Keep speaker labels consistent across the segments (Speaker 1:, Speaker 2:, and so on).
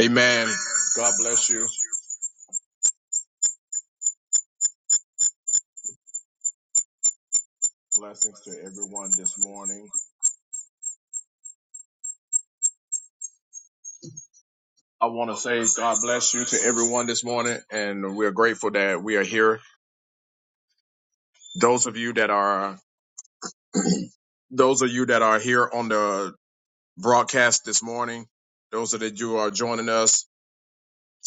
Speaker 1: Amen. God bless you. Blessings to everyone this morning. I want to say God bless you to everyone this morning, and we're grateful that we are here. Those of you that are those of you that are here on the broadcast this morning, those of you who are joining us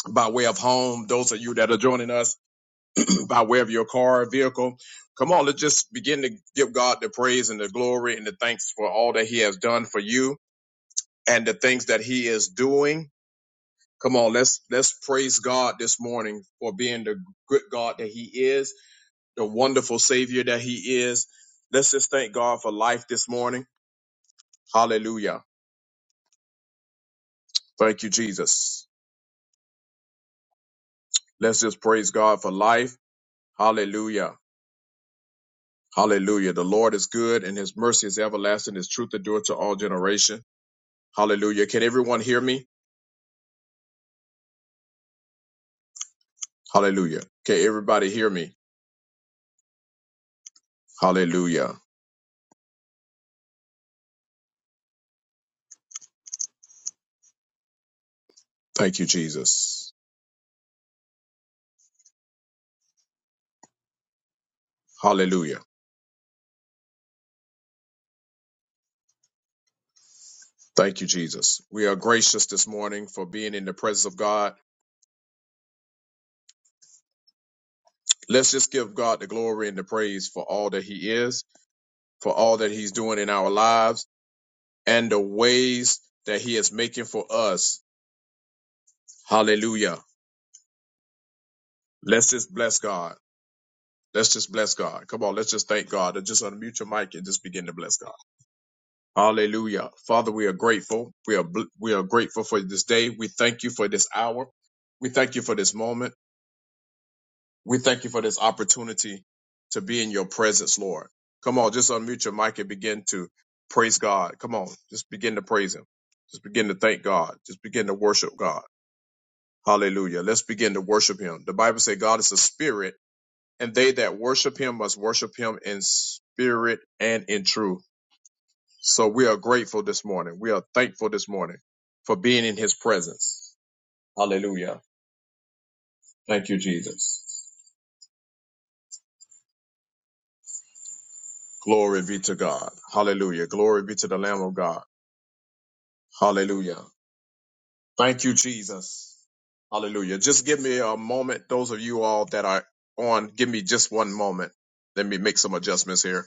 Speaker 1: by way of home, those of you that are joining us by way of your car or vehicle. Come on, let's just begin to give God the praise and the glory and the thanks for all that He has done for you and the things that He is doing Come on, let's let's praise God this morning for being the good God that He is, the wonderful Savior that He is. Let's just thank God for life this morning. Hallelujah. Thank you, Jesus. Let's just praise God for life. Hallelujah. Hallelujah. The Lord is good and his mercy is everlasting. His truth endure to all generation. Hallelujah. Can everyone hear me? Hallelujah. Can everybody hear me? Hallelujah. Thank you, Jesus. Hallelujah. Thank you, Jesus. We are gracious this morning for being in the presence of God. Let's just give God the glory and the praise for all that He is, for all that He's doing in our lives, and the ways that He is making for us. Hallelujah. Let's just bless God. Let's just bless God. Come on, let's just thank God. Just unmute your mic and just begin to bless God. Hallelujah. Father, we are grateful. We are bl- we are grateful for this day. We thank you for this hour. We thank you for this moment. We thank you for this opportunity to be in your presence, Lord. Come on, just unmute your mic and begin to praise God. Come on, just begin to praise Him. Just begin to thank God. Just begin to worship God. Hallelujah. Let's begin to worship Him. The Bible says God is a spirit, and they that worship Him must worship Him in spirit and in truth. So we are grateful this morning. We are thankful this morning for being in His presence. Hallelujah. Thank you, Jesus. Glory be to God. Hallelujah. Glory be to the Lamb of God. Hallelujah. Thank you, Jesus. Hallelujah. Just give me a moment. Those of you all that are on, give me just one moment. Let me make some adjustments here.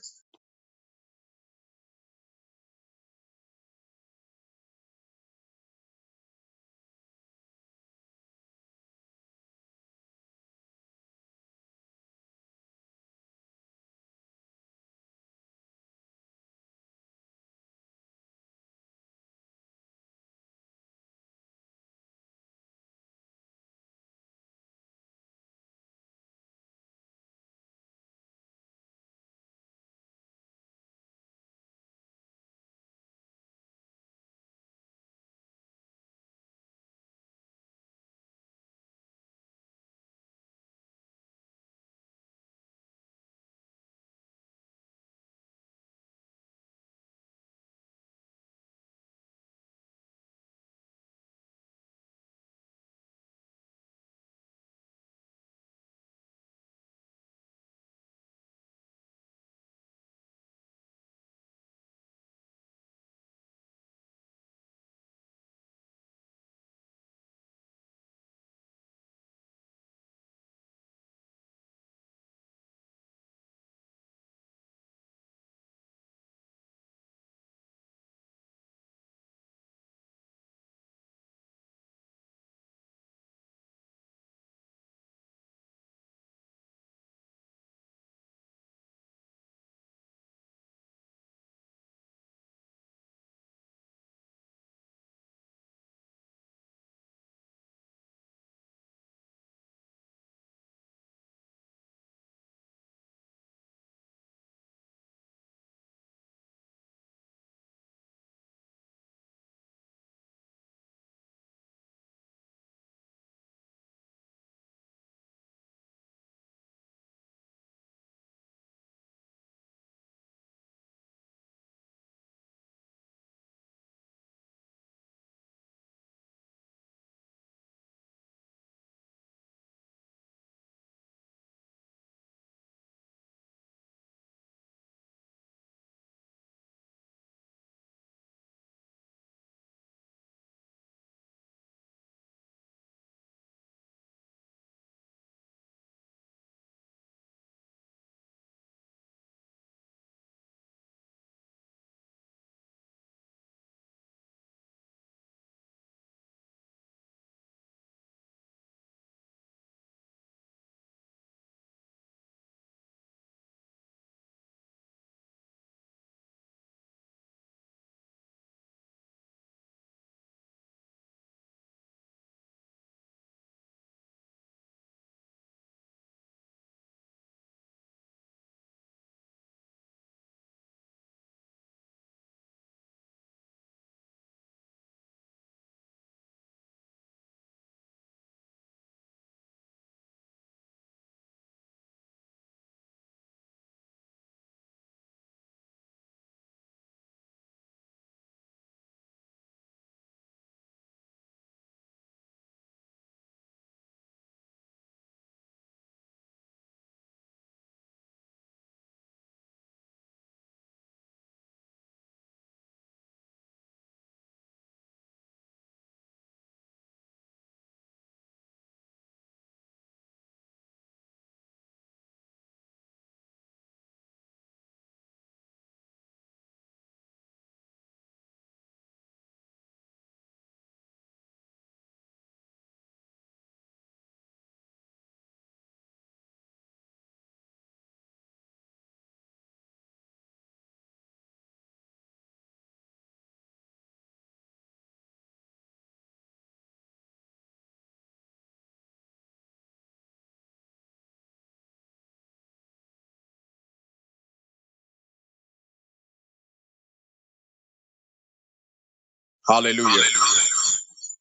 Speaker 1: Hallelujah.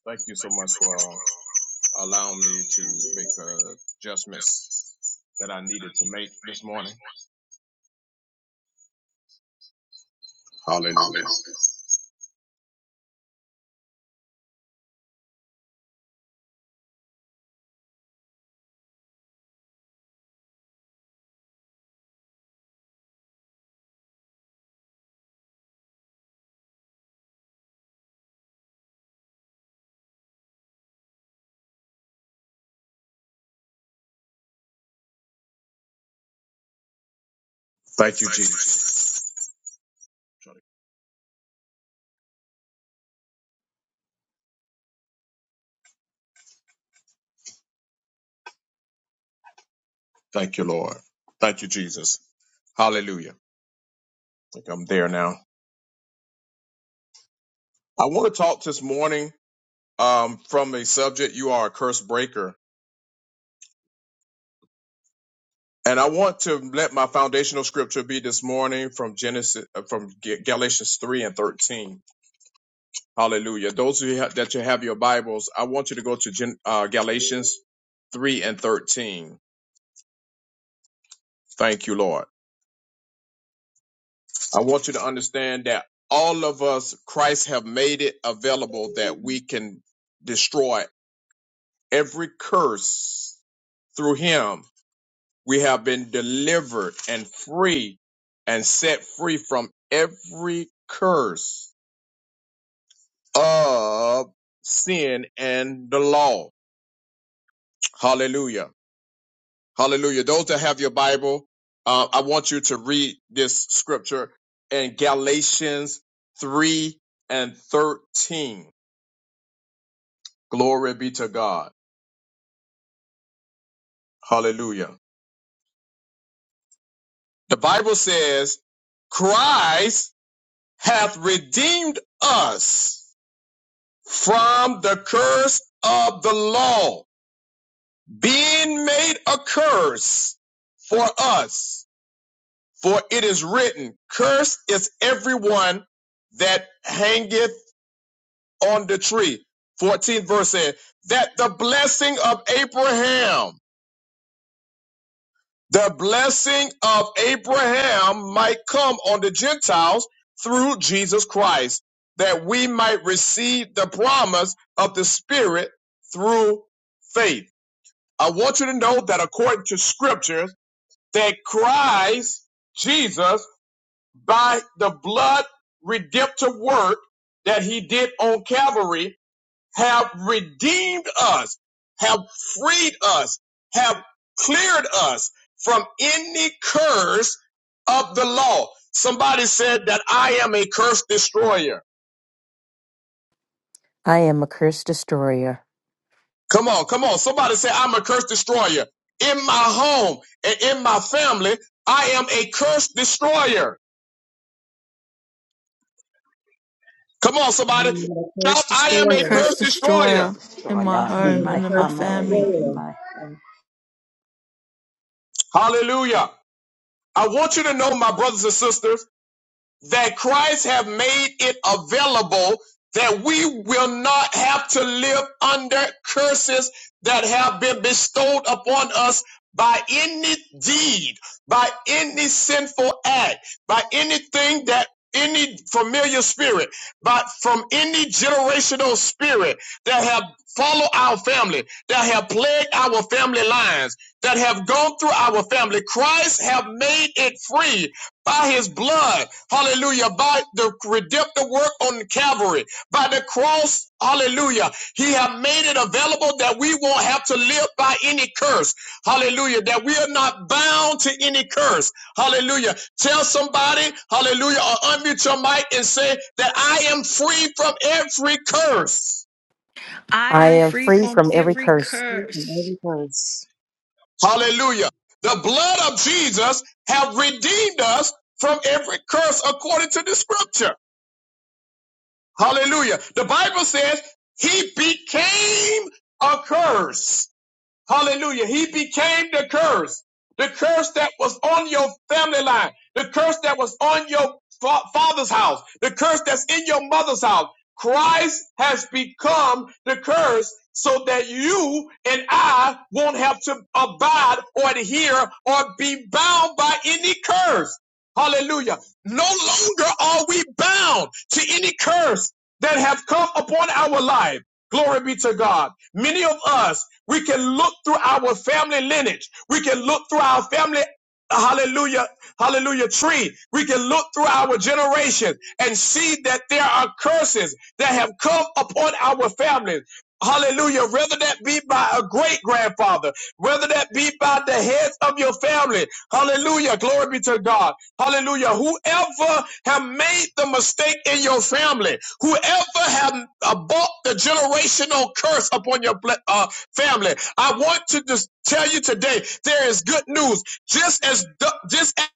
Speaker 1: Thank you so much for uh, allowing me to make the adjustments that I needed to make this morning. Hallelujah. Thank you, Jesus. Thank you, Lord. Thank you, Jesus. Hallelujah. I think I'm there now. I want to talk this morning um, from a subject you are a curse breaker And I want to let my foundational scripture be this morning from Genesis, uh, from Ga- Galatians 3 and 13. Hallelujah. Those of you ha- that you have your Bibles, I want you to go to Gen, uh, Galatians 3 and 13. Thank you, Lord. I want you to understand that all of us, Christ have made it available that we can destroy every curse through him. We have been delivered and free and set free from every curse of sin and the law. Hallelujah. Hallelujah. Those that have your Bible, uh, I want you to read this scripture in Galatians 3 and 13. Glory be to God. Hallelujah. The Bible says, Christ hath redeemed us from the curse of the law, being made a curse for us. For it is written, Cursed is everyone that hangeth on the tree. 14th verse said, That the blessing of Abraham, the blessing of Abraham might come on the Gentiles through Jesus Christ, that we might receive the promise of the Spirit through faith. I want you to know that according to scriptures, that Christ, Jesus, by the blood redemptive work that he did on Calvary have redeemed us, have freed us, have cleared us from any curse of the law. Somebody said that I am a curse destroyer.
Speaker 2: I am a curse destroyer.
Speaker 1: Come on, come on. Somebody say I'm a curse destroyer. In my home and in my family, I am a curse destroyer. Come on, somebody.
Speaker 3: I'm a
Speaker 1: Shout,
Speaker 3: curse
Speaker 1: I am
Speaker 4: I
Speaker 1: a
Speaker 3: destroyer.
Speaker 1: curse
Speaker 4: curse
Speaker 1: destroyer.
Speaker 5: was
Speaker 4: destroyer in my
Speaker 5: destroyer
Speaker 3: I
Speaker 5: in
Speaker 4: home
Speaker 3: am a
Speaker 5: my
Speaker 4: and in my
Speaker 3: curse
Speaker 5: family,
Speaker 4: family.
Speaker 5: in
Speaker 3: destroyer.
Speaker 5: my home.
Speaker 1: Hallelujah. I want you to know, my brothers and sisters, that Christ have made it available that we will not have to live under curses that have been bestowed upon us by any deed, by any sinful act, by anything that any familiar spirit, but from any generational spirit that have followed our family, that have plagued our family lines, that have gone through our family. Christ have made it free by his blood, hallelujah, by the redemptive work on Calvary, by the cross, hallelujah, he have made it available that we won't have to live by any curse, hallelujah, that we are not bound to any curse, hallelujah. Tell somebody, hallelujah, or unmute your mic and say that I am free from every curse,
Speaker 4: I
Speaker 2: I
Speaker 4: am
Speaker 2: am
Speaker 4: free
Speaker 2: free
Speaker 4: from
Speaker 2: from every
Speaker 4: every
Speaker 2: curse.
Speaker 3: Free from
Speaker 4: curse.
Speaker 3: every curse.
Speaker 1: hallelujah. The blood of Jesus have redeemed us from every curse according to the scripture. Hallelujah. The Bible says he became a curse. Hallelujah. He became the curse. The curse that was on your family line. The curse that was on your fa- father's house. The curse that's in your mother's house. Christ has become the curse so that you and I won't have to abide or adhere or be bound by any curse. Hallelujah. No longer are we bound to any curse that have come upon our life. Glory be to God. Many of us, we can look through our family lineage. We can look through our family, hallelujah, hallelujah tree. We can look through our generation and see that there are curses that have come upon our families. Hallelujah. Whether that be by a great grandfather, whether that be by the heads of your family. Hallelujah. Glory be to God. Hallelujah. Whoever have made the mistake in your family, whoever have uh, bought the generational curse upon your ble- uh, family, I want to just tell you today, there is good news. Just as the, just as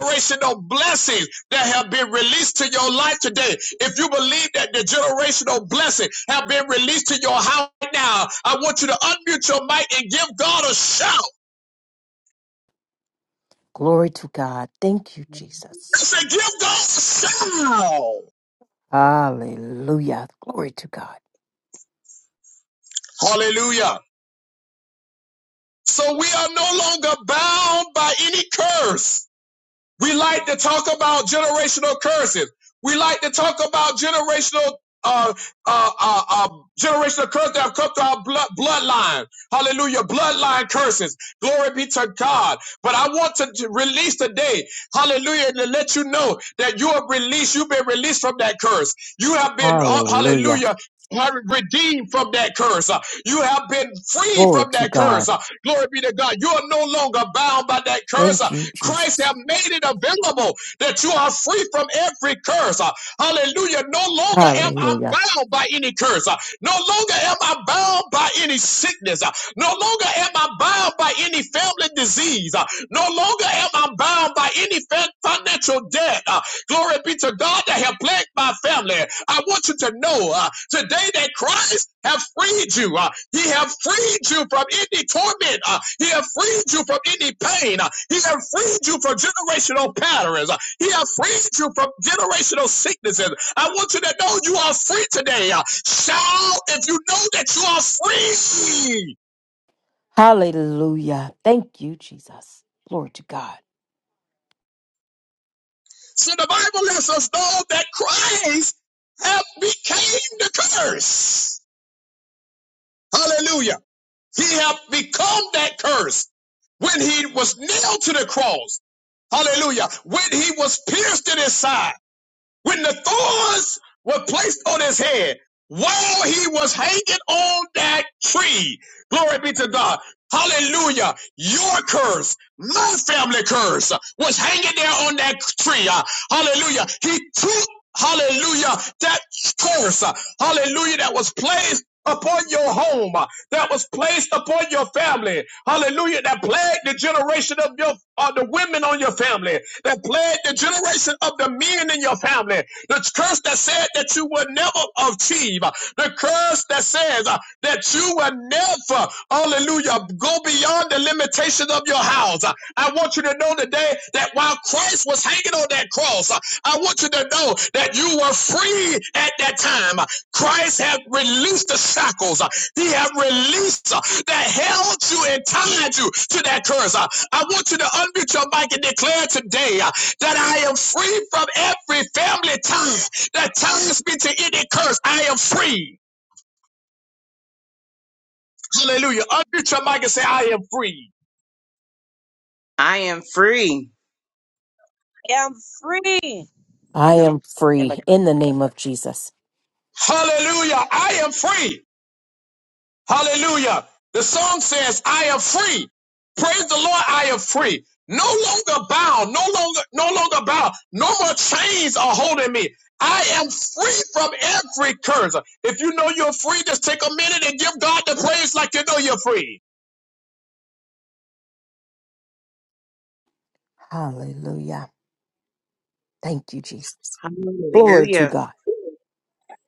Speaker 1: generational blessings that have been released to your life today. If you believe that the generational blessing have been released to your house right now, I want you to unmute your mic and give God a shout.
Speaker 2: Glory to God. Thank you,
Speaker 1: I
Speaker 2: Jesus.
Speaker 1: say, give God a shout.
Speaker 2: Hallelujah. Glory to God.
Speaker 1: Hallelujah. So we are no longer bound by any curse. We like to talk about generational curses. We like to talk about generational uh, uh, uh, uh, generational curses that have come to our blood, bloodline. Hallelujah. Bloodline curses. Glory be to God. But I want to release today, hallelujah, and to let you know that you are released. You've been released from that curse. You have been, uh,
Speaker 2: Hallelujah.
Speaker 1: hallelujah. Redeemed from that curse. Uh, You have been free
Speaker 2: Glory
Speaker 1: from
Speaker 2: to
Speaker 1: that curse.
Speaker 2: God.
Speaker 1: Uh, Glory be to God. You are no longer bound by that curse. Uh,
Speaker 2: Thank you,
Speaker 1: Christ
Speaker 2: Jesus.
Speaker 1: have made it available that you are free from every curse. Uh, Hallelujah. No longer am I
Speaker 2: Hallelujah.
Speaker 1: bound by any curse. Uh, No longer am I bound by any sickness. Uh, No longer am I bound by any family disease. Uh, No longer am I bound by any fa- financial debt. Uh, Glory be to God that have plagued my family. I want you to know uh, today that Christ have freed you. Uh, he have freed you from any torment. Uh, he have freed you from any pain. Uh, he have freed you from generational patterns. Uh, he have freed you from generational sicknesses. I want you to know you are free today. Uh, shout if you know that you are free.
Speaker 2: Hallelujah. Thank you, Jesus. Glory to God.
Speaker 1: So the Bible lets us know that Christ have became the curse. Hallelujah. He have become that curse when he was nailed to the cross. Hallelujah. When he was pierced in his side when the thorns were placed on his head while he was hanging on that tree. Glory be to God. Hallelujah. Your curse, my family curse, was hanging there on that tree. Uh, Hallelujah. He took, hallelujah, that curse, uh, hallelujah, that was placed upon your home, uh, that was placed upon your family. Hallelujah. That plagued the generation of your, uh, the women on your family, that plagued the generation of of the men in your family, the curse that said that you will never achieve, the curse that says uh, that you will never, hallelujah, go beyond the limitations of your house. Uh, I want you to know today that while Christ was hanging on that cross, uh, I want you to know that you were free at that time. Uh, Christ had released the shackles. Uh, He had released uh, that held you and tied you to that curse. Uh, I want you to unmute your mic and declare today uh, that I am free from every family tongue that ties me to any curse. I am free. Hallelujah. Unmute your mic and say, I am free.
Speaker 3: I am free.
Speaker 6: I am free
Speaker 2: I
Speaker 6: in the
Speaker 2: am
Speaker 6: name
Speaker 2: free
Speaker 6: of-
Speaker 2: in the name of Jesus.
Speaker 1: Hallelujah. I am free. Hallelujah. The song says, I am free. Praise the Lord, I am free. No longer bound, no longer, no longer bound. No more chains are holding me. I am free from every curse. If you know you're free, just take a minute and give God the praise like you know you're free.
Speaker 2: Hallelujah. Thank you, Jesus. Glory to
Speaker 3: Hallelujah.
Speaker 2: God.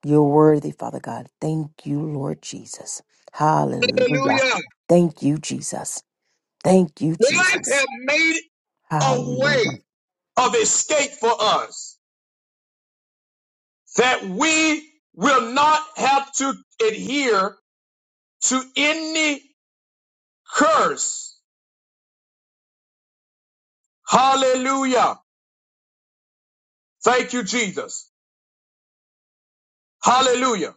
Speaker 2: You're worthy, Father God. Thank you, Lord Jesus. Hallelujah.
Speaker 1: Hallelujah.
Speaker 2: Thank you, Jesus. Thank you,
Speaker 1: God
Speaker 2: Jesus.
Speaker 1: have made a way
Speaker 2: Hallelujah.
Speaker 1: of escape for us that we will not have to adhere to any curse. Hallelujah. Thank you, Jesus. Hallelujah.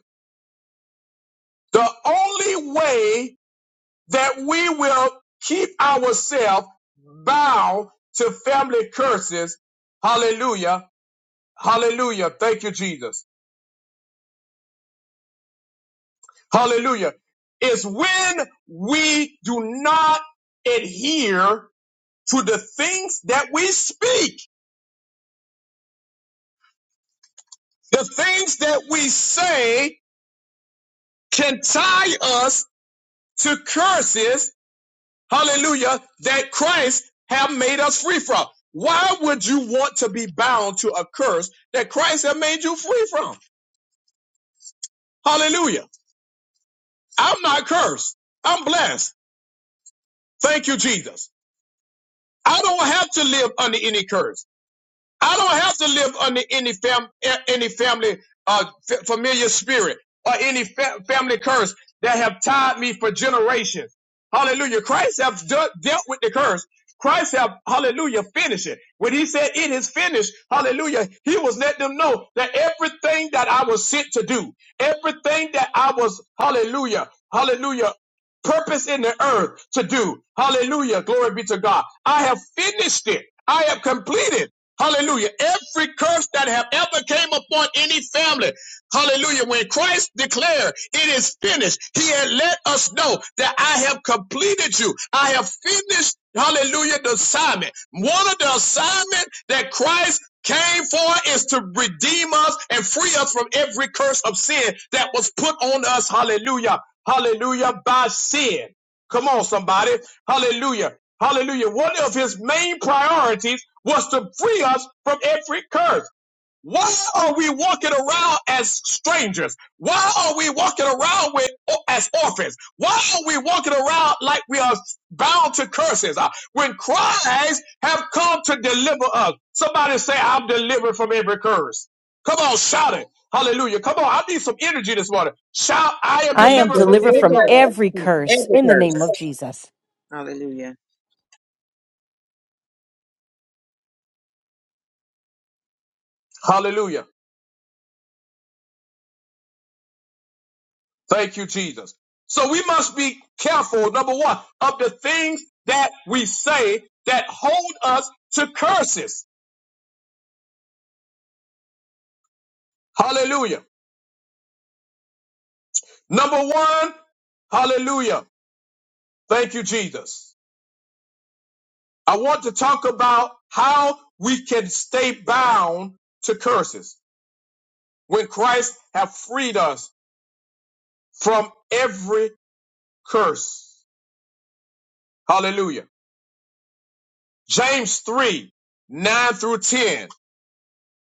Speaker 1: The only way that we will keep ourselves bound to family curses. Hallelujah. Hallelujah. Thank you, Jesus. Hallelujah. Is when we do not adhere to the things that we speak. The things that we say can tie us to curses, hallelujah, that Christ have made us free from. Why would you want to be bound to a curse that Christ have made you free from? Hallelujah. I'm not cursed. I'm blessed. Thank you, Jesus. I don't have to live under any curse. I don't have to live under any fam eh, any family uh familiar spirit or any fa- family curse that have tied me for generations. Hallelujah. Christ have dealt with the curse. Christ have hallelujah finished it. When he said it is finished, hallelujah, he was letting them know that everything that I was sent to do, everything that I was hallelujah, hallelujah purpose in the earth to do. Hallelujah. Glory be to God. I have finished it. I have completed Hallelujah. Every curse that have ever came upon any family. Hallelujah. When Christ declared it is finished, he had let us know that I have completed you. I have finished, hallelujah, the assignment. One of the assignment that Christ came for is to redeem us and free us from every curse of sin that was put on us. Hallelujah. Hallelujah. By sin. Come on, somebody. Hallelujah. Hallelujah. One of his main priorities was to free us from every curse. Why are we walking around as strangers? Why are we walking around with, as orphans? Why are we walking around like we are bound to curses? Uh, When Christ have come to deliver us, somebody say, I'm delivered from every curse. Come on, shout it. Hallelujah. Come on, I need some energy this morning. Shout, I am
Speaker 2: I
Speaker 3: You
Speaker 2: am
Speaker 1: delivered from
Speaker 2: delivered
Speaker 1: any
Speaker 2: from
Speaker 3: deliver
Speaker 1: curse.
Speaker 2: every
Speaker 3: from
Speaker 2: curse
Speaker 3: every
Speaker 2: in the name
Speaker 3: curse.
Speaker 2: of Jesus.
Speaker 3: Hallelujah.
Speaker 1: Hallelujah. Thank you, Jesus. So we must be careful, number one, of the things that we say that hold us to curses. Hallelujah. Number one, hallelujah. Thank you, Jesus. I want to talk about how we can stay bound to curses when Christ have freed us from every curse. Hallelujah. James 3, 9 through 10.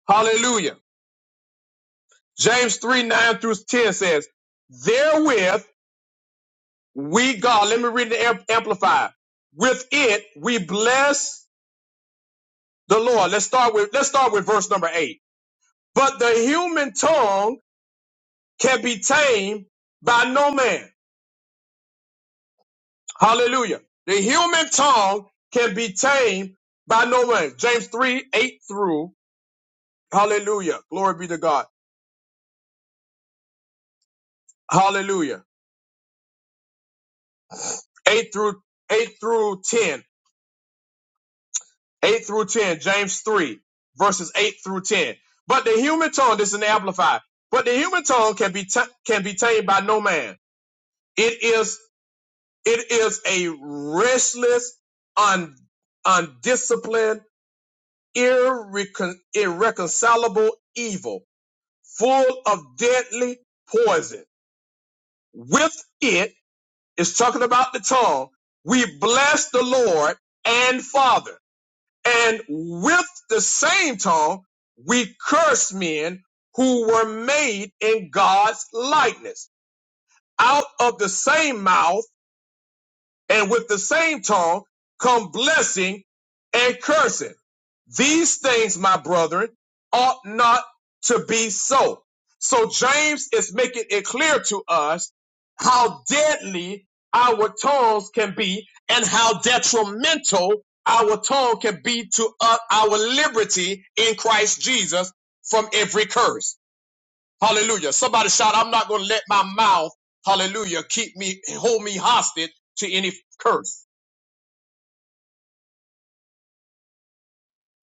Speaker 1: Hallelujah. James 3 9 through 10 says, Therewith we, God, let me read the amplifier. With it we bless the Lord. Let's start with let's start with verse number eight. But the human tongue can be tamed by no man. Hallelujah. The human tongue can be tamed by no man. James 3, 8 through Hallelujah. Glory be to God. Hallelujah. 8 through 8 through 10. 8 through 10, James 3, verses 8 through 10. But the human tongue, this is in the Amplified, but the human tongue can be, ta- can be tamed by no man. It is, it is a restless, un, undisciplined, irrecon, irreconcilable evil, full of deadly poison. With it, it's talking about the tongue, we bless the Lord and Father And with the same tongue, we curse men who were made in God's likeness. Out of the same mouth, and with the same tongue come blessing and cursing. These things, my brethren, ought not to be so. So James is making it clear to us how deadly our tongues can be and how detrimental our tongue can be to uh, our liberty in Christ Jesus from every curse. Hallelujah. Somebody shout, I'm not going to let my mouth, hallelujah, keep me, hold me hostage to any curse.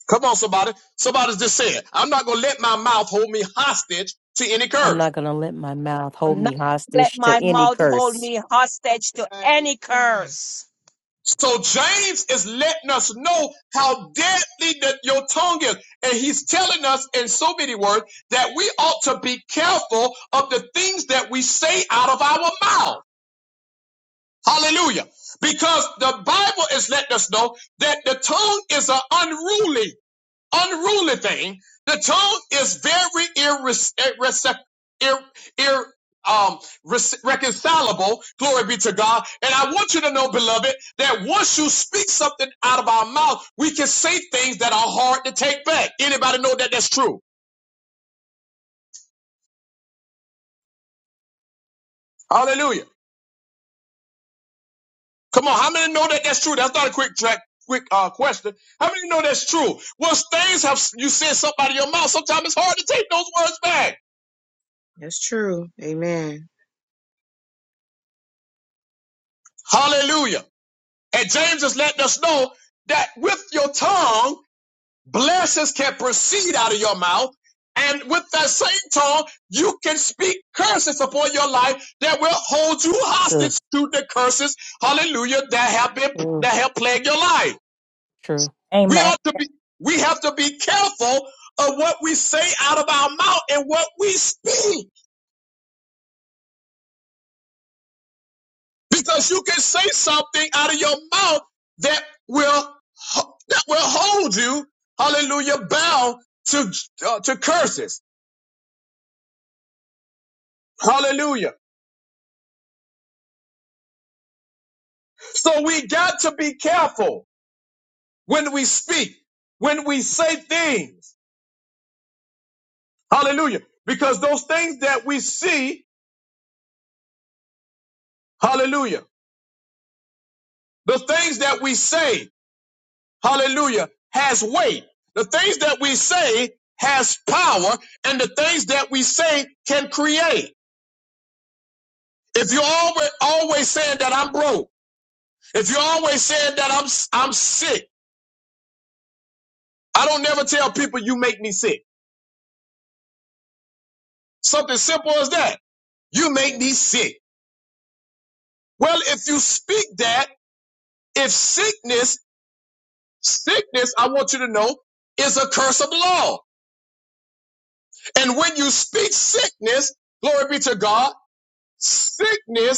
Speaker 1: Come on, somebody. Somebody just said, I'm not going to let my mouth hold me hostage to any
Speaker 2: I'm
Speaker 1: curse.
Speaker 2: not going to let my mouth hold
Speaker 6: I'm
Speaker 2: me
Speaker 6: not let
Speaker 2: hostage to
Speaker 6: my
Speaker 2: any
Speaker 6: mouth hold
Speaker 2: curse.
Speaker 6: me hostage to any curse.
Speaker 1: So James is letting us know how deadly that your tongue is. And he's telling us in so many words that we ought to be careful of the things that we say out of our mouth. Hallelujah. Because the Bible is letting us know that the tongue is an unruly unruly thing. The tongue is very irres- irrece- ir- ir- um, reconcilable. Glory be to God. And I want you to know, beloved, that once you speak something out of our mouth, we can say things that are hard to take back. Anybody know that that's true? Hallelujah. Come on, how many know that that's true? That's not a quick track. Quick uh, question. How many know that's true? Once things have you said something out of your mouth, sometimes it's hard to take those words back.
Speaker 3: That's true. Amen.
Speaker 1: Hallelujah. And James is letting us know that with your tongue, blessings can proceed out of your mouth. And with that same tongue, you can speak curses upon your life that will hold you
Speaker 2: True,
Speaker 1: hostage to the curses, hallelujah, that have been
Speaker 2: true,
Speaker 1: that have plagued your life.
Speaker 2: true.
Speaker 1: We
Speaker 7: Amen.
Speaker 1: ought to be we have to be careful of what we say out of our mouth and what we speak. because you can say something out of your mouth that will that will hold you hallelujah bound to uh, to curses hallelujah so we got to be careful when we speak when we say things hallelujah because those things that we see hallelujah the things that we say hallelujah has weight the things that we say has power and the things that we say can create If you're always always saying that I'm broke, if you're always saying that I'm I'm sick, I don't never tell people you make me sick. Something simple as that. You make me sick. Well, if you speak that, if sickness, sickness, I want you to know, is a curse of the law. And when you speak sickness, glory be to God, sickness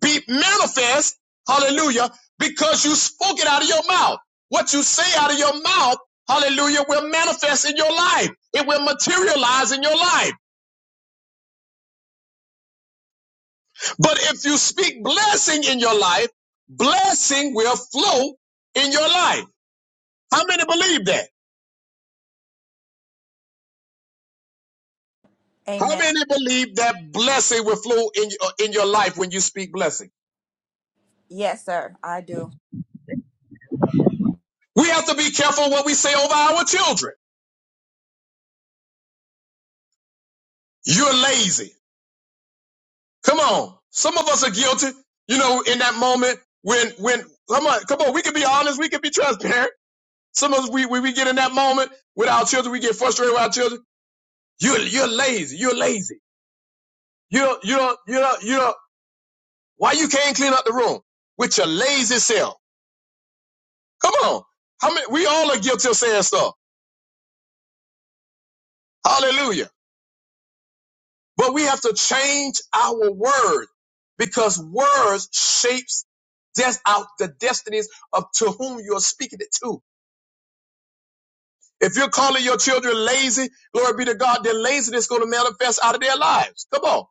Speaker 1: be manifest, hallelujah, because you spoke it out of your mouth. What you say out of your mouth, hallelujah, will manifest in your life. It will materialize in your life. But if you speak blessing in your life, blessing will flow in your life. How many believe that? How
Speaker 7: Amen.
Speaker 1: many believe that blessing will flow in, uh, in your life when you speak blessing?
Speaker 7: Yes, sir. I do.
Speaker 1: We have to be careful what we say over our children. You're lazy. Come on. Some of us are guilty, you know, in that moment when, when, come on, come on, we can be honest, we can be transparent. Some of us, we, we, we get in that moment with our children, we get frustrated with our children. You're, you're lazy, you're lazy. You're, you're, you're, you're, why you can't clean up the room with your lazy self? Come on. How many, we all are guilty of saying stuff. Hallelujah. But we have to change our word because words shapes des- out the destinies of to whom you're speaking it to. If you're calling your children lazy, glory be to God, their laziness is going to manifest out of their lives. Come on.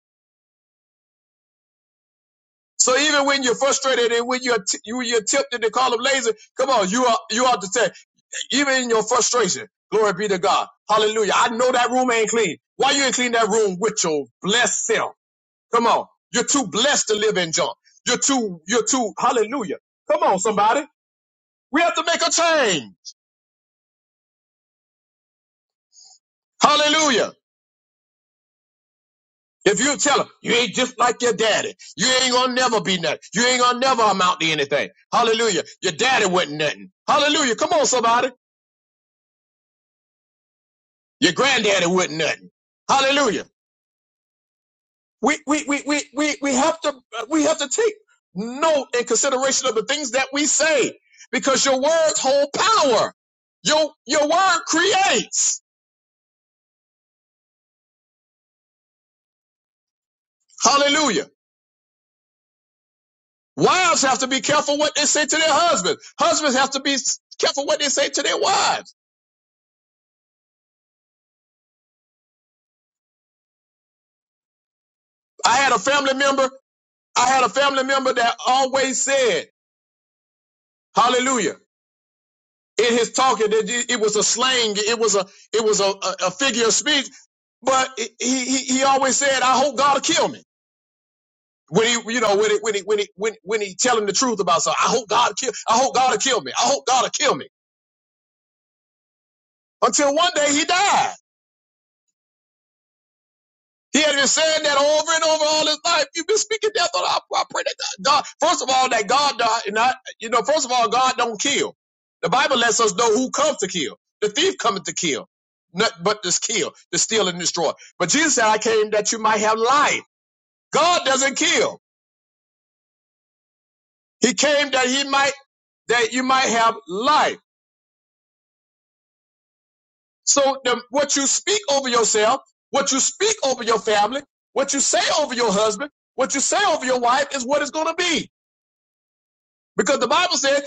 Speaker 1: So even when you're frustrated and when you're, t- you, you're tempted to call them lazy, come on, you are, you ought to say, even in your frustration, glory be to God. Hallelujah. I know that room ain't clean. Why you ain't clean that room with your blessed self? Come on. You're too blessed to live in junk. You're too, you're too, hallelujah. Come on, somebody. We have to make a change. Hallelujah. If you tell them you ain't just like your daddy, you ain't gonna never be nothing. You ain't gonna never amount to anything. Hallelujah. Your daddy wasn't nothing. Hallelujah. Come on, somebody. Your granddaddy wasn't nothing. Hallelujah. We we we we we we have to we have to take note and consideration of the things that we say because your words hold power. Your your word creates. Hallelujah. Wives have to be careful what they say to their husbands. Husbands have to be careful what they say to their wives. I had a family member. I had a family member that always said, "Hallelujah." In his talking, that it it was a slang, it was a it was a, a, a figure of speech, but he, he he always said, "I hope God will kill me." When he you know when he when he when he when, when he telling the truth about something, I hope God kill, I hope God will kill me, I hope God will kill me. Until one day he died. He had been saying that over and over all his life. You've been speaking death on our I pray that God, first of all, that God does not, you know, first of all, God don't kill. The Bible lets us know who comes to kill. The thief cometh to kill, not but to kill, to steal and destroy. But Jesus said, I came that you might have life. God doesn't kill. He came that he might, that you might have life. So the, what you speak over yourself, what you speak over your family, what you say over your husband, what you say over your wife is what it's going to be. Because the Bible said,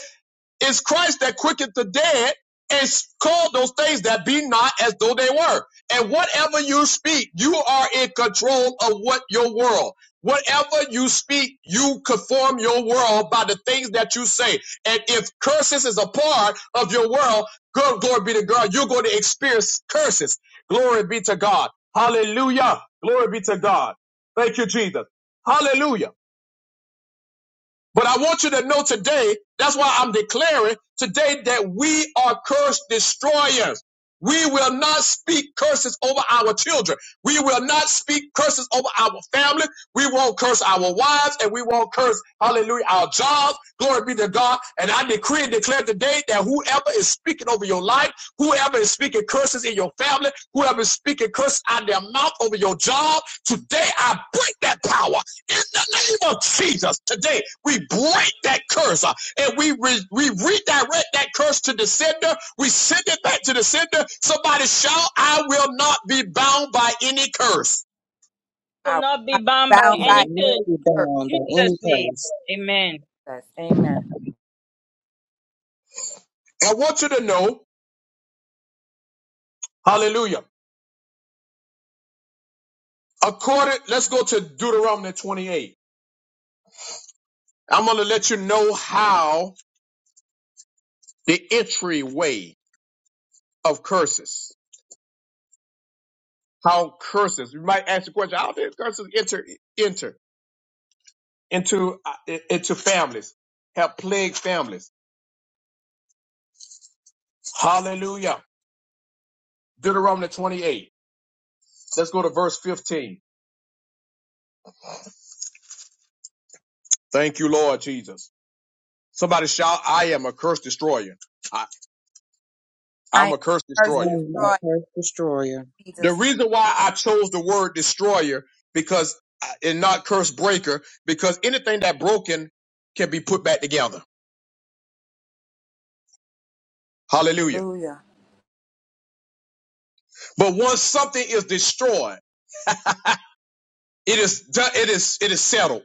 Speaker 1: it's Christ that quickened the dead and called those things that be not as though they were. And whatever you speak, you are in control of what your world. Whatever you speak, you conform your world by the things that you say. And if curses is a part of your world, good glory be to God, you're going to experience curses. Glory be to God. Hallelujah. Glory be to God. Thank you, Jesus. Hallelujah. But I want you to know today, that's why I'm declaring today that we are curse destroyers. We will not speak curses over our children. We will not speak curses over our family. We won't curse our wives and we won't curse, hallelujah, our jobs. Glory be to God. And I decree and declare today that whoever is speaking over your life, whoever is speaking curses in your family, whoever is speaking curses out of their mouth over your job, today I break that power. In the name of Jesus, today we break that curse uh, and we re- we redirect that curse to the sender. We send it back to the sender. Somebody shout, "I will not be bound by any curse."
Speaker 7: I
Speaker 8: will
Speaker 7: will
Speaker 8: not be
Speaker 7: not be
Speaker 8: bound
Speaker 3: You
Speaker 8: by
Speaker 7: bound by
Speaker 8: any
Speaker 3: will
Speaker 8: curse.
Speaker 3: not be bound by
Speaker 8: In
Speaker 3: any
Speaker 8: Jesus' name.
Speaker 3: curse.
Speaker 8: Amen.
Speaker 7: curses. Amen.
Speaker 1: I want you to know, Hallelujah. According, let's go to Deuteronomy 28. I'm going to let you know how the entryway of curses, how curses. You might ask the question, how did curses enter enter into uh, into families? Have plagued families Hallelujah. Deuteronomy 28. Let's go to verse 15. Thank you, Lord Jesus. Somebody shout, I am a curse destroyer. I,
Speaker 7: I
Speaker 1: I'm
Speaker 7: am
Speaker 1: a curse
Speaker 3: I
Speaker 7: cursed and
Speaker 1: destroyer.
Speaker 3: am a
Speaker 7: destroyed.
Speaker 3: curse destroyer.
Speaker 7: in
Speaker 1: The
Speaker 7: Jesus. name.
Speaker 1: reason why I chose the word destroyer because uh, and not curse breaker, because anything that broken can be put back together. Hallelujah.
Speaker 7: Hallelujah.
Speaker 1: But once something is destroyed, it is done, it is it is settled.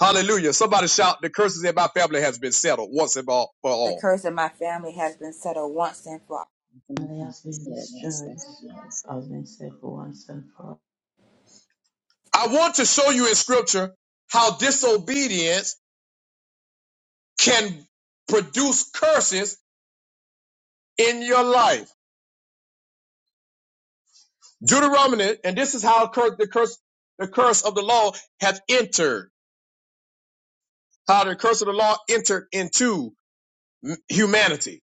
Speaker 1: Hallelujah. Somebody shout, the curses in my family has been settled once and all for
Speaker 7: The
Speaker 1: all.
Speaker 7: curse of my family has been settled once and for all.
Speaker 5: family has been destroyed, has been saved once and for all.
Speaker 1: I want to show you in scripture how disobedience can produce curses in your life. Deuteronomy, and this is how cur- the curse, the curse of the law hath entered, how the curse of the law entered into m- humanity.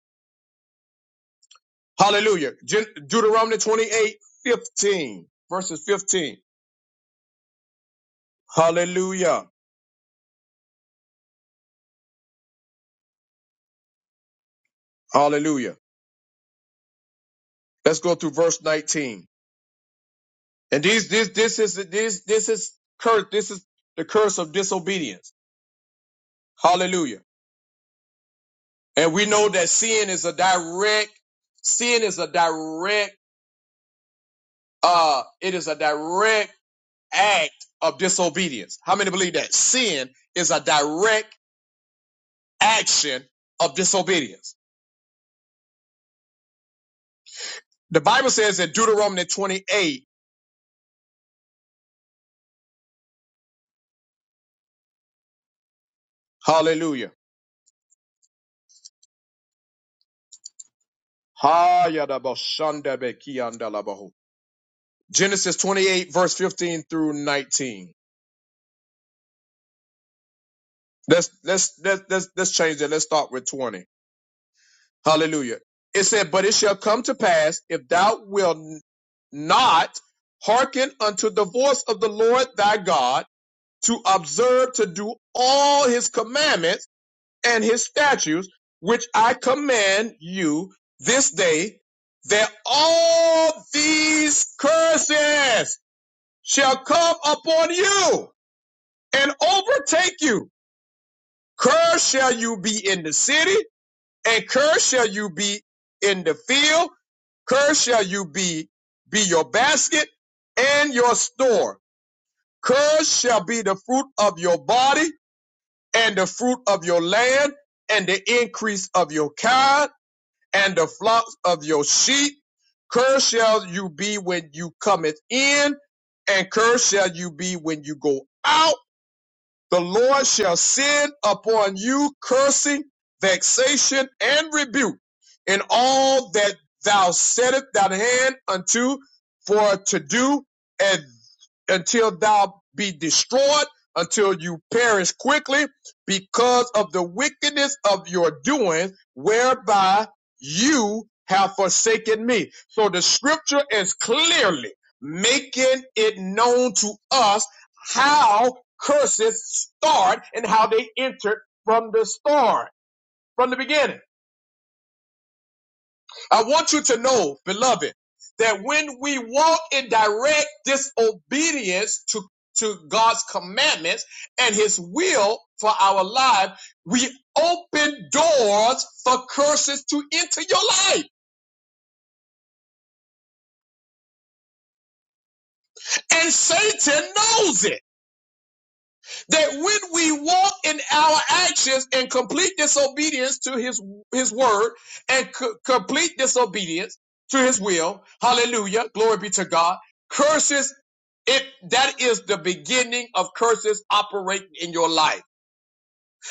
Speaker 1: Hallelujah. Gen- Deuteronomy 28, 15, verses 15. Hallelujah. Hallelujah. Let's go through verse 19. And these, this, this is, this, this is curse. This is the curse of disobedience. Hallelujah. And we know that sin is a direct, sin is a direct, uh, it is a direct act of disobedience. How many believe that? Sin is a direct action of disobedience. The Bible says in Deuteronomy 28, hallelujah. Genesis 28 verse 15 through 19. Let's, let's, let's, let's, let's change that. Let's start with 20. Hallelujah. It said, But it shall come to pass if thou wilt not hearken unto the voice of the Lord thy God to observe to do all his commandments and his statutes, which I command you this day, that all these curses shall come upon you and overtake you. Cursed shall you be in the city and cursed shall you be in the field, cursed shall you be, be your basket and your store. Cursed shall be the fruit of your body and the fruit of your land and the increase of your kind and the flocks of your sheep. Cursed shall you be when you cometh in and cursed shall you be when you go out the Lord shall send upon you cursing, vexation, and rebuke in all that thou settest thine hand unto for to do, and until thou be destroyed, until you perish quickly, because of the wickedness of your doing, whereby you have forsaken me. So the scripture is clearly making it known to us how curses start and how they entered from the start, from the beginning. I want you to know, beloved, that when we walk in direct disobedience to, to God's commandments and his will for our life, we open doors for curses to enter your life. And Satan knows it. that when we walk in our actions in complete disobedience to his his word and co- complete disobedience to his will hallelujah glory be to god curses it that is the beginning of curses operating in your life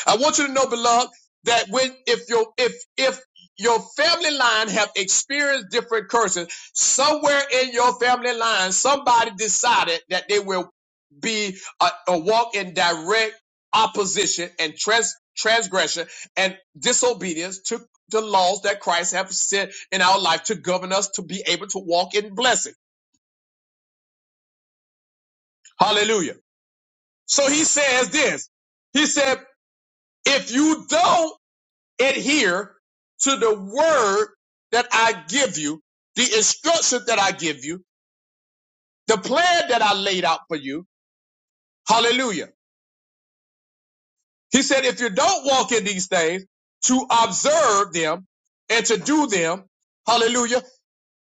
Speaker 1: I want you to know, beloved, that when if your if if your family line have experienced different curses, somewhere in your family line, somebody decided that they will be a, a walk in direct opposition and trans, transgression and disobedience to the laws that Christ have set in our life to govern us to be able to walk in blessing. Hallelujah. So he says this. He said, if you don't adhere to the word that I give you, the instruction that I give you, the plan that I laid out for you. Hallelujah. He said, if you don't walk in these things to observe them and to do them, hallelujah,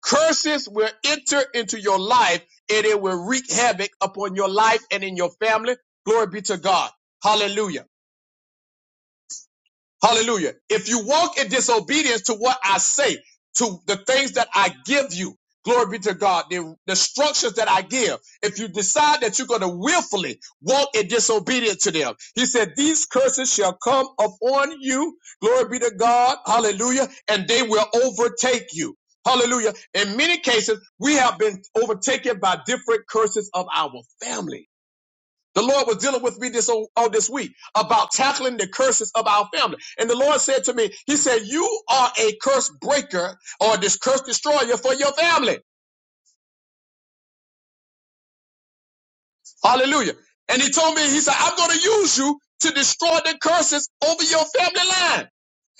Speaker 1: curses will enter into your life and it will wreak havoc upon your life and in your family. Glory be to God. Hallelujah. Hallelujah. If you walk in disobedience to what I say, to the things that I give you, glory be to God, the, the instructions that I give, if you decide that you're going to willfully walk in disobedience to them, he said, These curses shall come upon you, glory be to God, hallelujah, and they will overtake you. Hallelujah. In many cases, we have been overtaken by different curses of our family. The Lord was dealing with me this all, all this week about tackling the curses of our family. And the Lord said to me, He said, You are a curse breaker or this curse destroyer for your family. Hallelujah. And he told me, he said, I'm going to use you to destroy the curses over your family line.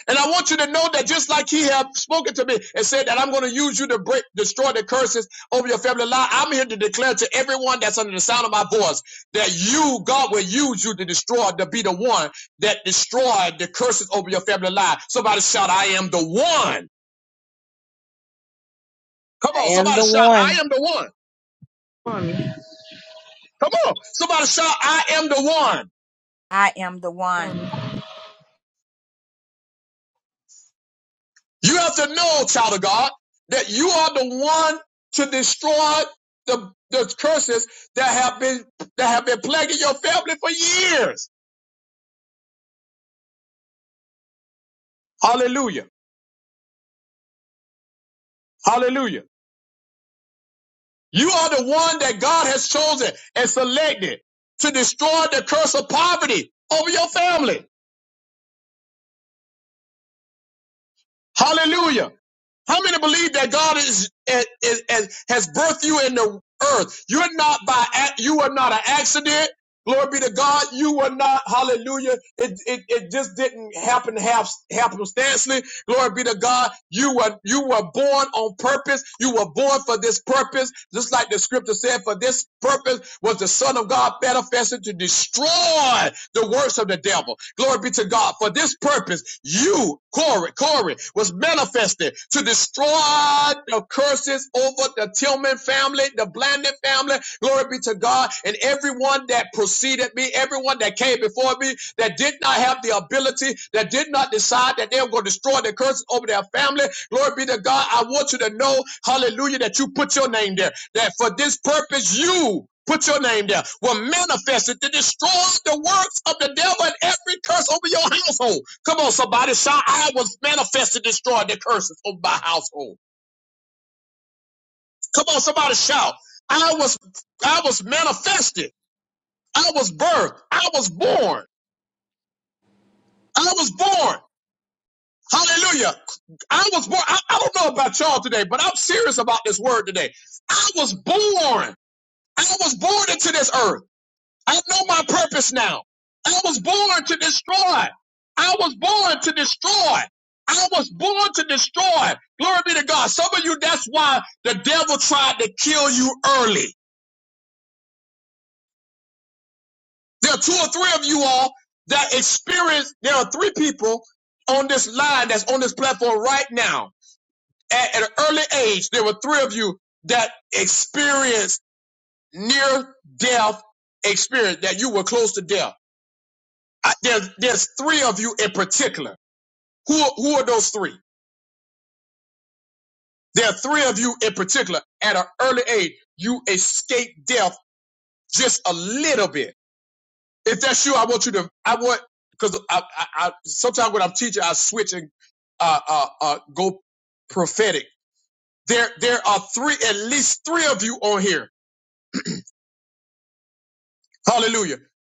Speaker 1: And I want you to know that just like he had spoken to me and said that I'm going to use you to break, destroy the curses over your family line, I'm here to declare to everyone that's under the sound of my voice that you, God, will use you to destroy, to be the one that destroyed the curses over your family line. Somebody shout, I am the one. Come
Speaker 3: I
Speaker 1: on,
Speaker 3: am
Speaker 1: somebody
Speaker 3: the
Speaker 1: shout, I
Speaker 3: one.
Speaker 1: am the one.
Speaker 9: One,
Speaker 1: Come on, somebody shout, I am the one.
Speaker 7: I am the one.
Speaker 9: one.
Speaker 1: You have to know, child of God, that you are the one to destroy the, the curses that have been that have been plaguing your family for years. Hallelujah. Hallelujah. You are the one that God has chosen and selected to destroy the curse of poverty over your family. Hallelujah. How many believe that God is, is, is- has birthed you in the earth? You're not by ac- you are not an accident. Glory be to God. You were not. Hallelujah. It it, it just didn't happen hap- happenstancely. Glory be to God. You were you were born on purpose. You were born for this purpose. Just like the scripture said, for this purpose was the Son of God manifested to destroy the works of the devil. Glory be to God. For this purpose, you, Corey, Corey, was manifested to destroy the curses over the Tillman family, the Blandon family. Glory be to God. And everyone that that preceded me, everyone that came before me, that did not have the ability, that did not decide that they were going to destroy the curse over their family. Glory be to God. I want you to know, hallelujah, that you put your name there, that for this purpose, you. Put your name there. Were manifested to destroy the works of the devil and every curse over your household. Come on, somebody shout! I was manifested to destroy the curses over my household. Come on, somebody shout! I was, I was manifested. I was birthed. I was born. I was born. Hallelujah. I was born. I, I don't know about y'all today, but I'm serious about this word today. I was born. I was born into this earth. I know my purpose now. I was born to destroy. I was born to destroy. I was born to destroy. Glory be to God. Some of you, that's why the devil tried to kill you early. There are two or three of you all that experience. There are three people on this line that's on this platform right now at, at an early age, there were three of you that experienced near death experience that you were close to death. I, there's there's three of you in particular. Who who are those three? There are three of you in particular at an early age. You escaped death just a little bit. If that's you, I want you to. I want because I, I, I sometimes when I'm teaching, I switch and uh, uh, uh, go prophetic. There there are three at least three of you on here Hallelujah.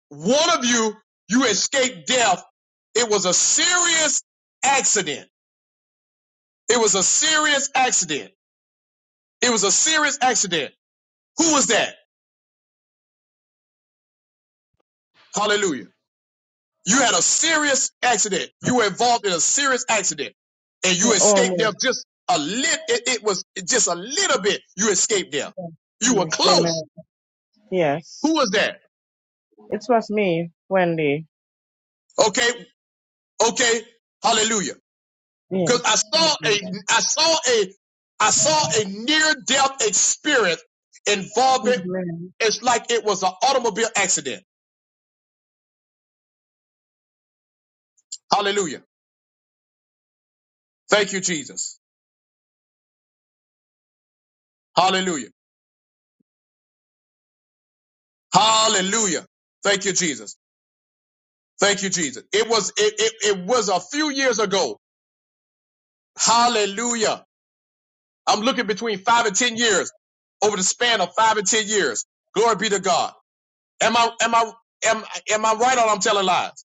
Speaker 1: One of you, you escaped death. It was a serious accident. It was a serious accident. It was a serious accident. Who was that? Hallelujah. You had a serious accident. You were involved in a serious accident and
Speaker 9: Yeah,
Speaker 1: you escaped
Speaker 9: almost.
Speaker 1: death just a lit. It, it was just a little bit. You escaped death.
Speaker 9: Yeah.
Speaker 1: You were
Speaker 9: Yes,
Speaker 1: close.
Speaker 9: amen.
Speaker 1: Who
Speaker 9: Yes.
Speaker 1: was that?
Speaker 9: It was me, Wendy.
Speaker 1: Okay. Okay. Hallelujah. Because
Speaker 9: Yes.
Speaker 1: I saw a I saw a I saw a near death experience involving
Speaker 9: Amen.
Speaker 1: it's like it was an automobile accident. Hallelujah. Thank you, Jesus. Hallelujah. Hallelujah. Thank you, Jesus. Thank you, Jesus. It was it, it, it was a few years ago. Hallelujah. I'm looking between five and ten years over the span of five and ten years. Glory be to God. Am I am I am am I right or I'm telling lies?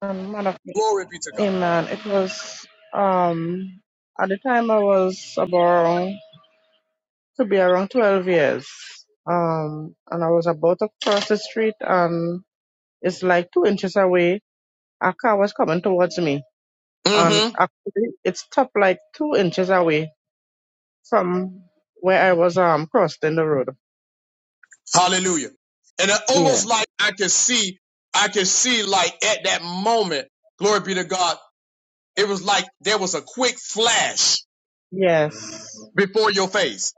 Speaker 9: And man of
Speaker 1: Glory be to God.
Speaker 9: Amen. It was um at the time I was about to be around twelve years. Um and I was about to cross the street and it's like two inches away. A car was coming towards me.
Speaker 1: Mm-hmm.
Speaker 9: And actually it stopped like two inches away from where I was um crossing the road.
Speaker 1: Hallelujah. And it
Speaker 9: Yeah.
Speaker 1: almost like I can see, I can see like at that moment, glory be to God, it was like there was a quick flash
Speaker 9: Yes.
Speaker 1: before your face.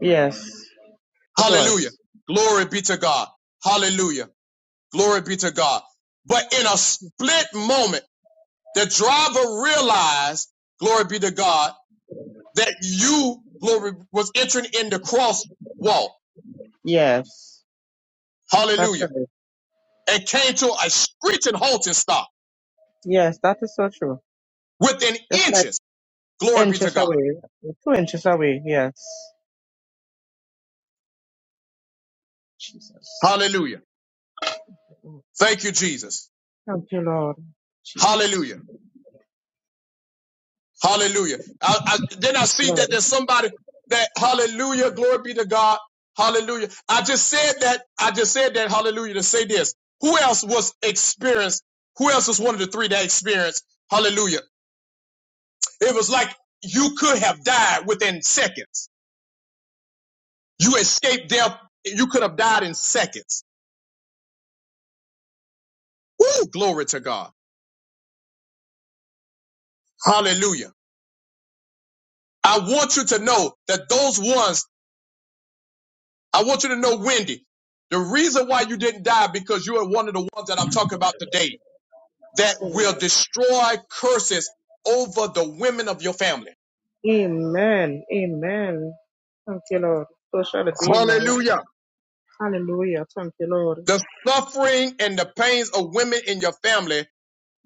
Speaker 9: Yes. It
Speaker 1: Hallelujah.
Speaker 9: was.
Speaker 1: Glory be to God. Hallelujah. Glory be to God. But in a split moment, the driver realized, glory be to God, that you, glory, was entering in the crosswalk.
Speaker 9: Yes. That's
Speaker 1: Hallelujah.
Speaker 9: right.
Speaker 1: And came to a screeching halting stop
Speaker 9: Yes, that is so true.
Speaker 1: within
Speaker 9: Just like
Speaker 1: inches. Glory be to
Speaker 9: inches
Speaker 1: God.
Speaker 9: away. Two inches away. Yes. Jesus.
Speaker 1: Hallelujah. Thank you, Jesus.
Speaker 9: Thank you, Lord. Jesus.
Speaker 1: Hallelujah. Hallelujah. I, I, then I see that
Speaker 9: Lord.
Speaker 1: there's somebody that, hallelujah, glory be to God. Hallelujah. I just said that, I just said that, hallelujah, to say this. Who else was experienced? Who else was one of the three that experienced? Hallelujah. It was like you could have died within seconds. You escaped death. You could have died in seconds. Woo, glory to God. Hallelujah. I want you to know that those ones I want you to know, Wendy, the reason why you didn't die because you are one of the ones that I'm talking about today that will
Speaker 9: Amen.
Speaker 1: destroy curses over the women of your family.
Speaker 9: Amen. Amen. Thank you, Lord. So shall it be in my life.
Speaker 1: Hallelujah.
Speaker 9: Hallelujah. Thank you, Lord.
Speaker 1: The suffering and the pains of women in your family,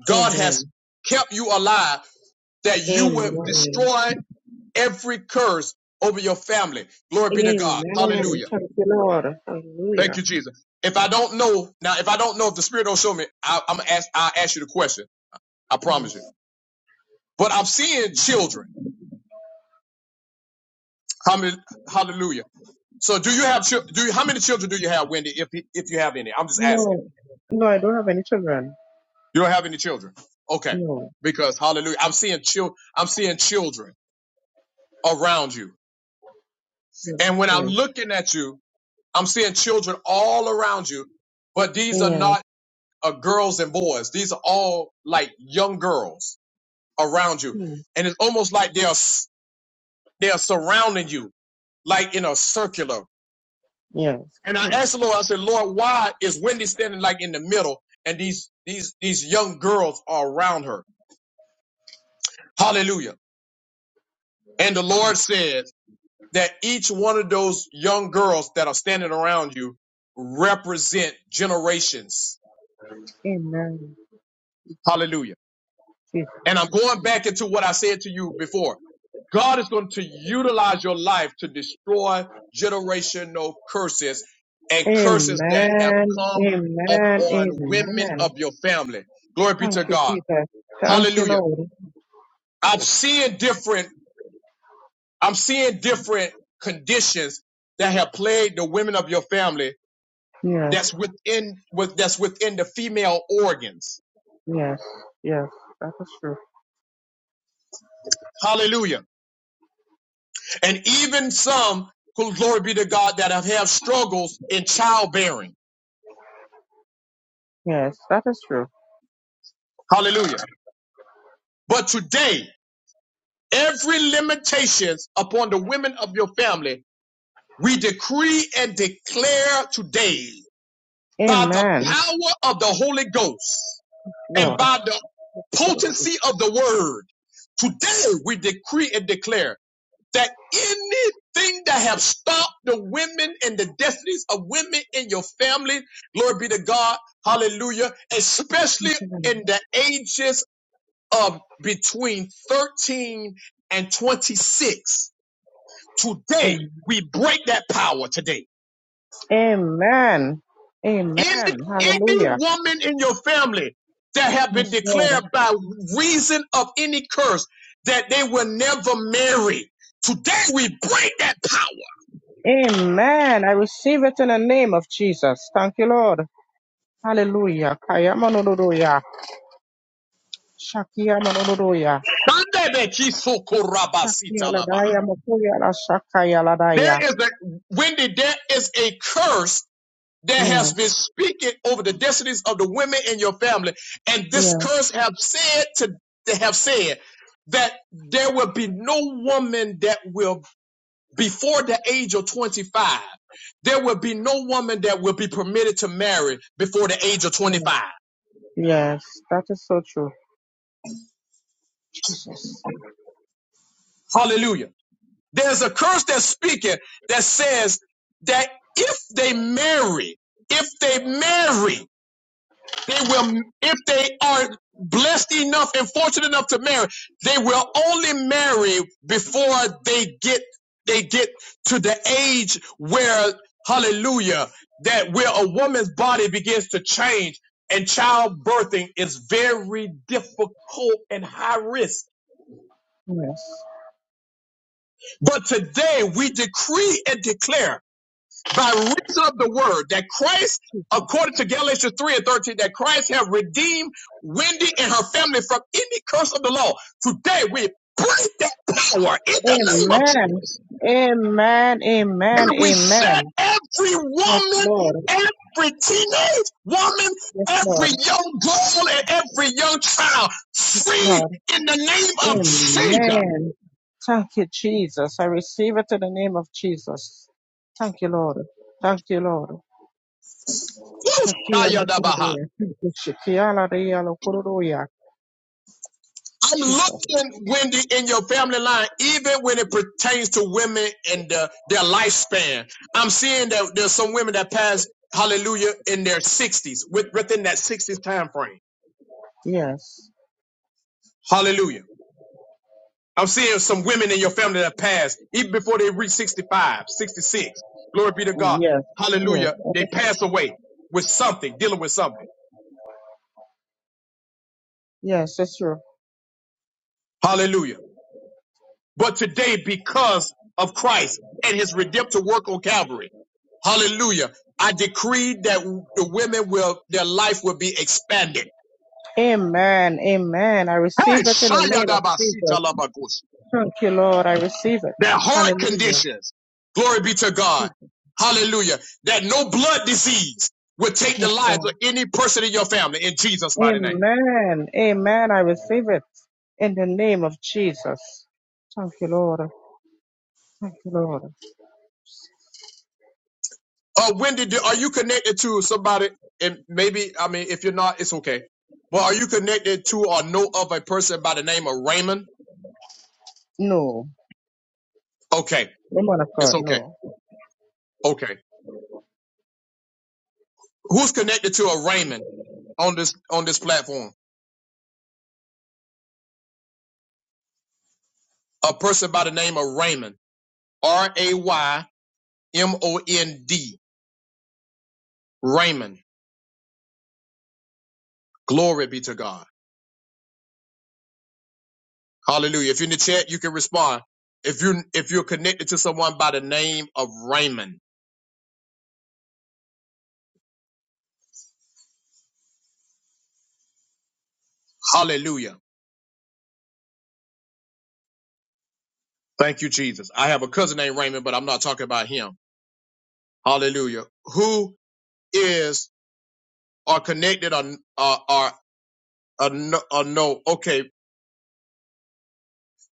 Speaker 1: God has
Speaker 9: Amen.
Speaker 1: kept you alive that you
Speaker 9: Amen.
Speaker 1: will destroy every curse over your family. Glory be to God.
Speaker 9: Amen.
Speaker 1: Hallelujah.
Speaker 9: Thank you, Lord.
Speaker 1: Thank
Speaker 9: Hallelujah.
Speaker 1: you, Jesus. If I don't know, now if I don't know if the Spirit don't show me, I, I'm gonna ask, I'll ask you the question. I promise you.
Speaker 9: Yes.
Speaker 1: but I'm seeing children. Hallelujah. So do you have chil- do you, how many children do you have, Wendy? If if you have any, I'm just asking.
Speaker 9: No, no, I don't have any children.
Speaker 1: You don't have any children, okay?
Speaker 9: No,
Speaker 1: Because Hallelujah, I'm seeing chil- I'm seeing children around you,
Speaker 9: yes,
Speaker 1: and when I'm
Speaker 9: yes.
Speaker 1: looking at you, I'm seeing children all around you. But these are
Speaker 9: Yeah.
Speaker 1: not uh, girls and boys; these are all like young girls around you,
Speaker 9: Hmm.
Speaker 1: and it's almost like they're s- they're surrounding you like in a circular
Speaker 9: Yeah.
Speaker 1: And I
Speaker 9: Hmm.
Speaker 1: asked the Lord, I said, Lord, why is Wendy standing like in the middle and these, these, these young girls are around her? Hallelujah. And the
Speaker 9: So,
Speaker 1: Lord said that each one of those young girls that are standing around you represent generations.
Speaker 9: Amen.
Speaker 1: Hallelujah.
Speaker 9: Jesus.
Speaker 1: And I'm going back into what I said to you before. God is going to utilize your life to destroy generational curses and curses that have
Speaker 9: Amen.
Speaker 1: come
Speaker 9: Amen.
Speaker 1: upon women
Speaker 9: Amen.
Speaker 1: of your family. Glory be
Speaker 9: Thank
Speaker 1: to
Speaker 9: you,
Speaker 1: God.
Speaker 9: Jesus. Thank you,
Speaker 1: Hallelujah.
Speaker 9: Lord.
Speaker 1: I'm seeing different, I'm seeing different conditions that have plagued the women of your family
Speaker 9: Yes,
Speaker 1: that's within with that's within the female organs.
Speaker 9: yes, yes. That is true.
Speaker 1: Hallelujah. And even some, glory be to God, that have had struggles in childbearing.
Speaker 9: Yes, that is true.
Speaker 1: Hallelujah. But today, every limitations upon the women of your family, we decree and declare today by the
Speaker 9: Amen.
Speaker 1: power of the Holy Ghost and
Speaker 9: Lord.
Speaker 1: by the
Speaker 9: put it
Speaker 1: potency of the word. Today we decree and declare that anything that have stopped the women and the destinies of women in your family, glory be to God, hallelujah, especially
Speaker 9: away.
Speaker 1: in the ages of between 13 and 26. Today
Speaker 9: Amen.
Speaker 1: we break that power today.
Speaker 9: Amen.
Speaker 1: Any,
Speaker 9: Amen.
Speaker 7: And
Speaker 1: any
Speaker 9: Hallelujah.
Speaker 1: woman in your family that have been
Speaker 9: Yes, Lord.
Speaker 1: declared by reason of any curse that they will never marry. Today we break that power.
Speaker 9: Amen. I receive it in the name of Jesus. Thank you, Lord. Hallelujah. Kayamanododoya. Shakiyamanododoya. Shakiyaladaya mokoyala
Speaker 1: There
Speaker 9: shakayaladaya.
Speaker 1: is a Wendy, there is a curse that has been
Speaker 9: Yes.
Speaker 1: speaking over the destinies of the women in your family, and this
Speaker 9: Yeah.
Speaker 1: curse have said to they have said that there will be no woman that will before the age of 25. There will be no woman that will be permitted to marry before the age of
Speaker 9: Yes.
Speaker 1: 25.
Speaker 9: Yes. That is so true. Jesus.
Speaker 1: Hallelujah. There's a curse that's speaking that says that if they marry, if they marry, They will, if they are blessed enough and fortunate enough to marry, they will only marry before they get they get to the age where hallelujah that where a woman's body begins to change and childbirthing is very difficult and high risk.
Speaker 9: Yes.
Speaker 1: But today we decree and declare by reason of the word that Christ, according to Galatians 3 and 13, that Christ have redeemed Wendy and her family from any curse of the law. Today we break that power in the name of Jesus.
Speaker 9: Amen. Amen.
Speaker 1: And
Speaker 9: Amen.
Speaker 1: we set
Speaker 9: Amen.
Speaker 1: every
Speaker 9: Yes,
Speaker 1: woman,
Speaker 9: Lord.
Speaker 1: every teenage woman,
Speaker 9: Yes,
Speaker 1: every
Speaker 9: Lord.
Speaker 1: young girl, and every young child free
Speaker 9: Lord.
Speaker 1: in the name of Jesus.
Speaker 9: Amen. Thank you, Jesus. I receive it in the name of Jesus. Thank you, Lord. Thank you, Lord. Shakia
Speaker 1: Woo!
Speaker 9: Lokuruya. Thank you, Shakia Laria Lokuruya.
Speaker 1: I'm
Speaker 9: Jesus.
Speaker 1: looking, Wendy, in your family line, even when it pertains to women and uh, their lifespan. I'm seeing that there's some women that pass, hallelujah, in their 60s, with, within that 60s time frame.
Speaker 9: Yes.
Speaker 1: Hallelujah. I'm seeing some women in your family that pass, even before they reach 65, 66. Glory be to God.
Speaker 9: Yes. Yes.
Speaker 1: Hallelujah. They pass away with something, dealing with something.
Speaker 9: Yes, it's true.
Speaker 1: Hallelujah. But today, because of Christ and his redemptive work on Calvary, hallelujah, I decree that the women will, their life will be expanded.
Speaker 9: Amen. Amen. I
Speaker 1: Hey,
Speaker 9: receive it in the name of
Speaker 1: Shayadabasita
Speaker 9: Jesus.
Speaker 1: Labakush.
Speaker 9: Thank you, Lord. I receive it.
Speaker 1: Their heart
Speaker 9: Hallelujah.
Speaker 1: conditions. Glory be to God. Hallelujah. That no blood disease will take the
Speaker 9: Yes,
Speaker 1: lives
Speaker 9: Lord.
Speaker 1: of any person in your family in Jesus' mighty name.
Speaker 9: Amen. Amen. I receive it in the name of Jesus. Thank you, Lord. Thank you, Lord.
Speaker 1: Uh, Wendy, do, are you connected to somebody? And maybe, I mean, if you're not, it's okay. But are you connected to or know of a person by the name of Raymond?
Speaker 9: No,
Speaker 1: Okay,
Speaker 9: woman of
Speaker 1: it's
Speaker 9: God,
Speaker 1: okay.
Speaker 9: no.
Speaker 1: Okay, who's connected to a Raymond on this on this platform? A person by the name of Raymond, R A Y M O N D, Raymond. Glory be to God. Hallelujah. If you're in the chat, you can respond. If you if you're connected to someone by the name of Raymond, Hallelujah. Thank you, Jesus. I have a cousin named Raymond, but I'm not talking about him. Hallelujah. Who is or connected or or, or, or, no, or no? Okay,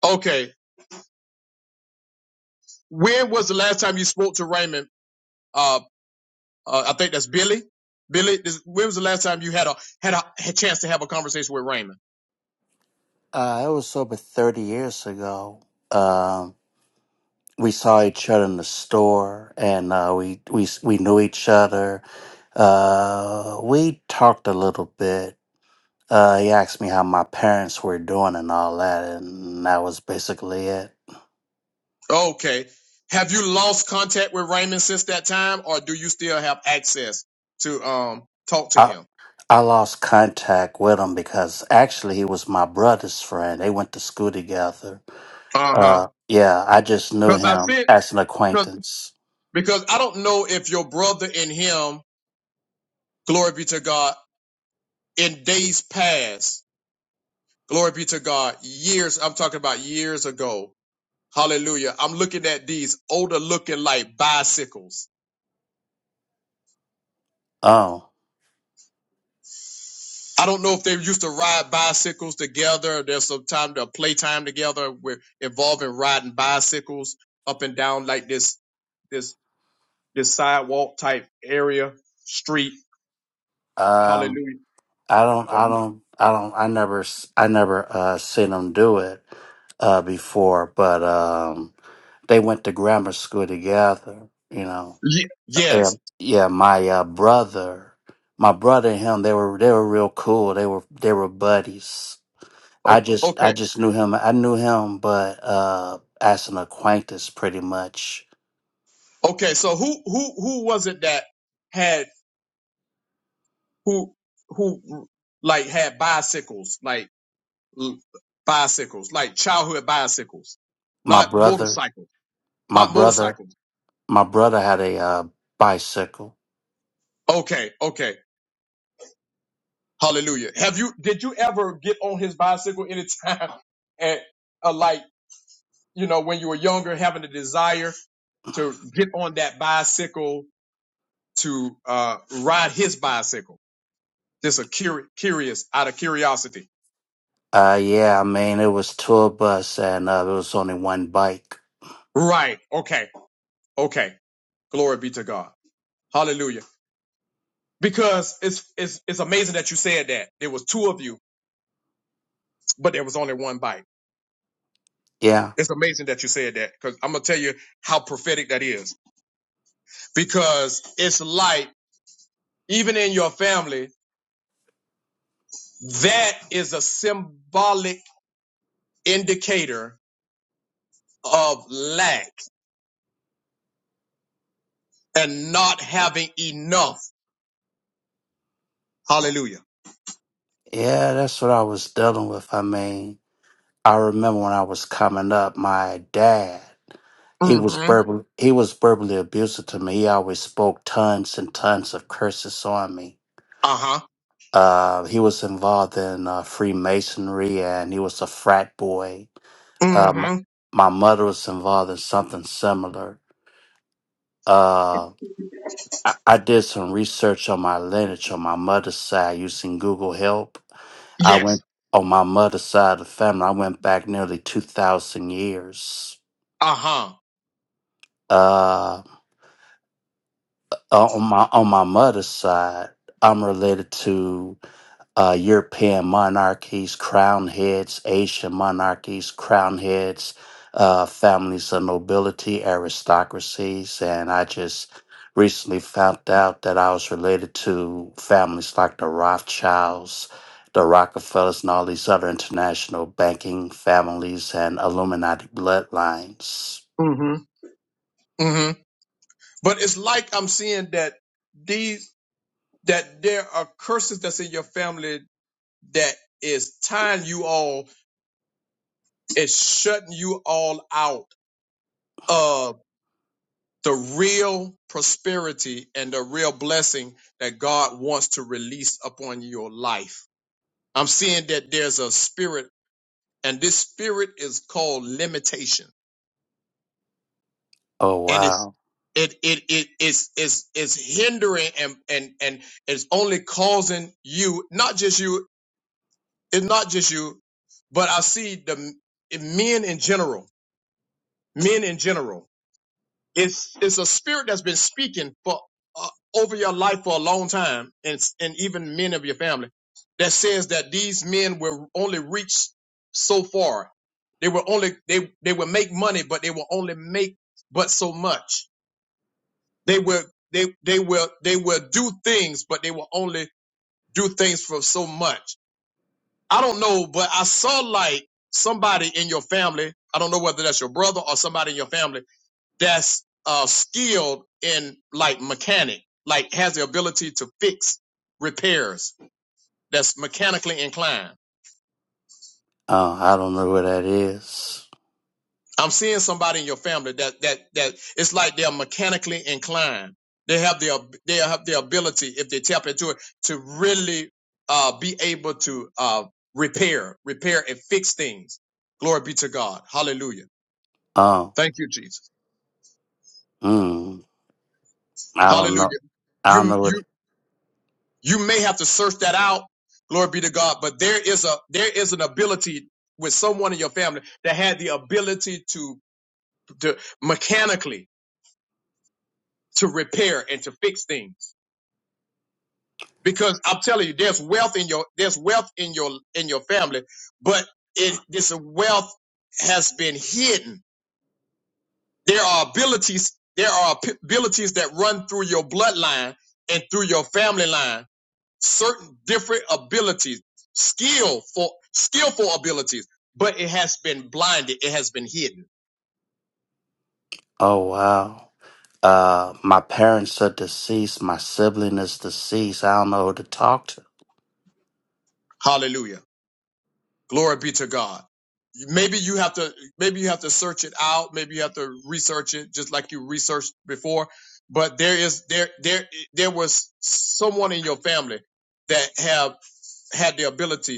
Speaker 1: okay. When was the last time you spoke to Raymond? Uh, uh I think that's Billy. Billy, this, when was the last time you had a had a, had a chance to have a conversation with Raymond?
Speaker 10: Uh, it was over 30 years ago. Um, we saw each other in the store and uh, we, we, we knew each other. Uh, we talked a little bit. Uh, he asked me how my parents were doing and all that, and that was basically it.
Speaker 1: Okay. Have you lost contact with Raymond since that time, or do you still have access to um talk to
Speaker 10: I,
Speaker 1: him?
Speaker 10: I lost contact with him because actually he was my brother's friend. They went to school together.
Speaker 1: Uh huh.
Speaker 10: Uh, yeah, I just knew
Speaker 1: Because I
Speaker 10: him
Speaker 1: sent.
Speaker 10: as an acquaintance.
Speaker 1: Because I don't know if your brother in him, glory be to God, in days past, glory be to God, years, I'm talking about years ago. Hallelujah. I'm looking at these older looking like bicycles.
Speaker 10: Oh.
Speaker 1: I don't know if they used to ride bicycles together. There's some time to playtime together with involving riding bicycles up and down like this, this, this sidewalk type area, street.
Speaker 10: um.
Speaker 1: Hallelujah.
Speaker 10: I don't,
Speaker 1: Or-
Speaker 10: I don't, I don't, I never, s- I never uh, seen them do it uh, before, but um, they went to grammar school together. You know,
Speaker 1: Ye-
Speaker 10: yeah,
Speaker 1: Yes.
Speaker 10: yeah. My uh, brother, my brother and him, they were they were real cool. They were they were buddies. I
Speaker 1: O-
Speaker 10: just
Speaker 1: Okay.
Speaker 10: I just knew him. I knew him, but uh, as an acquaintance, pretty much.
Speaker 1: Okay, so who who who was it that had who who like had bicycles like l- bicycles like childhood bicycles,
Speaker 10: My
Speaker 1: not
Speaker 10: brother,
Speaker 1: motorcycles,
Speaker 10: my
Speaker 1: not
Speaker 10: brother,
Speaker 1: motorcycles.
Speaker 10: my brother had a uh, bicycle
Speaker 1: Okay, okay, hallelujah. Have you did you ever get on his bicycle anytime and uh, like you know when you were younger having a desire to get on that bicycle to uh ride his bicycle? Just a curi- curious out of curiosity.
Speaker 10: Uh, yeah, I mean, it was tour bus and uh, there was only one bike.
Speaker 1: Right. Okay. Okay. Glory be to God. Hallelujah. Because it's it's it's amazing that you said that. There was two of you, but there was only one bite.
Speaker 10: Yeah,
Speaker 1: It's amazing that you said that because I'm gonna tell you how prophetic that is. Because it's like even in your family, that is a symbolic indicator of lack and not having enough. Hallelujah.
Speaker 10: yeah, that's what I was dealing with. I mean, I remember when I was coming up, my dad, he was
Speaker 1: Mm-hmm.
Speaker 10: verbal, he was verbally abusive to me. He always spoke tons and tons of curses on me.
Speaker 1: Uh-huh.
Speaker 10: Uh, he was involved in uh, Freemasonry and he was a frat boy. Um,
Speaker 1: Mm-hmm.
Speaker 10: my mother was involved in something similar. Uh, I, I did some research on my lineage on my mother's side using Google Help. I
Speaker 1: Yes.
Speaker 10: went on my mother's side of the family. I went back nearly two thousand years.
Speaker 1: Uh-huh.
Speaker 10: Uh, on my on my mother's side, I'm related to. uh, European monarchies, crown heads, Asian monarchies, crown heads, uh, families of nobility, aristocracies. And I just recently found out that I was related to families like the Rothschilds, the Rockefellers, and all these other international banking families and Illuminati bloodlines.
Speaker 1: Mm-hmm. Mm-hmm. But it's like I'm seeing that these that there are curses that's in your family that is tying you all, is shutting you all out of the real prosperity and the real blessing that God wants to release upon your life. I'm seeing that there's a spirit, and this spirit is called limitation.
Speaker 10: Oh,
Speaker 1: And it's
Speaker 10: wow.
Speaker 1: it it it is is is hindering and and and it's only causing you, not just you. it's not just you, but I see the in men in general, men in general. It's it's a spirit that's been speaking for uh, over your life for a long time, and and even men of your family that says that these men will only reach so far. They will only they they will make money, but they will only make but so much. They will they they will they will do things, but they will only do things for so much I don't know, but I saw like somebody in your family. I don't know whether that's your brother or somebody in your family that's uh, skilled in like mechanic, like has the ability to fix repairs. That's mechanically inclined.
Speaker 10: Uh, I don't know where that is.
Speaker 1: I'm seeing somebody in your family that that that it's like they're mechanically inclined. They have the ab- they have the ability if they tap into it to really uh, be able to uh, repair, repair and fix things. Glory be to God. Hallelujah.
Speaker 10: Oh,
Speaker 1: Thank you, Jesus.
Speaker 10: mm, I don't know.
Speaker 1: Hallelujah.
Speaker 10: I don't
Speaker 1: You
Speaker 10: know where. That,
Speaker 1: you you may have to search that out. Glory be to God. But there is a there is an ability with someone in your family that had the ability to to mechanically to repair and to fix things. Because I'm telling you, there's wealth in your there's wealth in your in your family, but it this wealth has been hidden. There are abilities there are abilities that run through your bloodline and through your family line certain different abilities, skillful, skillful abilities, but it has been blinded, it has been hidden.
Speaker 10: oh, wow. Uh, my parents are deceased. My sibling is deceased. I don't know who to talk to.
Speaker 1: Hallelujah. Glory be to God. Maybe you have to maybe you have to search it out, maybe you have to research it just like you researched before, but there is there there there was someone in your family that have had the ability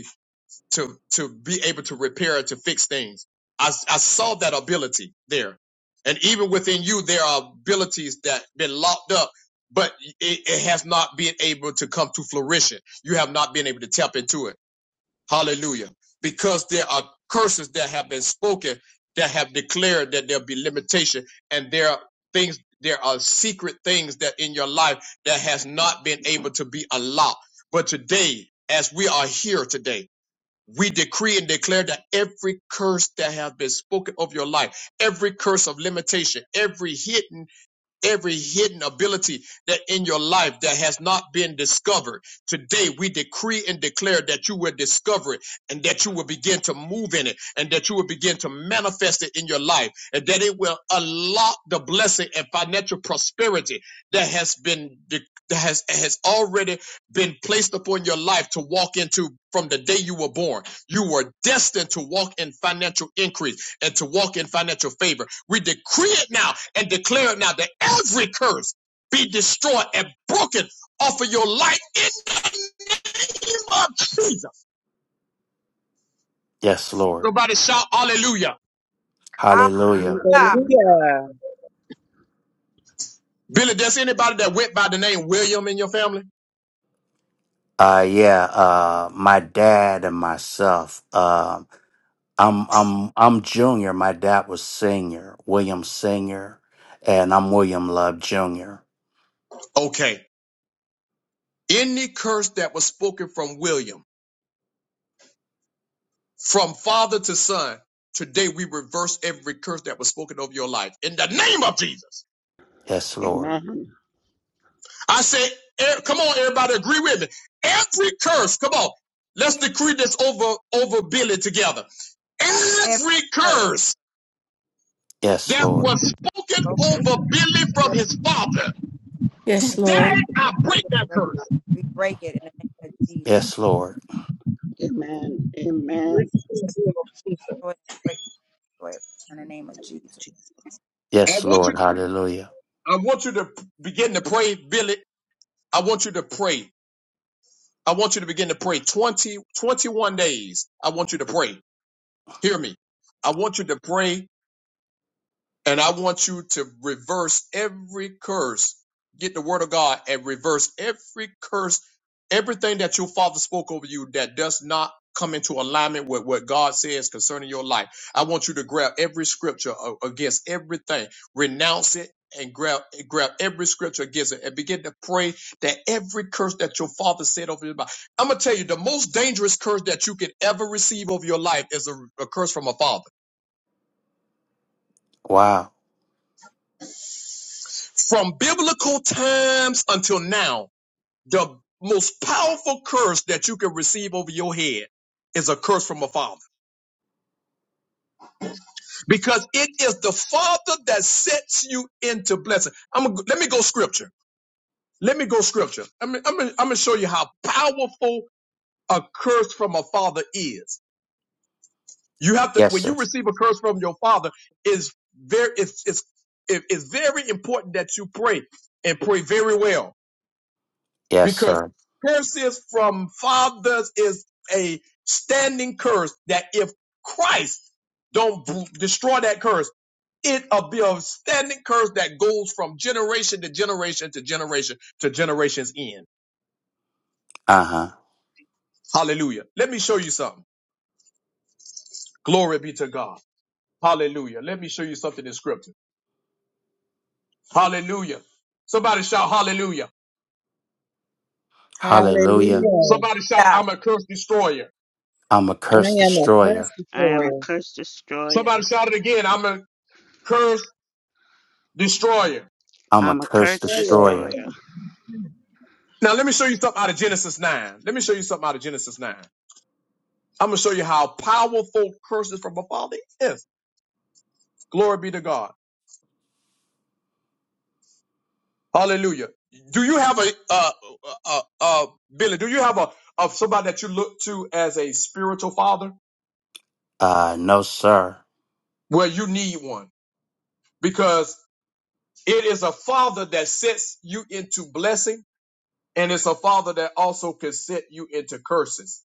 Speaker 1: to to be able to repair to fix things. I, I saw that ability there, and even within you, there are abilities that been locked up, but it, it has not been able to come to fruition. You have not been able to tap into it. Hallelujah, because there are curses that have been spoken that have declared that there'll be limitation, and there are things. There are secret things that in your life that has not been able to be allowed. But today, as we are here today we decree and declare that every curse that has been spoken of your life, every curse of limitation, every hidden every hidden ability that in your life that has not been discovered. Today we decree and declare that you will discover it and that you will begin to move in it and that you will begin to manifest it in your life and that it will unlock the blessing and financial prosperity that has been de- that has has already been placed upon your life to walk into from the day you were born. You were destined to walk in financial increase and to walk in financial favor. We decree it now and declare it now that every curse be destroyed and broken off of your life in the name of Jesus.
Speaker 10: Yes, Lord.
Speaker 1: Somebody shout hallelujah.
Speaker 7: hallelujah.
Speaker 10: Hallelujah.
Speaker 11: Hallelujah.
Speaker 3: Hallelujah.
Speaker 1: Billy, there's anybody that went by the name William in your family?
Speaker 10: Uh, yeah. Uh, my dad and myself. Um, I'm I'm I'm junior. My dad was senior, William Senior, and I'm William Love Junior.
Speaker 1: Okay. Any curse that was spoken from William, from father to son, today we reverse every curse that was spoken over your life in the name of Jesus.
Speaker 10: Yes, Lord.
Speaker 11: Amen.
Speaker 1: I said, e- come on, everybody, agree with me. Every curse, come on, let's decree this over over Billy together.
Speaker 7: Every
Speaker 1: Every
Speaker 7: curse.
Speaker 1: curse
Speaker 10: Yes,
Speaker 1: that
Speaker 10: Lord.
Speaker 1: was spoken
Speaker 7: Broken
Speaker 1: over Billy from
Speaker 7: will
Speaker 1: his father,
Speaker 4: Yes,
Speaker 1: today
Speaker 4: Lord.
Speaker 1: I break that
Speaker 7: break
Speaker 1: curse.
Speaker 7: it. We break it in the name of Jesus.
Speaker 10: Yes, Lord.
Speaker 11: Amen. Amen.
Speaker 7: Destroy it. Break it. Destroy it in the name of Jesus.
Speaker 1: I
Speaker 10: Yes,
Speaker 1: want you,
Speaker 10: Lord.
Speaker 1: to,
Speaker 10: Hallelujah.
Speaker 1: I want you to begin to pray, Billy. I want you to pray. I want you to begin to pray 20 21 days. I want you to pray. Hear me. I want you to pray And I want you to reverse every curse. Get the word of God and reverse every curse, everything that your father spoke over you that does not come into alignment with what God says concerning your life. I want you to grab every scripture a- against everything, renounce it. And grab, grab every scripture against it and begin to pray that every curse that your father said over your life. I'm going to tell you the most dangerous curse that you could ever receive over your life is a, a curse from a father
Speaker 10: Wow.
Speaker 1: From biblical times until now, the most powerful curse that you can receive over your head is a curse from a father because it is the father that sets you into blessing. I'm gonna, let me go scripture. Let me go scripture. I'm, I'm, I'm gonna show you how powerful a curse from a father is. You have to
Speaker 10: Yes,
Speaker 1: when
Speaker 10: sir.
Speaker 1: you receive a curse from your father is very it's it's it- it's very important that you pray and pray very well
Speaker 10: Yes,
Speaker 1: because
Speaker 10: sir.
Speaker 1: curses from fathers is a standing curse that if Christ don't b- destroy that curse, it'll be a standing curse that goes from generation to generation to generation to generation's end.
Speaker 10: Uh huh.
Speaker 1: Hallelujah. Let me show you something. Glory be to God. Hallelujah. Let me show you something in scripture. Hallelujah. Somebody shout hallelujah.
Speaker 10: Hallelujah.
Speaker 3: Hallelujah.
Speaker 1: Somebody shout,
Speaker 7: Yeah.
Speaker 1: I'm a curse destroyer.
Speaker 10: I'm a curse
Speaker 3: I am a
Speaker 10: destroyer.
Speaker 3: curse
Speaker 11: I am a
Speaker 3: destroyer.
Speaker 11: curse destroyer.
Speaker 1: Somebody shout it again. I'm a curse destroyer.
Speaker 10: I'm a
Speaker 11: I'm a
Speaker 10: curse
Speaker 11: curse
Speaker 3: Amen.
Speaker 10: destroyer.
Speaker 11: destroyer.
Speaker 1: Now let me show you something out of Genesis 9. Let me show you something out of Genesis 9. I'm gonna show you how powerful curses from a father is. Glory be to God. Hallelujah. Do you have a uh uh uh Billy, do you have a of somebody that you look to as a spiritual father?
Speaker 10: Uh, no, sir.
Speaker 1: Well, you need one because it is a father that sets you into blessing and it's a father that also can set you into curses.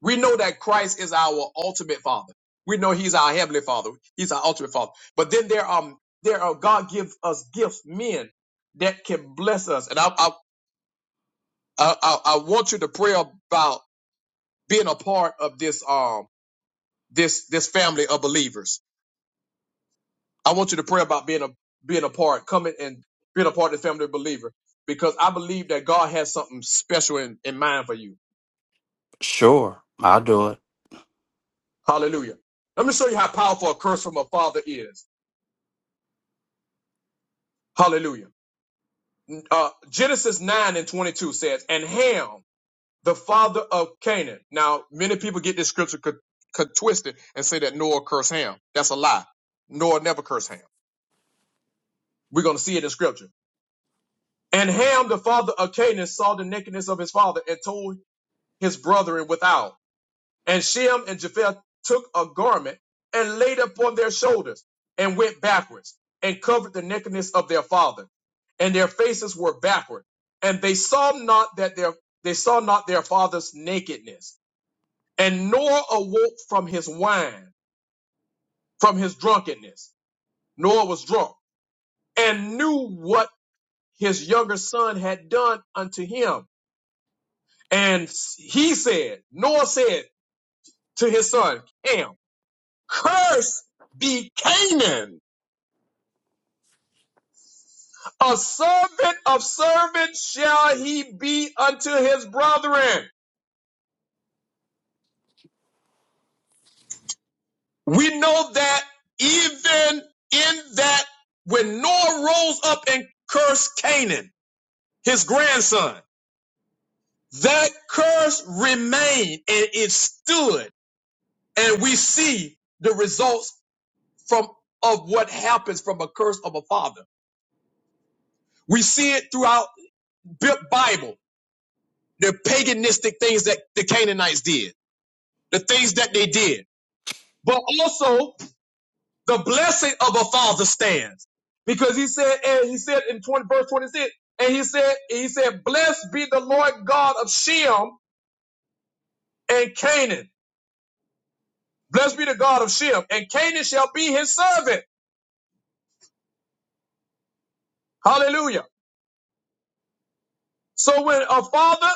Speaker 1: We know that Christ is our ultimate father. We know he's our heavenly father. He's our ultimate father. But then there are, there are God gives us gifts, men that can bless us. And I, I, I, I I want you to pray about being a part of this, um, this, this family of believers. I want you to pray about being a, being a part, coming and being a part of the family of believer because I believe that God has something special in, in mind for you.
Speaker 10: Sure, I'll do it.
Speaker 1: Hallelujah. Let me show you how powerful a curse from a father is. Hallelujah. uh, Genesis 9 and 22 says, and Ham, the father of Canaan. Now, many people get this scripture co- co- twisted and say that Noah cursed Ham. That's a lie. Noah never cursed Ham. We're going to see it in scripture. And Ham, the father of Canaan, saw the nakedness of his father and told his brethren without. And Shem and Japheth took a garment and laid it upon their shoulders and went backwards and covered the nakedness of their father. And their faces were backward. And they saw not that their they saw not their father's nakedness. And Noah awoke from his wine, from his drunkenness. Noah was drunk and knew what his younger son had done unto him. And he said, Noah said to his son, Ham, Cursed be Canaan. A servant of servants shall he be unto his brethren. We know that even in that when Noah rose up and cursed Canaan, his grandson, that curse remained and it stood. And we see the results from of what happens from a curse of a father. We see it throughout the Bible, the paganistic things that the Canaanites did. the things that they did. But also the blessing of a father stands. Because he said, and he said in 20, verse 26, and he said, he said, blessed be the Lord God of Shem and Canaan. Blessed be the God of Shem and Canaan shall be his servant. Hallelujah. So when a father,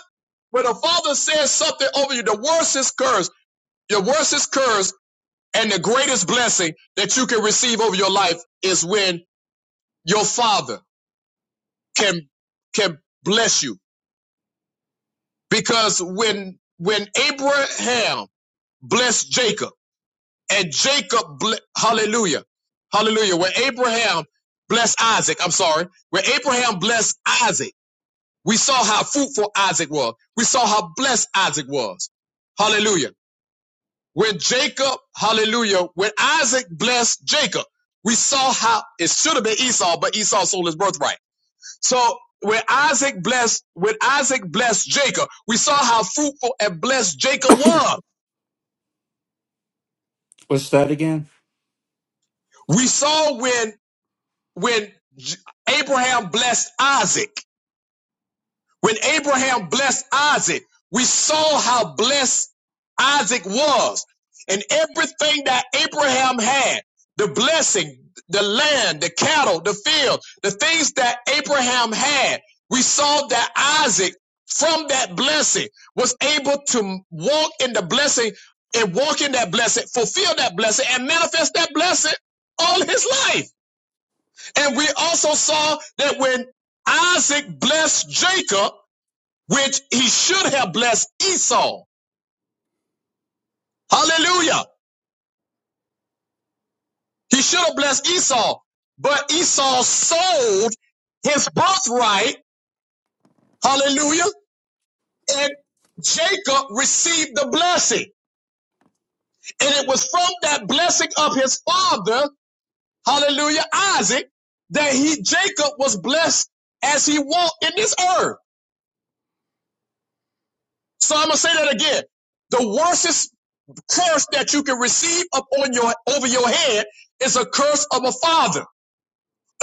Speaker 1: when a father says something over you, the worst is curse, your worst is curse and the greatest blessing that you can receive over your life is when your father can, can bless you because when when Abraham blessed Jacob and Jacob ble- hallelujah hallelujah when Abraham blessed Isaac I'm sorry when Abraham blessed Isaac we saw how fruitful Isaac was we saw how blessed Isaac was hallelujah when Jacob hallelujah when Isaac blessed Jacob we saw how it should have been Esau but Esau sold his birthright so when Isaac blessed, when Isaac blessed Jacob, we saw how fruitful and blessed Jacob was.
Speaker 10: What's that again?
Speaker 1: We saw when when Abraham blessed Isaac. When Abraham blessed Isaac, we saw how blessed Isaac was. And everything that Abraham had, the blessing, the land, the cattle, the field, the things that Abraham had, we saw that Isaac from that blessing was able to walk in the blessing and walk in that blessing, fulfill that blessing and manifest that blessing all his life. And we also saw that when Isaac blessed Jacob, which he should have blessed Esau. Hallelujah. He should have blessed Esau, but Esau sold his birthright. Hallelujah. And Jacob received the blessing. And it was from that blessing of his father, hallelujah, Isaac, that he, Jacob was blessed as he walked in this earth. So I'm going to say that again. The worstest curse that you can receive upon your, over your head is a curse of a father.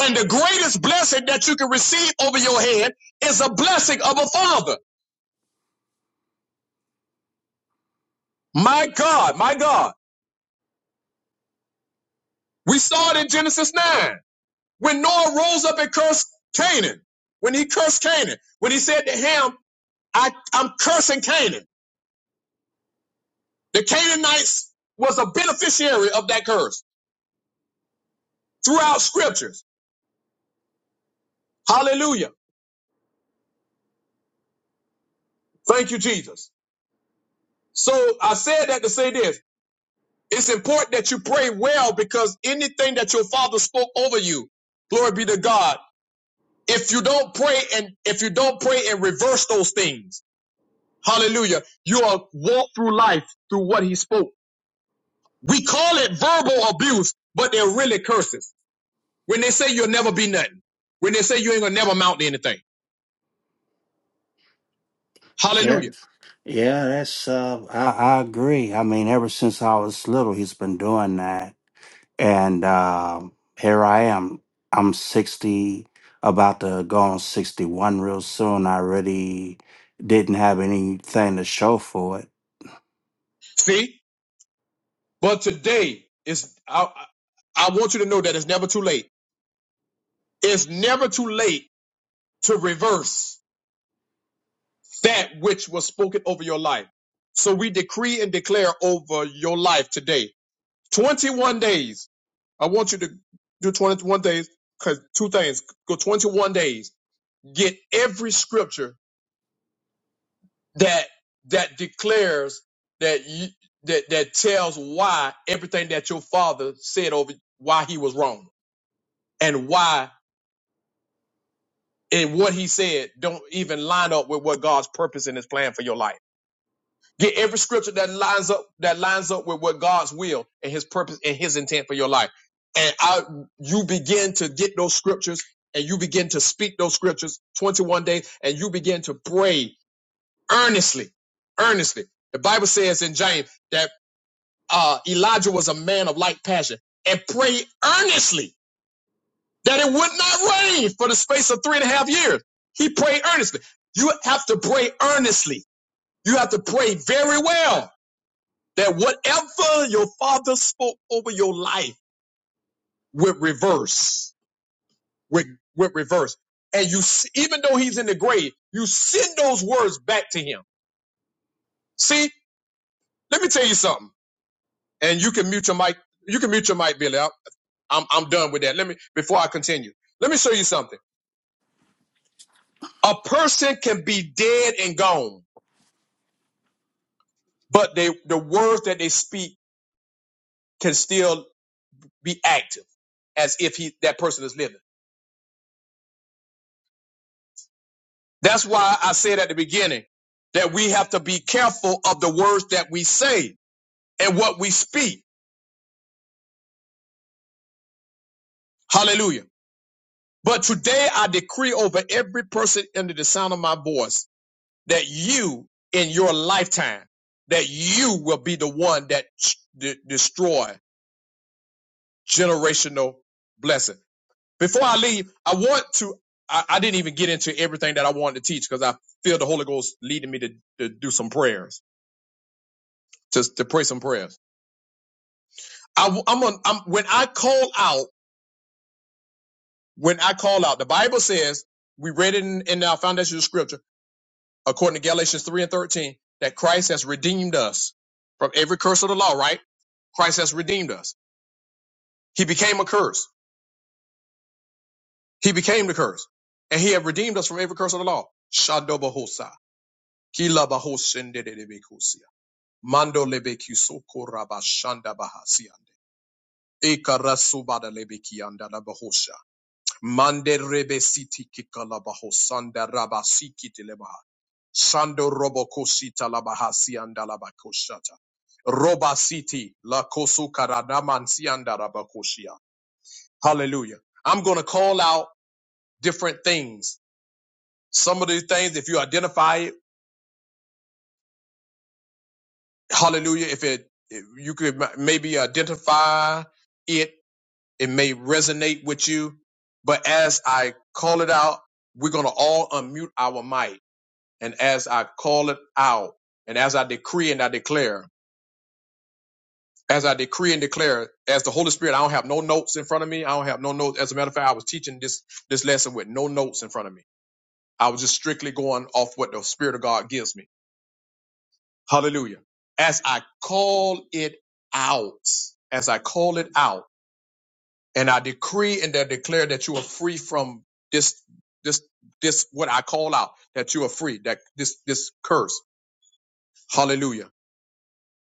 Speaker 1: And the greatest blessing that you can receive over your head is a blessing of a father. My God, my God. We saw it in Genesis 9. When Noah rose up and cursed Canaan, when he cursed Canaan, when he said to him, I, I'm cursing Canaan. The Canaanites was a beneficiary of that curse throughout scriptures. Hallelujah. Thank you, Jesus. So I said that to say this. It's important that you pray well because anything that your father spoke over you, glory be to God, if you don't pray and if you don't pray and reverse those things hallelujah you are walk through life through what he spoke we call it verbal abuse but they're really curses when they say you'll never be nothing when they say you ain't gonna never amount to anything
Speaker 10: Yeah,
Speaker 1: hallelujah
Speaker 10: yeah, that's. Uh, I, I agree. I mean, ever since I was little, he's been doing that, and um here I am. I'm sixty, about to go on sixty-one real soon. I really didn't have anything to show for it
Speaker 1: see but today is i, I I want you to know that it's never too late it's never too late to reverse that which was spoken over your life so we decree and declare over your life today 21 days I want you to do 21 days because two things. Go 21 days. Get every scripture that that declares that you, that that tells why everything that your father said over why he was wrong and why and what he said don't even line up with what God's purpose and his plan for your life. Get every scripture that lines up that lines up with what God's will and His purpose and His intent for your life. And I, you begin to get those scriptures and you begin to speak those scriptures 21 days and you begin to pray earnestly, earnestly. The Bible says in James that uh, Elijah was a man of like passion and prayed earnestly that it would not rain for the space of three and a half years. He prayed earnestly. You have to pray earnestly. You have to pray very well that whatever your father spoke over your life would reverse, would, would reverse. And you, s- even though he's in the grave, you send those words back to him. See, let me tell you something. And you can mute your mic. You can mute your mic, Billy. I- I'm, I'm done with that. Let me, before I continue, let me show you something. A person can be dead and gone, but they, the words that they speak can still be active as if he, that person is living. That's why I said at the beginning that we have to be careful of the words that we say and what we speak. Hallelujah. But today I decree over every person under the sound of my voice that you in your lifetime, that you will be the one that de- destroy generational blessing. Before I leave, I want to, I, I didn't even get into everything that I wanted to teach because I feel the Holy Ghost leading me to, to do some prayers, to, to pray some prayers. I, am on, I'm, when I call out, when I call out, the Bible says, we read it in, in our foundation of scripture, according to Galatians 3 and 13, that Christ has redeemed us from every curse of the law, right? Christ has redeemed us. He became a curse. He became the curse. And he had redeemed us from every curse of the law. Shadobahosa. Kilabahosendedebekusia. Mando lebeki Mande rebe siti kikalabahos sanda raba sikiti Sando robo kosita labaha Roba siti la kosu karadaman sianda Hallelujah. I'm going to call out different things. Some of these things, if you identify it, hallelujah. If it, if you could ma- maybe identify it, it may resonate with you. But as I call it out, we're going to all unmute our mic and as I call it out, and as I decree and I declare, as I decree and declare, as the Holy Spirit, I don't have no notes in front of me. I don't have no notes. As a matter of fact, I was teaching this this lesson with no notes in front of me. I was just strictly going off what the Spirit of God gives me. Hallelujah. As I call it out, as I call it out, and I decree and I declare that you are free from this this this what I call out, that you are free, that this this curse. Hallelujah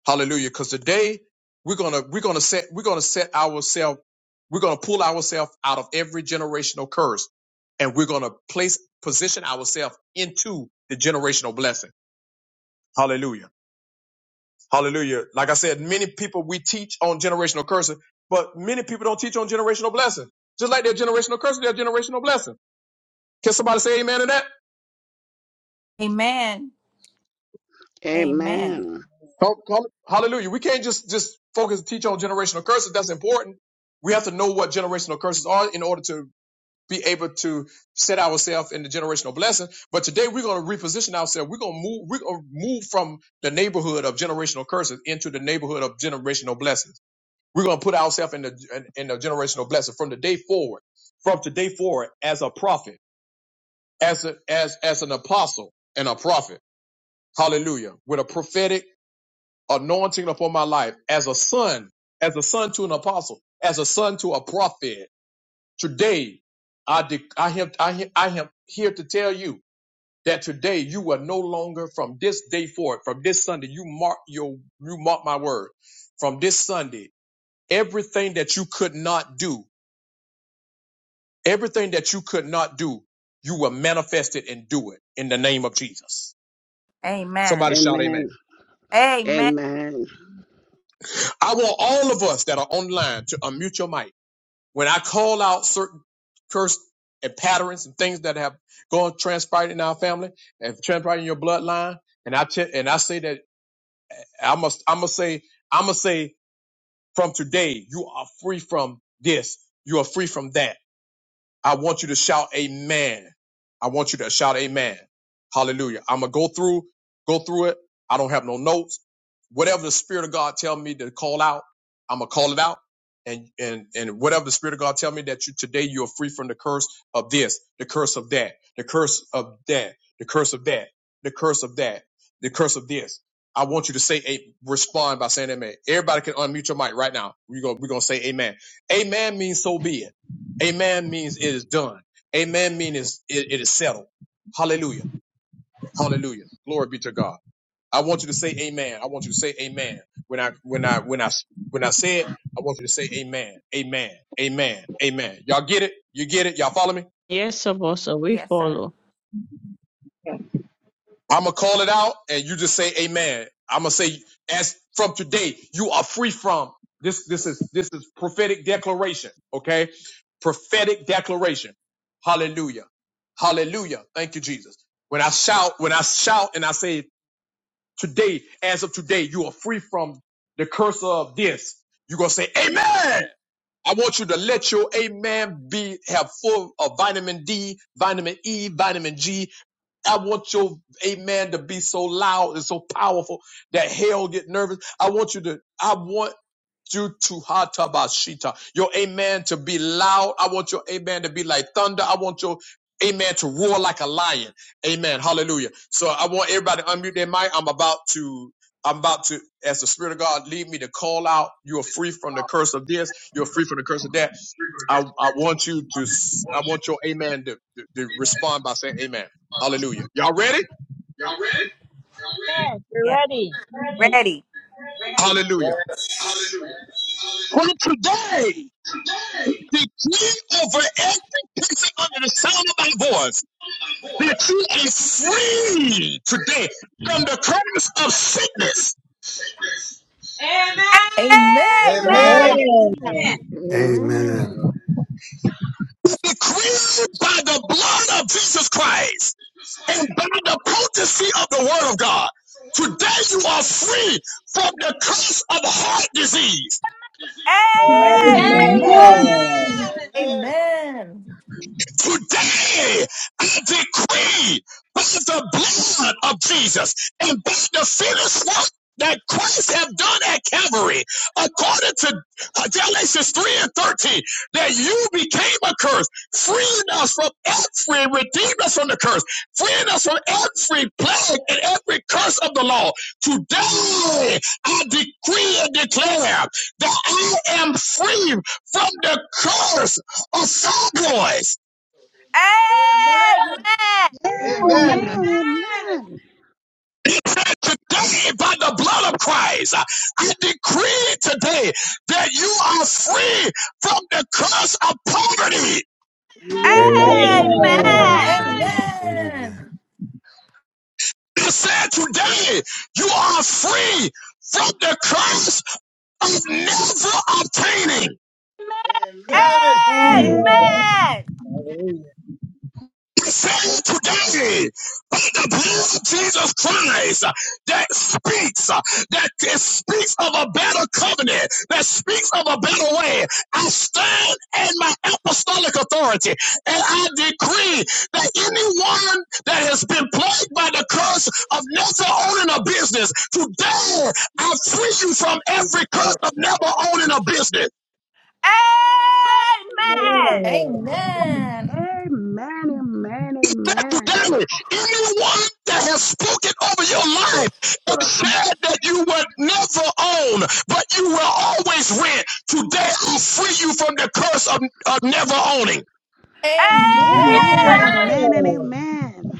Speaker 1: Hallelujah. Because today we're gonna we're gonna set we're gonna set ourselves, we're gonna pull ourselves out of every generational curse and we're gonna place position ourselves into the generational blessing. Hallelujah. Hallelujah. Like I said, many people we teach on generational curses, but many people don't teach on generational blessing. Just like their generational curses, their generational blessing. Can somebody say amen to that?
Speaker 7: Amen. Amen.
Speaker 11: Amen.
Speaker 1: Come- come- Hallelujah. We can't just just focus and teach on generational curses. That's important. We have to know what generational curses are in order to be able to set ourselves in the generational blessing. But today we're going to reposition ourselves. We're going to move, we're going to move from the neighborhood of generational curses into the neighborhood of generational blessings. We're going to put ourselves in the, in, in the generational blessing from the day forward, from today forward as a prophet, as a, as, as an apostle and a prophet. Hallelujah. With a prophetic anointing upon my life as a son, as a son to an apostle, as a son to a prophet Today, I, de- I, have, I, have, I am here to tell you that today you are no longer from this day forward, from this Sunday, you mark your, you mark my word. From this Sunday, everything that you could not do, everything that you could not do, you will manifest it and do it in the name of Jesus.
Speaker 7: Amen.
Speaker 1: Somebody shout amen.
Speaker 11: Amen.
Speaker 7: Amen.
Speaker 11: Amen.
Speaker 1: I want all of us that are online to unmute your mic When I call out certain curse and patterns and things that have gone transpired in our family and transpired in your bloodline, and I ch- and I say that I must I must say I must say from today you are free from this, you are free from that I want you to shout amen. I want you to shout amen. Hallelujah. I'm gonna go through, go through it. I don't have no notes. Whatever the Spirit of God tell me to call out, I'm gonna call it out. And and and whatever the Spirit of God tell me that you today you are free from the curse of this, the curse of that, the curse of that, the curse of that, the curse of that, the curse of this. I want you to say a respond by saying amen. Everybody can unmute your mic right now. We're going we're gonna say amen. Amen means so be it. Amen means it is done. Amen means it, it is settled. Hallelujah. Hallelujah. Glory be to God. I want you to say amen. I want you to say amen. When I when I when I when I say it, I want you to say amen. Amen. Amen. Amen. Y'all get it? You get it? Y'all follow me?
Speaker 8: Yes, Apostle, we
Speaker 7: Yes, sir.
Speaker 8: follow.
Speaker 1: I'm gonna call it out, and you just say Amen. I'm gonna say, as from today, you are free from this. This is this is prophetic declaration. Okay, prophetic declaration. Hallelujah, Hallelujah. Thank you, Jesus. When I shout, when I shout, and I say today, as of today, you are free from the curse of this. You're gonna say Amen. I want you to let your amen be have full of vitamin D, vitamin E, vitamin G, I want your amen to be so loud and so powerful that hell get nervous. I want you to, I want you to hatabashita. Your amen to be loud. I want your amen to be like thunder. I want your amen to roar like a lion. Amen. Hallelujah. So I want everybody to unmute their mic. I'm about to I'm about to, as the Spirit of God lead me to call out, you're free from the curse of this, you're free from the curse of that. I, I want you to, s- I want your amen to, to, to respond by saying amen. Hallelujah. Y'all ready?
Speaker 12: Y'all ready? Y'all ready?
Speaker 8: Amen. We're
Speaker 7: Yeah.
Speaker 8: ready.
Speaker 7: Ready.
Speaker 1: Hallelujah.
Speaker 12: Hallelujah.
Speaker 1: From
Speaker 12: Hallelujah.
Speaker 1: today,
Speaker 12: Today,
Speaker 1: decree over every person under the sound of my voice
Speaker 12: I'm
Speaker 1: that you are free today from the curse of sickness.
Speaker 7: Amen.
Speaker 12: Amen!
Speaker 3: Amen. Amen.
Speaker 13: Amen.
Speaker 11: Amen.
Speaker 1: Decree by the blood of Jesus Christ and by the potency of the word of God. Today you are free from the curse of heart disease
Speaker 3: Amen.
Speaker 7: Amen.
Speaker 11: Amen.
Speaker 12: Amen.
Speaker 5: Amen.
Speaker 12: Amen.
Speaker 1: Today, I decree by the blood of Jesus and by the finished work that Christ have done at Calvary, according to uh, Galatians 3 and 13, that you became a curse, freeing us from every, redeemed us from the curse, freeing us from every plague and every curse of the law. Today, I decree and declare that I am free from the curse of soul
Speaker 12: Amen.
Speaker 7: Amen.
Speaker 12: Amen. Amen.
Speaker 3: Hallelujah.
Speaker 12: Amen.
Speaker 11: Amen.
Speaker 1: declare today by the blood of Christ, I decree today that you are free from the curse of poverty.
Speaker 7: Amen.
Speaker 13: Amen.
Speaker 11: Amen.
Speaker 13: Amen.
Speaker 1: It said today you are free from the curse of never obtaining.
Speaker 11: Amen.
Speaker 7: Amen.
Speaker 5: Amen.
Speaker 11: A-
Speaker 1: saying today, by the blood of Jesus Christ, uh, that speaks, uh, that it speaks of a better covenant, that speaks of a better way. I stand in my apostolic authority, and I decree that anyone that has been plagued by the curse of never owning a business, today I free you from every curse of never owning a business.
Speaker 7: Amen.
Speaker 3: Amen.
Speaker 4: Amen.
Speaker 11: Amen. Amen. Amen.
Speaker 1: today, anyone that has spoken over your life and said that you were never own, but you will always rent, today I free you from the curse of, of never owning.
Speaker 11: Amen. Amen. And
Speaker 7: A-
Speaker 11: amen. Amen.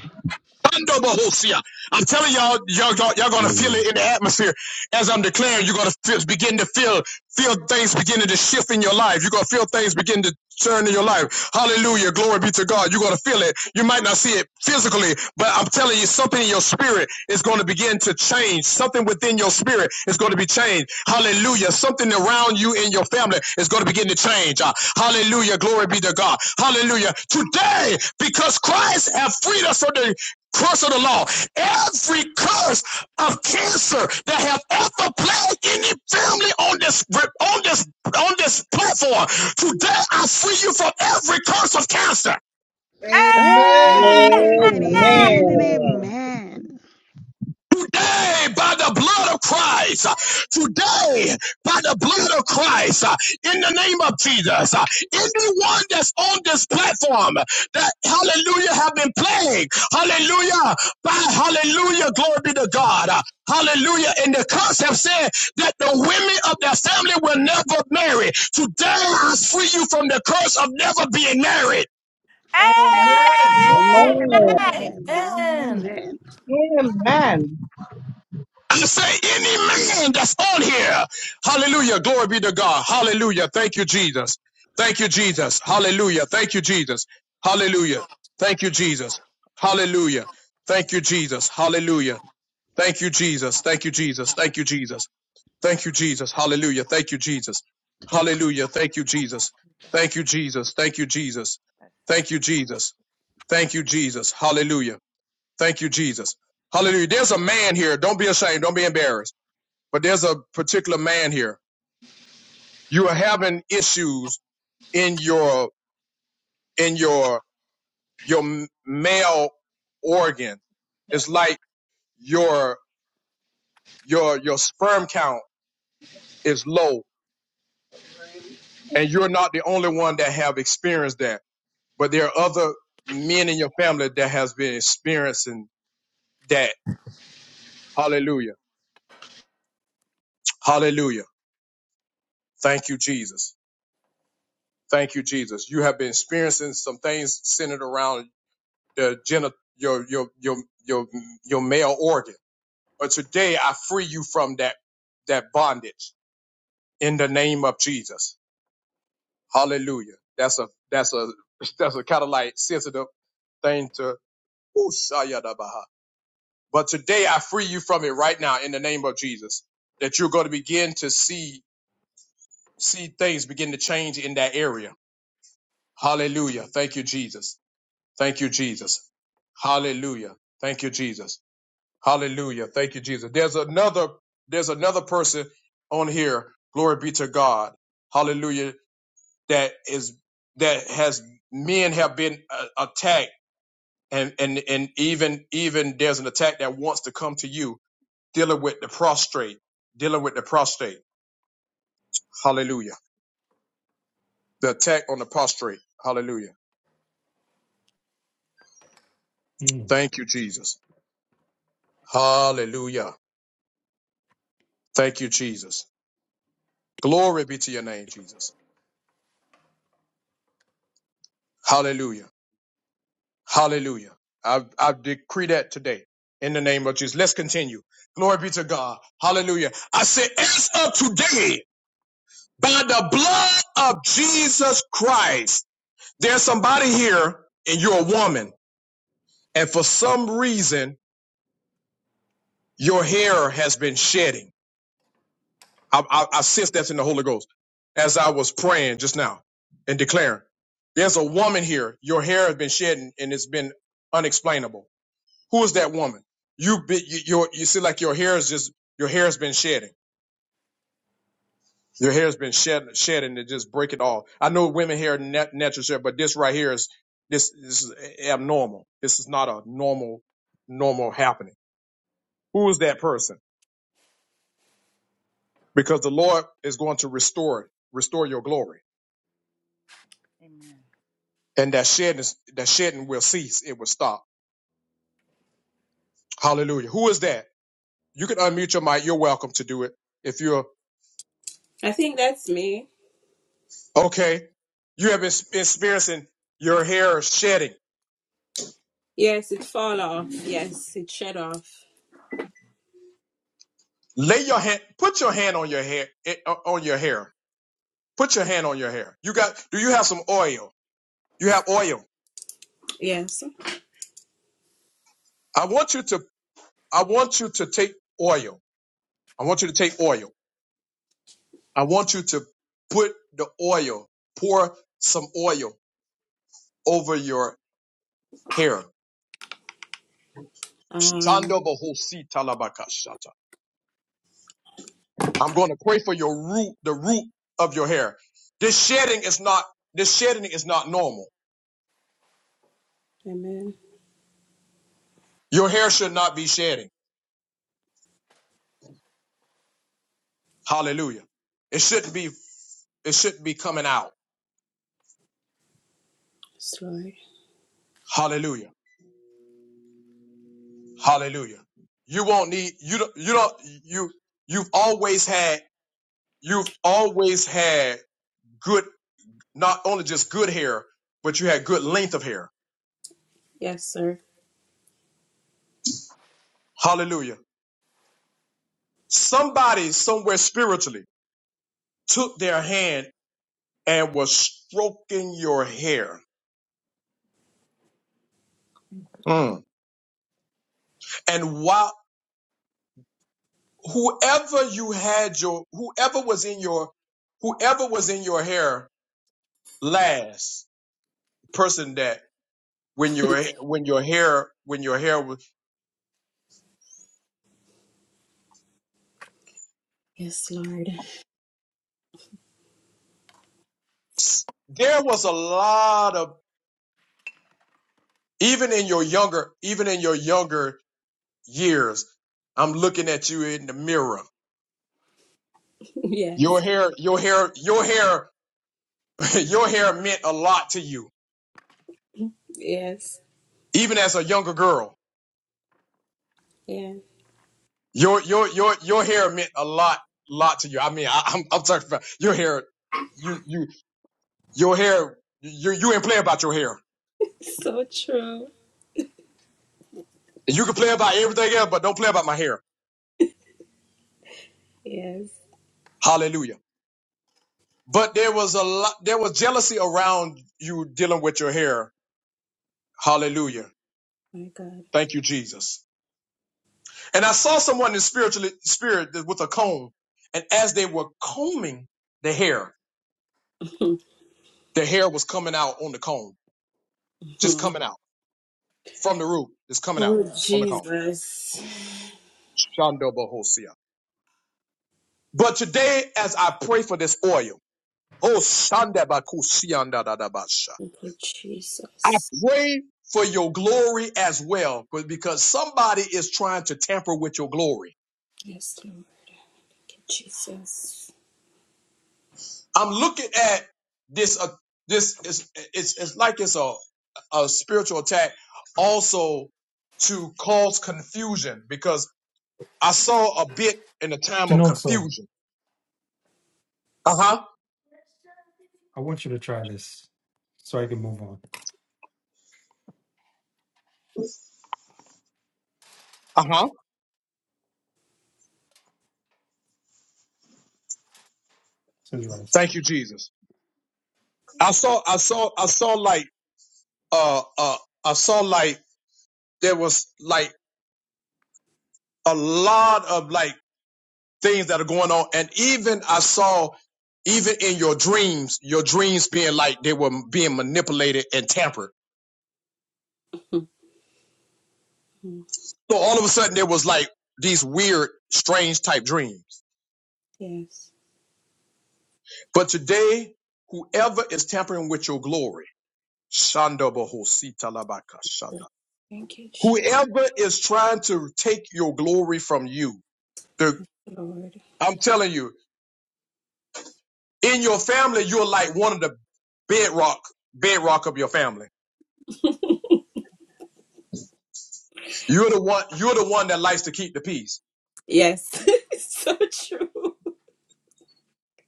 Speaker 1: I'm telling y'all, y'all, y'all, y'all gonna feel
Speaker 13: Amen.
Speaker 1: it in the atmosphere. As I'm declaring, you're gonna feel, begin to feel, feel things beginning to shift in your life. You're gonna feel things begin to turn in your life. Hallelujah. Glory be to God. You're gonna feel it. You might not see it physically, but I'm telling you, something in your spirit is gonna begin to change. Something within your spirit is gonna be changed. Hallelujah. Something around you in your family is gonna begin to change. Uh, hallelujah. Glory be to God. Hallelujah. Today, because Christ has freed us from the curse of the law, every curse of cancer that have ever plagued any family on this on this on this platform. Today I free you from every curse of cancer.
Speaker 12: Amen. Amen.
Speaker 11: Amen. And
Speaker 3: Amen.
Speaker 1: Today, by the blood of Christ, uh, today, by the blood of Christ, uh, in the name of Jesus, uh, anyone that's on this platform that, hallelujah, have been plagued, hallelujah, by hallelujah, glory be to God, uh, hallelujah, and the curse have said that the women of their family will never marry. Today, I free you from the curse of never being married.
Speaker 7: Amen. Amen.
Speaker 8: Amen.
Speaker 3: Amen. Amen.
Speaker 7: That-
Speaker 11: amen. Amen. Amen. and
Speaker 4: Amen.
Speaker 11: Amen.
Speaker 9: Amen.
Speaker 1: I say any man that's on here. Hallelujah. Glory be to God. Hallelujah. Thank you, Jesus. Thank you, Jesus. Hallelujah. Thank you, Jesus. Hallelujah. Thank you, Jesus. Hallelujah. Thank you, Jesus. Hallelujah. Thank you, Jesus. Thank you, Jesus. Thank you, Jesus. Thank you, Jesus. Hallelujah. Thank you, Jesus. Hallelujah. Thank you, Jesus. Thank you, Jesus. Thank you, Jesus.
Speaker 7: that's-
Speaker 1: Thank you, Jesus. Thank you, Jesus. Hallelujah. Thank you, Jesus. Hallelujah. There's a man here. Don't be ashamed. Don't be embarrassed but there's a particular man here. You are having issues in your in your your male organ. It's like your your your sperm count is low, and you're not the only one that have experienced that. But there are other men in your family that has been experiencing that. Hallelujah! Hallelujah! Thank you, Jesus. Thank you, Jesus. You have been experiencing some things centered around the geni- your your your your your male organ. But today I free you from that that bondage in the name of Jesus. Hallelujah. That's a that's a that's a kind of like sensitive thing to but today I free you from it right now in the name of Jesus. That you're going to begin to see see things begin to change in that area. Hallelujah. Thank you, Jesus. Thank you, Jesus. Hallelujah. Thank you, Jesus. Hallelujah. Thank you, Jesus. There's another, there's another person on here. Glory be to God. Hallelujah. That is, that has, men have been uh, attacked and, and, and even, even there's an attack that wants to come to you dealing with the prostrate, dealing with the prostate. Hallelujah. The attack on the prostrate. Hallelujah.
Speaker 13: Mm.
Speaker 1: Thank you, Jesus. Hallelujah. Thank you, Jesus. Glory be to your name, Jesus. Hallelujah. Hallelujah. I, I decree that today in the name of Jesus. Let's continue. Glory be to God. Hallelujah. I say, as of today, by the blood of Jesus Christ, there's somebody here and you're a woman, and for some reason, your hair has been shedding. I, I, I sense that's in the Holy Ghost as I was praying just now and declaring. There's a woman here, your hair has been shedding and it's been unexplainable Who is that woman? You be, you your, you see like your hair is just your hair has been shedding. Your hair has been shed shedding to just break it off. I know women hair nat- natural shed, but this right here is this, this is abnormal. This is not a normal normal happening. Who is that person? Because the Lord is going to restore it, restore your glory,
Speaker 7: Amen.
Speaker 1: and that shedding that shedding will cease. It will stop. Hallelujah. Who is that? You can unmute your mic. You're welcome to do it if you're
Speaker 14: I think that's me.
Speaker 1: Okay. You have been experiencing your hair shedding.
Speaker 14: Yes, it fall off. Yes, it shed off.
Speaker 1: Lay your hand, put your hand on your hair, eh, on your hair. Put your hand on your hair. You got, do you have some oil? You have oil.
Speaker 14: Yes.
Speaker 1: I want you to, I want you to take oil. I want you to take oil. I want you to put the oil, pour some oil over your hair.
Speaker 14: Um,
Speaker 1: Shando bohosi talabakashata. I'm going to pray for your root, the root of your hair. This shedding is not, this shedding is not normal.
Speaker 14: amen.
Speaker 1: Your hair should not be shedding. Hallelujah. It shouldn't be it shouldn't be coming out.
Speaker 14: Yes, Lord.
Speaker 1: Hallelujah. Hallelujah. You won't need you don't you don't you you've always had you've always had good not only just good hair, but you had good length of hair.
Speaker 14: Yes, sir.
Speaker 1: Hallelujah. Somebody somewhere spiritually took their hand and was stroking your hair. Mm. And while. whoever you had your whoever was in your whoever was in your hair last person that when your when your hair when your hair was
Speaker 14: Yes, Lord.
Speaker 1: there was a lot of even in your younger even in your younger years i'm looking at you in the mirror
Speaker 14: yes.
Speaker 1: your hair your hair your hair your hair meant a lot to you
Speaker 14: Yes.
Speaker 1: even as a younger girl
Speaker 14: Yeah.
Speaker 1: your your your your hair meant a lot lot to you i mean I, i'm i'm talking about your hair you you Your hair, you, you ain't play about your hair.
Speaker 14: So true.
Speaker 1: And you can play about everything else, but don't play about my hair.
Speaker 14: Yes.
Speaker 1: Hallelujah. But there was a lot, there was jealousy around you dealing with your hair. Hallelujah.
Speaker 14: My God.
Speaker 1: Thank you, Jesus. And I saw someone in spiritual spirit with a comb. And as they were combing the hair, the hair was coming out on the comb, just coming out from the root. It's coming out
Speaker 14: oh,
Speaker 1: on the comb.
Speaker 14: Jesus.
Speaker 1: Shanda Bohosia. But today, as I pray for this oil, oh Shanda Bakusianda Dadabasha.
Speaker 14: Thank you,
Speaker 1: I
Speaker 14: Jesus.
Speaker 1: pray for your glory as well but because somebody is trying to tamper with your glory.
Speaker 14: Yes, Lord. Thank you, Jesus.
Speaker 1: I'm looking at this. Uh, this is it's, it's like it's a a spiritual attack also to cause confusion because I saw a bit in the time
Speaker 13: You
Speaker 1: of
Speaker 13: know, so
Speaker 1: confusion. Uh huh.
Speaker 13: I want you to try this so I can move on.
Speaker 1: Uh huh.
Speaker 13: Says Rice.
Speaker 1: Thank you, Jesus. I saw I saw I saw like uh uh I saw like there was like a lot of like things that are going on. And even I saw, even in your dreams, your dreams being like they were being manipulated and tampered.
Speaker 14: Mhm.
Speaker 1: So all of a sudden, there was like these weird, strange type dreams.
Speaker 14: yes.
Speaker 1: But today, whoever is tampering with your glory, Shanda Bahosita Labaka Shanda.
Speaker 14: Thank you, Jesus,
Speaker 1: Whoever is trying to take your glory from you, the,
Speaker 14: Lord.
Speaker 1: I'm telling you, in your family, you're like one of the bedrock, bedrock of your family. You're the one, you're the one that likes to keep the peace.
Speaker 14: Yes. so true.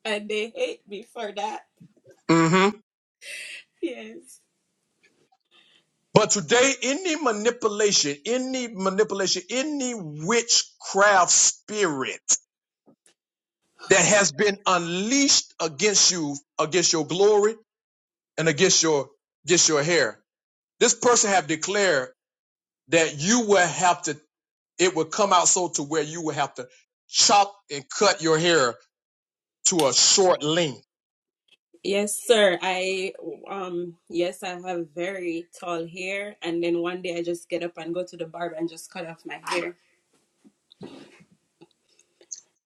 Speaker 14: and they hate me for that.
Speaker 1: hmm
Speaker 14: Yes.
Speaker 1: But today, any manipulation, any manipulation, any witchcraft spirit that has been unleashed against you, against your glory and against your against your hair, this person have declared that you will have to. It will come out so to where you will have to chop and cut your hair to a short length.
Speaker 14: Yes, sir. I um yes, I have very tall hair and then one day I just get up and go to the barber and just cut off my hair.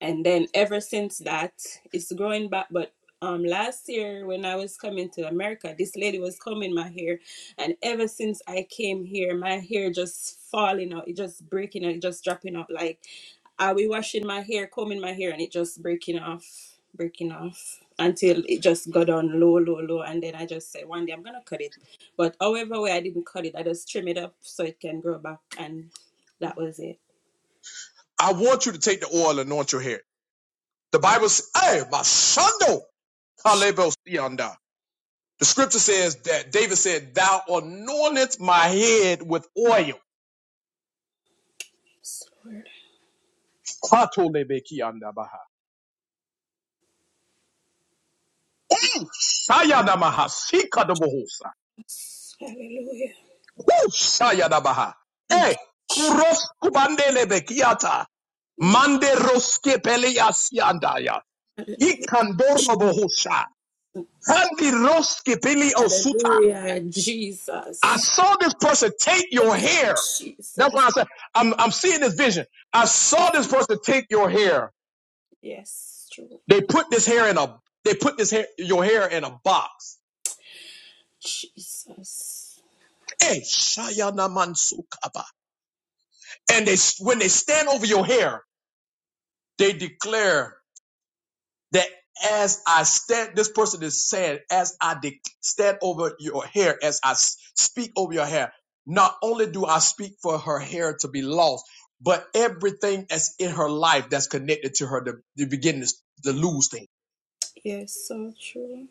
Speaker 14: And then ever since that, it's growing back but um last year when I was coming to America, this lady was combing my hair and ever since I came here, my hair just falling out, it just breaking out, it just dropping out like I'll be washing my hair, combing my hair, and it just breaking off, breaking off until it just got on low, low, low. And then I just said, one day I'm gonna cut it. But however way I didn't cut it, I just trim it up so it can grow back, and that was it.
Speaker 1: I want you to take the oil and anoint your hair. The Bible says, "Hey, my son, The scripture says that David said, Thou anointest my head with oil.
Speaker 14: Yes, Lord.
Speaker 1: Patolebekiandabaha. Mm. Sayadamaha. Sikadabohosa.
Speaker 14: Yes. Hallelujah.
Speaker 1: Woo. Sayadabaha.
Speaker 14: Thank
Speaker 1: Eh.
Speaker 14: you,
Speaker 1: Kuros kubandelebekiata.
Speaker 14: Jesus.
Speaker 1: Manderoske peleasiandaya.
Speaker 14: Hallelujah.
Speaker 1: Ikandorobohosha. Handiroske peleosuta.
Speaker 14: Hallelujah,
Speaker 1: I
Speaker 14: Jesus.
Speaker 1: saw this person take your
Speaker 14: Thank you,
Speaker 1: hair. That's
Speaker 14: Jesus.
Speaker 1: why I said, I'm, I'm seeing this vision. I saw this person take your hair
Speaker 14: Yes, true.
Speaker 1: They put this hair in a they put this hair your hair in a box.
Speaker 14: Jesus.
Speaker 1: Eh, shayanamantsukaba. And they when they stand over your hair, they declare that as I stand, this person is saying, as I de- stand over your hair, as I s- speak over your hair, not only do I speak for her hair to be lost, but everything that's in her life that's connected to her to, to begin to, s- to lose things.
Speaker 14: Yes, so true.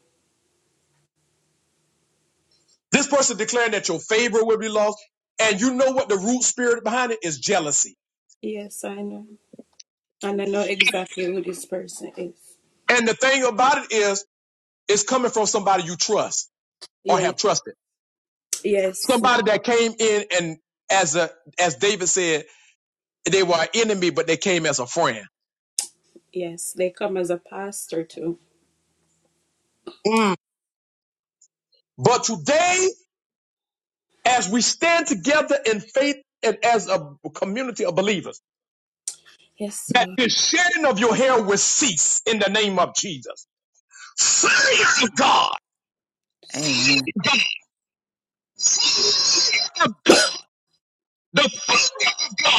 Speaker 1: This person declaring that your favor will be lost. And you know what the root spirit behind it is jealousy.
Speaker 14: Yes, I know. And I know exactly who this person is.
Speaker 1: And the thing about it is, it's coming from somebody you trust or
Speaker 14: Yes,
Speaker 1: have trusted.
Speaker 14: yes,
Speaker 1: Somebody that came in and as a, as David said, they were an enemy, but they came as a friend.
Speaker 14: yes. They come as a pastor too.
Speaker 1: Mm. But today, as we stand together in faith and as a community of believers,
Speaker 14: Yes,
Speaker 1: that
Speaker 14: Lord.
Speaker 1: the shedding of your hair will cease in the name of Jesus. Fire of God,
Speaker 7: Amen.
Speaker 1: the fire of God, the fire of God.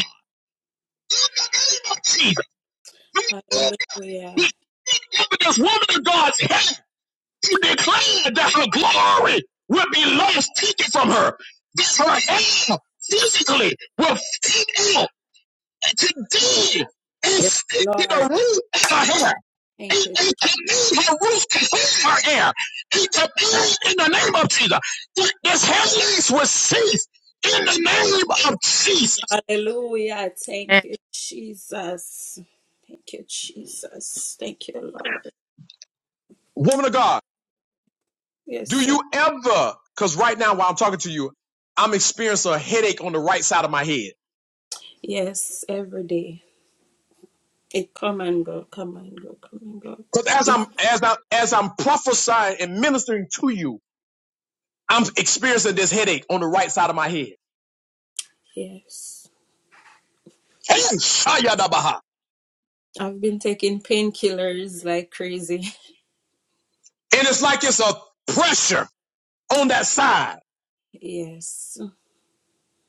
Speaker 1: name of Jesus.
Speaker 14: Hallelujah.
Speaker 1: But this woman of God's head, she declared that her glory will be lost, taken from her. That her hair physically will fade out. And today, it's
Speaker 14: Yes,
Speaker 1: sticking
Speaker 14: Lord.
Speaker 1: the root of her hair.
Speaker 14: Thank
Speaker 1: It,
Speaker 14: you.
Speaker 1: it can be her roof can hold her hair. It can be in the name of Jesus. That this hairless will cease. in the name of Jesus.
Speaker 14: Hallelujah. Thank you, Jesus. Thank you, Jesus. Thank you, Lord.
Speaker 1: Woman of God.
Speaker 14: Yes,
Speaker 1: Do
Speaker 14: sir.
Speaker 1: you ever, because right now while I'm talking to you, I'm experiencing a headache on the right side of my head.
Speaker 14: Yes, every day. It come and go, come and go, come and go.
Speaker 1: Because as I'm as I'm as I'm prophesying and ministering to you, I'm experiencing this headache on the right side of my head.
Speaker 14: Yes.
Speaker 1: Hey,
Speaker 14: I've been taking painkillers like crazy.
Speaker 1: And it's like it's a pressure on that side.
Speaker 14: Yes.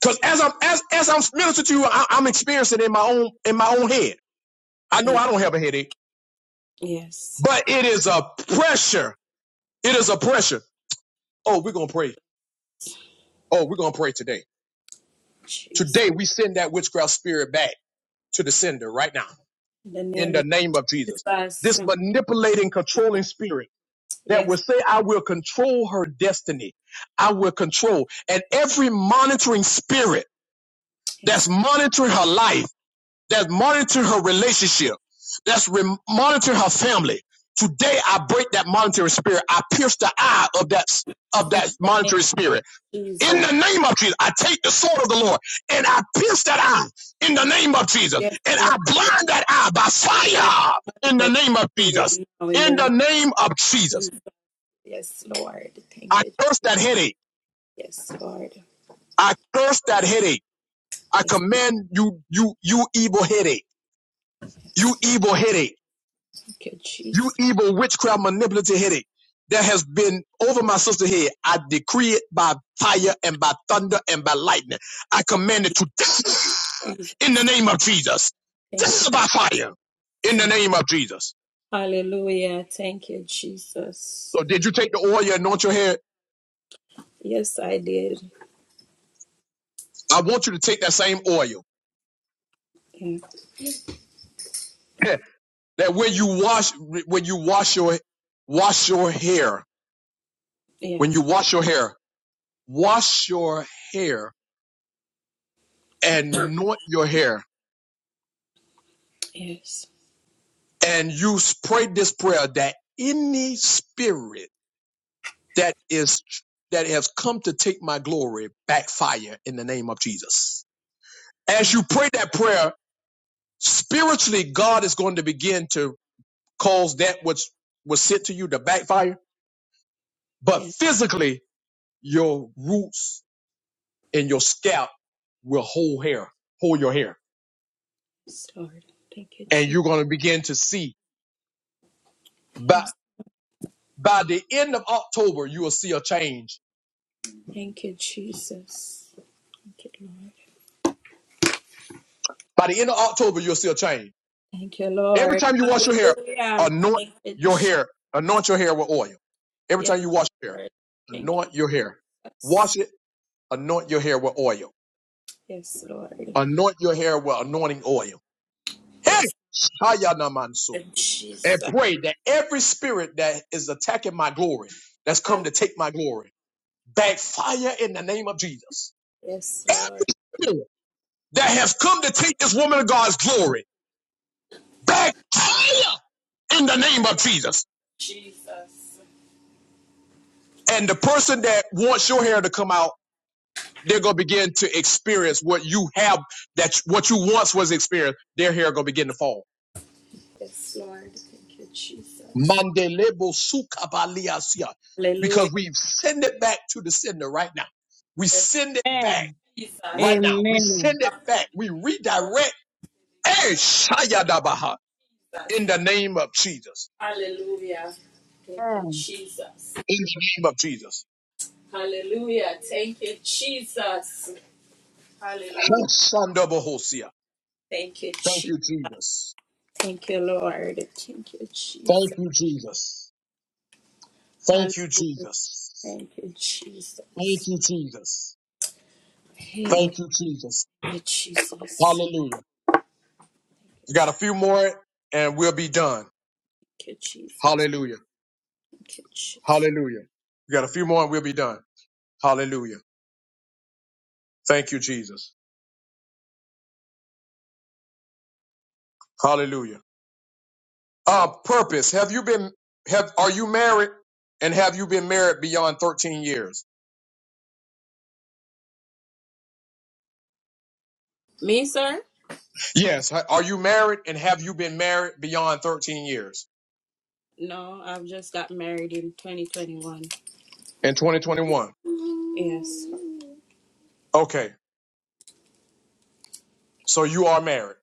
Speaker 1: Because as I'm as as I'm ministering to you, I, I'm experiencing it in my own in my own head. I know
Speaker 14: Yes.
Speaker 1: I don't have a headache,
Speaker 14: yes.
Speaker 1: but it is a pressure. It is a pressure. Oh, we're gonna pray. Oh, we're gonna pray today
Speaker 14: Jesus.
Speaker 1: Today, we send that witchcraft spirit back to the sender right now
Speaker 14: In the
Speaker 1: in
Speaker 14: name
Speaker 1: the name of Jesus.
Speaker 14: Jesus.
Speaker 1: This manipulating, controlling spirit that
Speaker 14: Yes,
Speaker 1: will say, I will control her destiny. I will control. And every monitoring spirit that's
Speaker 14: yes.
Speaker 1: monitoring her life, that's monitoring her relationship, that's re- monitoring her family. Today, I break that monitoring spirit. I pierce the eye of that, of
Speaker 14: In
Speaker 1: that
Speaker 14: the name
Speaker 1: monitoring spirit
Speaker 14: of
Speaker 1: in
Speaker 14: Jesus.
Speaker 1: the name of Jesus. I take the sword of the Lord and I pierce that eye in the name of Jesus.
Speaker 14: Yes,
Speaker 1: And
Speaker 14: Lord.
Speaker 1: I blind that eye by
Speaker 14: Guide
Speaker 1: fire in the
Speaker 14: my
Speaker 1: name of Jesus.
Speaker 14: spirit now in the
Speaker 1: In
Speaker 14: name
Speaker 1: the name of
Speaker 14: of
Speaker 1: Jesus.
Speaker 14: Jesus. Yes, Lord. Thank
Speaker 1: I
Speaker 14: you.
Speaker 1: curse that headache.
Speaker 14: Yes, Lord.
Speaker 1: I curse that headache. I
Speaker 14: Yes,
Speaker 1: command you, you, you evil headache, you
Speaker 14: yes.
Speaker 1: evil headache,
Speaker 14: Thank you,
Speaker 1: you
Speaker 14: Jesus.
Speaker 1: evil witchcraft manipulative headache that has been over my sister head. I decree it by fire and by thunder and by lightning. I command it to die in the name of Jesus.
Speaker 14: Thank
Speaker 1: This
Speaker 14: you.
Speaker 1: is by fire in the
Speaker 14: Jesus.
Speaker 1: name of Jesus.
Speaker 14: Hallelujah. Thank you, Jesus.
Speaker 1: So did you take the oil and anoint your head?
Speaker 14: Yes, I did.
Speaker 1: I want you to take that same oil
Speaker 14: Yeah,
Speaker 1: that when you wash when you wash your wash your hair
Speaker 14: yeah.
Speaker 1: when you wash your hair wash your hair and anoint your hair
Speaker 14: yes.
Speaker 1: and you pray this prayer that any spirit that is that has come to take my glory backfire in the name of Jesus.
Speaker 14: Mm,
Speaker 1: As you pray that prayer Spiritually, God is going to begin to cause that which was sent to you to backfire, but physically, your roots and your scalp will hold hair, hold your hair,
Speaker 14: Yes, Lord. Thank you,
Speaker 1: and you're
Speaker 14: Jesus.
Speaker 1: going to begin to see. By by the end of October, you will see a change.
Speaker 14: Thank you, Jesus. Thank you, Lord.
Speaker 1: By the end of October, you'll see a change.
Speaker 14: Thank you,
Speaker 1: Every
Speaker 14: Lord.
Speaker 1: time you wash your hair,
Speaker 14: Hallelujah.
Speaker 1: anoint
Speaker 14: Thank you.
Speaker 1: your
Speaker 14: Je-
Speaker 1: hair, anoint your hair with oil. Every
Speaker 14: Yes,
Speaker 1: time you wash your hair,
Speaker 14: Lord. Thank you.
Speaker 1: anoint your hair.
Speaker 14: Jesus.
Speaker 1: Wash it, anoint your hair with oil
Speaker 14: Yes, Lord.
Speaker 1: Anoint your hair with anointing oil. Hey,
Speaker 14: Yes,
Speaker 1: Hayanamansu.
Speaker 14: Lord.
Speaker 1: And
Speaker 14: Jesus.
Speaker 1: pray that every spirit that is attacking my glory, that's
Speaker 14: Hall-
Speaker 1: come to take my glory, backfire in the name of Jesus.
Speaker 14: Yes, Lord.
Speaker 1: Spirit That has come to take this woman of God's glory, backfire in the name of Jesus.
Speaker 14: Jesus.
Speaker 1: And the person that wants your hair to come out, they're gonna begin to experience what you have that what you once was experienced. Their hair gonna begin to fall
Speaker 14: Yes, Lord. Thank you, Jesus.
Speaker 1: Mandelebo sukabaliasia.
Speaker 14: Hallelujah.
Speaker 1: Because we send it back to the sender right now. We
Speaker 14: Thank
Speaker 1: send it back
Speaker 8: Amen.
Speaker 1: right now. We
Speaker 8: Amen.
Speaker 1: send it back. We redirect Eh, shayadabaha. in the name of Jesus.
Speaker 14: you, Jesus. Jesus.
Speaker 1: In the name of Jesus.
Speaker 14: Hallelujah. Thank you, Jesus. Hallelujah. Thank you, Jesus. Hallelujah.
Speaker 1: Hoshandabahosia.
Speaker 14: Thank you,
Speaker 1: Thank
Speaker 14: Jesus.
Speaker 1: you, Jesus.
Speaker 14: Thank you, Lord. Thank you, Jesus.
Speaker 1: Thank you, Jesus.
Speaker 14: Hallelujah.
Speaker 1: Thank you, Jesus.
Speaker 14: Thank you, Jesus.
Speaker 1: Thank you, Jesus.
Speaker 14: Hey, thank
Speaker 1: Thank you, Jesus.
Speaker 14: you, Jesus.
Speaker 1: Hallelujah. We got a
Speaker 14: Thank
Speaker 1: few more and we'll be done.
Speaker 14: you, Jesus.
Speaker 1: Hallelujah.
Speaker 14: Thank you, Jesus.
Speaker 1: Hallelujah. We got a few more and we'll be done. Hallelujah. Thank you, Jesus. Hallelujah. Uh, purpose. Have you been, have, are you married and have you been married beyond 13 years?
Speaker 14: Me, sir?
Speaker 1: Yes. Ha- Are you married and have you been married beyond 13 years
Speaker 14: No, I've just got married in 2021.
Speaker 1: in 2021?
Speaker 14: Yes.
Speaker 1: Okay. So you are married.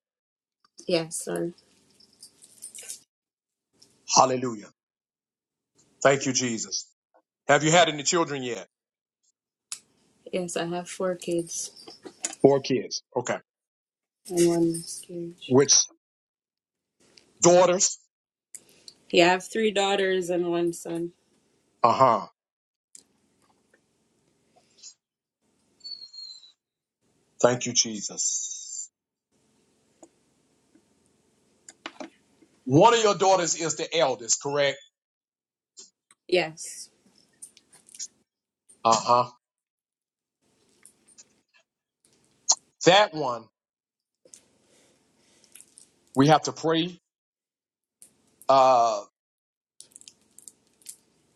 Speaker 14: Yes, sir.
Speaker 1: Hallelujah. Thank you, Jesus. Have you had any children yet?
Speaker 14: Yes, I have four kids
Speaker 1: Four kids. Okay.
Speaker 14: and one miscarriage.
Speaker 1: Which daughters?
Speaker 14: Yeah, I have three daughters and one son.
Speaker 1: Uh huh. Thank you, Jesus. One of your daughters is the eldest, correct?
Speaker 14: Yes.
Speaker 1: Uh huh. That one, we have to pray uh,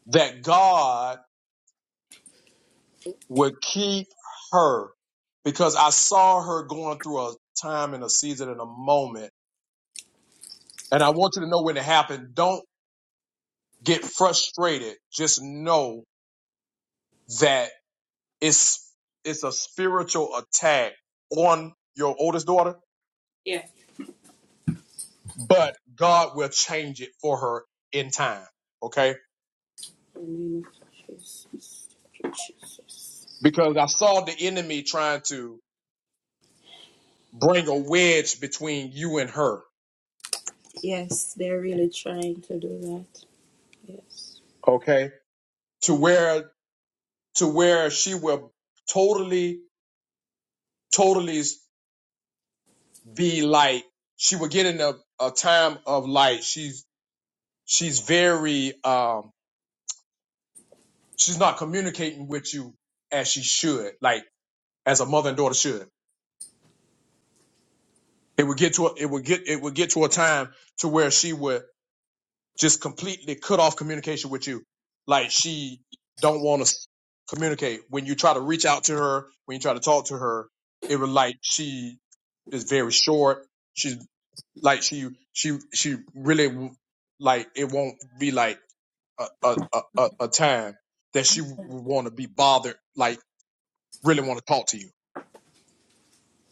Speaker 1: that God would keep her because I saw her going through a time and a season and a moment. And I want you to know when it happened. Don't get frustrated. Just know that it's, it's a spiritual attack on your oldest daughter,
Speaker 14: Yeah.
Speaker 1: but God will change it for her in time. Okay.
Speaker 14: In the name of Jesus. Thank you, Jesus.
Speaker 1: Because I saw the enemy trying to bring a wedge between you and her.
Speaker 14: Yes, they're really trying to do that. Yes.
Speaker 1: Okay to where to where she will totally, totally be like she will get in a, a time of light. She's she's very um she's not communicating with you as she should, like as a mother and daughter should. It would get to a, it would get it would get to a time to where she would just completely cut off communication with you. Like she don't want to communicate. When you try to reach out to her, when you try to talk to her, it was like she is very short. She's like she she she really like it won't be like a a a, a time that she would want to be bothered. Like really want to talk to you.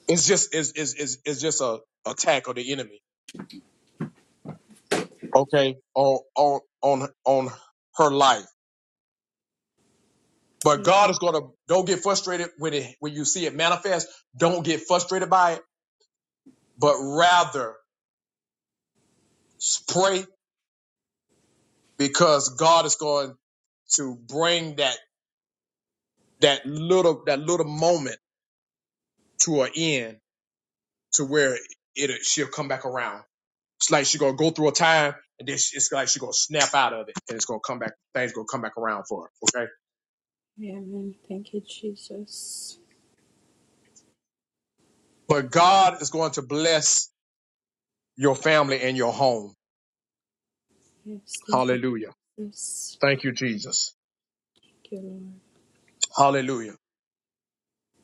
Speaker 1: It's just it's it's it's, it's just a attack of the enemy. Okay, on on on on her life But God is gonna don't get frustrated when it when you see it manifest. Don't get frustrated by it, but rather pray because God is going to bring that that little that little moment to an end to where it it she'll come back around. It's like she's gonna go through a time and then she, it's like she's gonna snap out of it and it's gonna come back. Things gonna come back around for her. Okay,
Speaker 14: Amen. Thank you, Jesus.
Speaker 1: but God is going to bless your family and your home.
Speaker 14: Yes, thank you,
Speaker 1: Hallelujah.
Speaker 14: Jesus.
Speaker 1: Thank you, Jesus.
Speaker 14: Thank you,
Speaker 1: Hallelujah.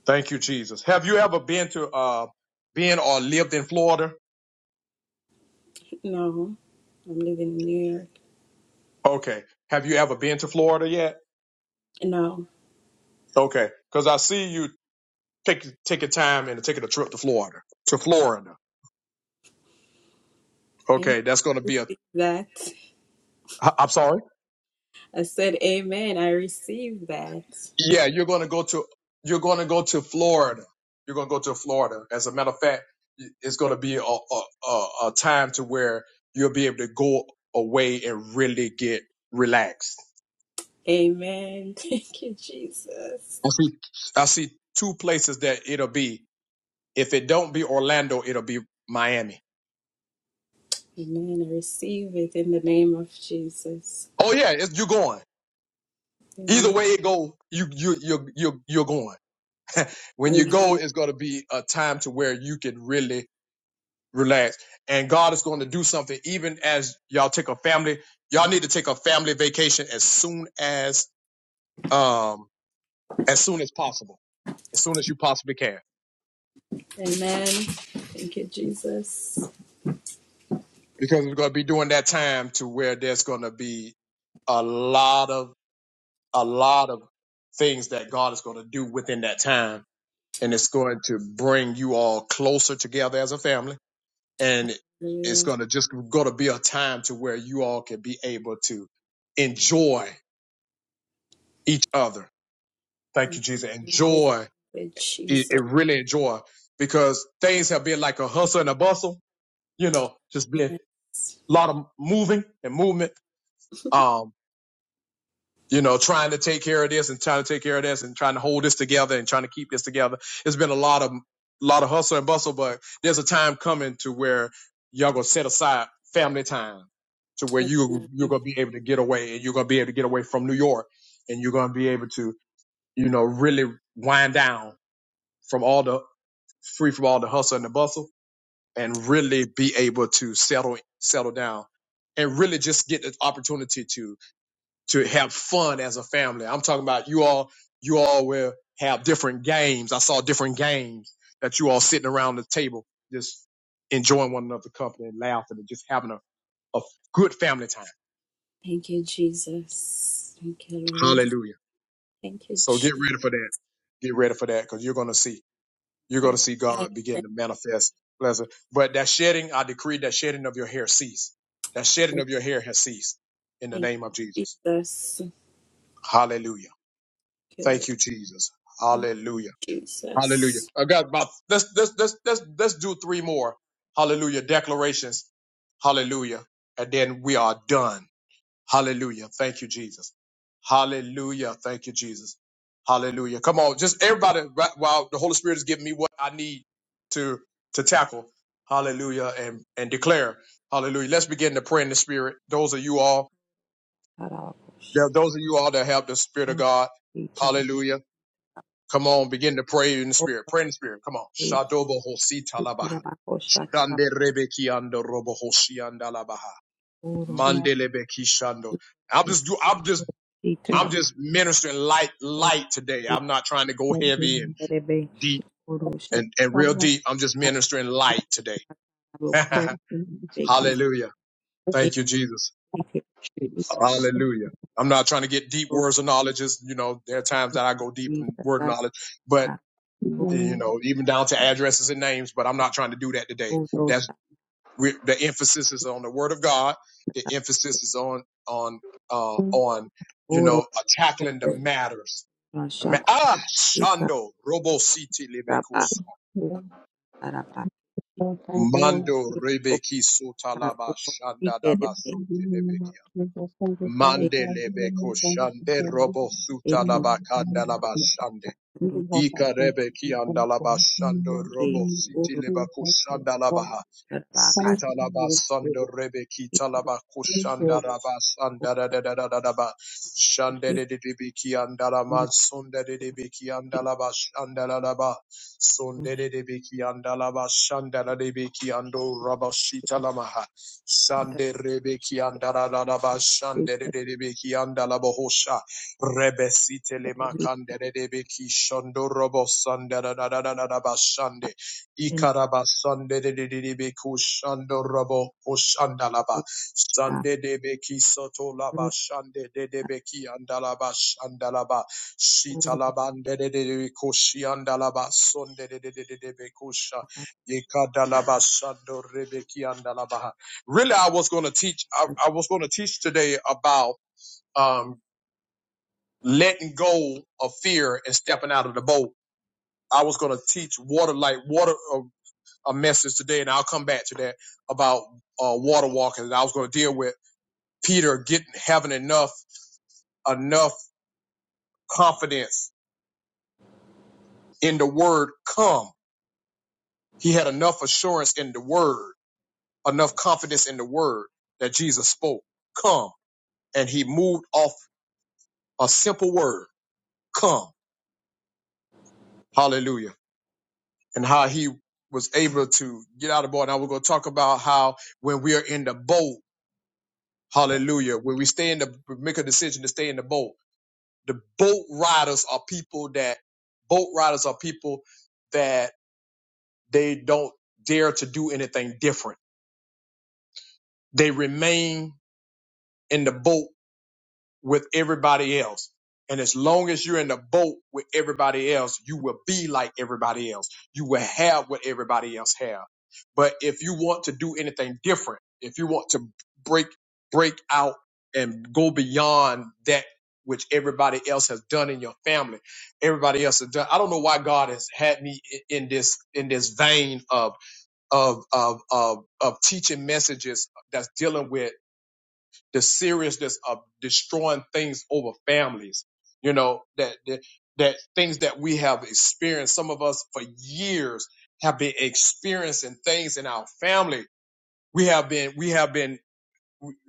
Speaker 1: Thank you, Jesus. Have you ever been to uh been or lived in Florida?
Speaker 14: Lord. No, I'm living in New York.
Speaker 1: Okay. Have you ever been to Florida yet?
Speaker 14: No,
Speaker 1: Okay. Cause I see you take taking time and taking a trip to Florida. To Florida.
Speaker 14: amen.
Speaker 1: Okay, that's gonna
Speaker 14: I
Speaker 1: be a
Speaker 14: received that.
Speaker 1: I- I'm sorry?
Speaker 14: I said, Amen. I receive that.
Speaker 1: Yeah, you're gonna go to you're gonna go to Florida. You're gonna go to Florida. As a matter of fact, it's gonna be a a, a, a time to where you'll be able to go away and really get relaxed.
Speaker 14: Amen. Thank you, Jesus.
Speaker 1: I see I see two places that it'll be. If it don't be Orlando, it'll be Miami.
Speaker 14: Amen. I receive it in the name of Jesus.
Speaker 1: Oh yeah, it's, you're going. Either
Speaker 14: Amen.
Speaker 1: way it go, you you you you you're going. When you go,
Speaker 14: Amen.
Speaker 1: it's going to be a time to where you can really relax, and God is going to do something. Even as y'all take a family, y'all need to take a family vacation as soon as um as soon as possible, as soon as you possibly can,
Speaker 14: Amen. Thank you, Jesus.
Speaker 1: because we're going to be doing that time to where there's going to be a lot of a lot of things that God is going to do within that time and it's going to bring you all closer together as a family. And it's
Speaker 14: Hallelujah.
Speaker 1: going to just going to be a time to where you all can be able to enjoy each other.
Speaker 14: Yes.
Speaker 1: Thank you, Jesus.
Speaker 14: Lord.
Speaker 1: Enjoy
Speaker 14: Thank you,
Speaker 1: it, it
Speaker 14: Jesus.
Speaker 1: really enjoy because things have been like a hustle and a bustle, you know, just been
Speaker 14: Yes.
Speaker 1: a lot of moving and movement. Um, you know, trying to take care of this and trying to take care of this and trying to hold this together and trying to keep this together. It's been a lot of lot of hustle and bustle, but there's a time coming to where y'all gonna set aside family time to where you
Speaker 14: Amen.
Speaker 1: you're gonna be able to get away and you're gonna be able to get away from New York and you're gonna be able to, you know, really wind down from all the free from all the hustle and the bustle and really be able to settle settle down and really just get the opportunity to to have fun as a family. I'm talking about you all, you all will have different games. I saw different games that you all sitting around the table, just enjoying one another's company and laughing and just having a, a good family time.
Speaker 14: Thank you, Jesus. Thank you, Lord.
Speaker 1: Hallelujah.
Speaker 14: Thank you,
Speaker 1: So get
Speaker 14: Jesus.
Speaker 1: ready for that. Get ready for that because you're going to see, you're going to
Speaker 14: Thank
Speaker 1: see
Speaker 14: you,
Speaker 1: God begin
Speaker 14: thank
Speaker 1: to manifest blessing. But that shedding, I decree that shedding of your hair cease. That shedding
Speaker 14: you,
Speaker 1: of your hair has ceased in the name of Jesus.
Speaker 14: Jesus. Thank
Speaker 1: Hallelujah.
Speaker 14: you, Lord.
Speaker 1: Thank you, Jesus.
Speaker 14: Thank
Speaker 1: Hallelujah.
Speaker 14: you, Jesus.
Speaker 1: Hallelujah. I got about let's let's let's let's let's do three more. Hallelujah. Declarations. Hallelujah. And then we are done. Hallelujah. Thank you, Jesus. Hallelujah. Thank you, Jesus. Hallelujah. Come on, just everybody right while the Holy Spirit is giving me what I need to to tackle. Hallelujah. And and declare. Hallelujah. Let's begin to pray in the spirit. Those of you all,
Speaker 7: Tarabakosita.
Speaker 1: those of you all that have the Spirit of God.
Speaker 7: Iterabakosh.
Speaker 1: Hallelujah. Come on, begin to pray in the spirit. Pray in the spirit. Come on.
Speaker 7: Ore.
Speaker 1: Shadobo hosi talabaha.
Speaker 7: Itarabakosha.
Speaker 1: Shande rebeki ando robo hosi andalabaha.
Speaker 8: Jesus.
Speaker 1: Mande lebeki shando. I'm
Speaker 7: Tarabakoros.
Speaker 1: just do. I'm just. I'm
Speaker 7: Itarapa
Speaker 1: just ministering light, light today.
Speaker 7: ote
Speaker 1: I'm not trying to go heavy and
Speaker 7: terebe
Speaker 1: deep
Speaker 7: oroshi
Speaker 8: Jesus.
Speaker 1: and, and real deep. I'm just ministering light
Speaker 7: apuka
Speaker 1: today.
Speaker 7: aboku beke
Speaker 1: Hallelujah. Thank you, Jesus.
Speaker 7: eke
Speaker 1: Hallelujah. I'm not trying to get deep
Speaker 7: ito
Speaker 1: words of knowledge. Is You know, there are times that I go deep
Speaker 7: numusi
Speaker 1: in word
Speaker 7: tasarata
Speaker 1: knowledge, but you know, even down to addresses and names, but I'm
Speaker 7: oka
Speaker 1: not trying to do that today.
Speaker 7: oto
Speaker 1: That's
Speaker 7: shakti
Speaker 1: we the emphasis is on the word of God. The
Speaker 7: tatapate
Speaker 1: emphasis is on, on, uh, on, you
Speaker 7: oro
Speaker 1: know, uh, tackling the
Speaker 7: tate
Speaker 1: matters. The ma-
Speaker 7: rashato
Speaker 1: Ah,
Speaker 7: sita
Speaker 1: Shando, Robo City
Speaker 7: kutaba
Speaker 1: Lebekus,
Speaker 7: uku tarapa
Speaker 1: Mando
Speaker 7: ike
Speaker 1: Rebeki
Speaker 7: oka
Speaker 1: Sotalaba
Speaker 7: uko
Speaker 1: Shanda
Speaker 7: ike
Speaker 1: Daba
Speaker 7: rebe
Speaker 1: Suti Lebekia, Mande Lebeko Shande
Speaker 7: eka
Speaker 1: Robo
Speaker 7: eko
Speaker 1: Sutalaba
Speaker 7: sita
Speaker 1: Kandalaba Shande.
Speaker 8: We
Speaker 7: toro
Speaker 8: will work at
Speaker 1: Ikarebe ki andalaba shando
Speaker 7: ke
Speaker 1: robo siti
Speaker 7: oro
Speaker 1: leba
Speaker 8: Thank you,
Speaker 1: kushandalabaha.
Speaker 7: tarapa
Speaker 1: Sita laba sando rebe kita
Speaker 7: ito
Speaker 1: laba kushanda raba sanda
Speaker 7: oku
Speaker 1: da da da da da da ba. Shande de
Speaker 7: sita
Speaker 1: de de be kiandala man sunde de de
Speaker 7: nekuti
Speaker 1: be kiandala ba shanda la la ba. Sunde de de be kiandala ba shanda la de be kiando raba sita lama ha. Shande rebe kiandala la la ba shande de de de be kiandala ba hosha. Rebesite makandere de beki robo sandara da da da da da bashande ikaraba sande de de de de robo kushandalaba sande de beki laba shande de de beki andalaba shandalaba shitalaba de de de de beku sonde de de de de de ikadalaba shando rebeki andalaba Really, I was going to teach. I, I was going to teach today about. Um, letting go of fear and stepping out of the boat. I was going to teach water like water uh, a message today, and I'll come back to that about uh, water walking. And I was going to deal with Peter getting having enough enough confidence in the word come. He had enough assurance in the word, enough confidence in the word that Jesus spoke, come, and he moved off a simple word, come. Hallelujah. and how he was able to get out of the boat. Now we're going to talk about how when we are in the boat, hallelujah, when we stay in the, we make a decision to stay in the boat. The boat riders are people that, boat riders are people that they don't dare to do anything different. They remain in the boat with everybody else. And as long as you're in the boat with everybody else, you will be like everybody else. You will have what everybody else have. But if you want to do anything different, if you want to break, break out and go beyond that which everybody else has done in your family, everybody else has done. I don't know why God has had me i- in this, in this vein of, of, of, of, of teaching messages that's dealing with the seriousness of destroying things over families. You know that that, that things that we have experienced. Some of us for years have been experiencing things in our family. We have been we have been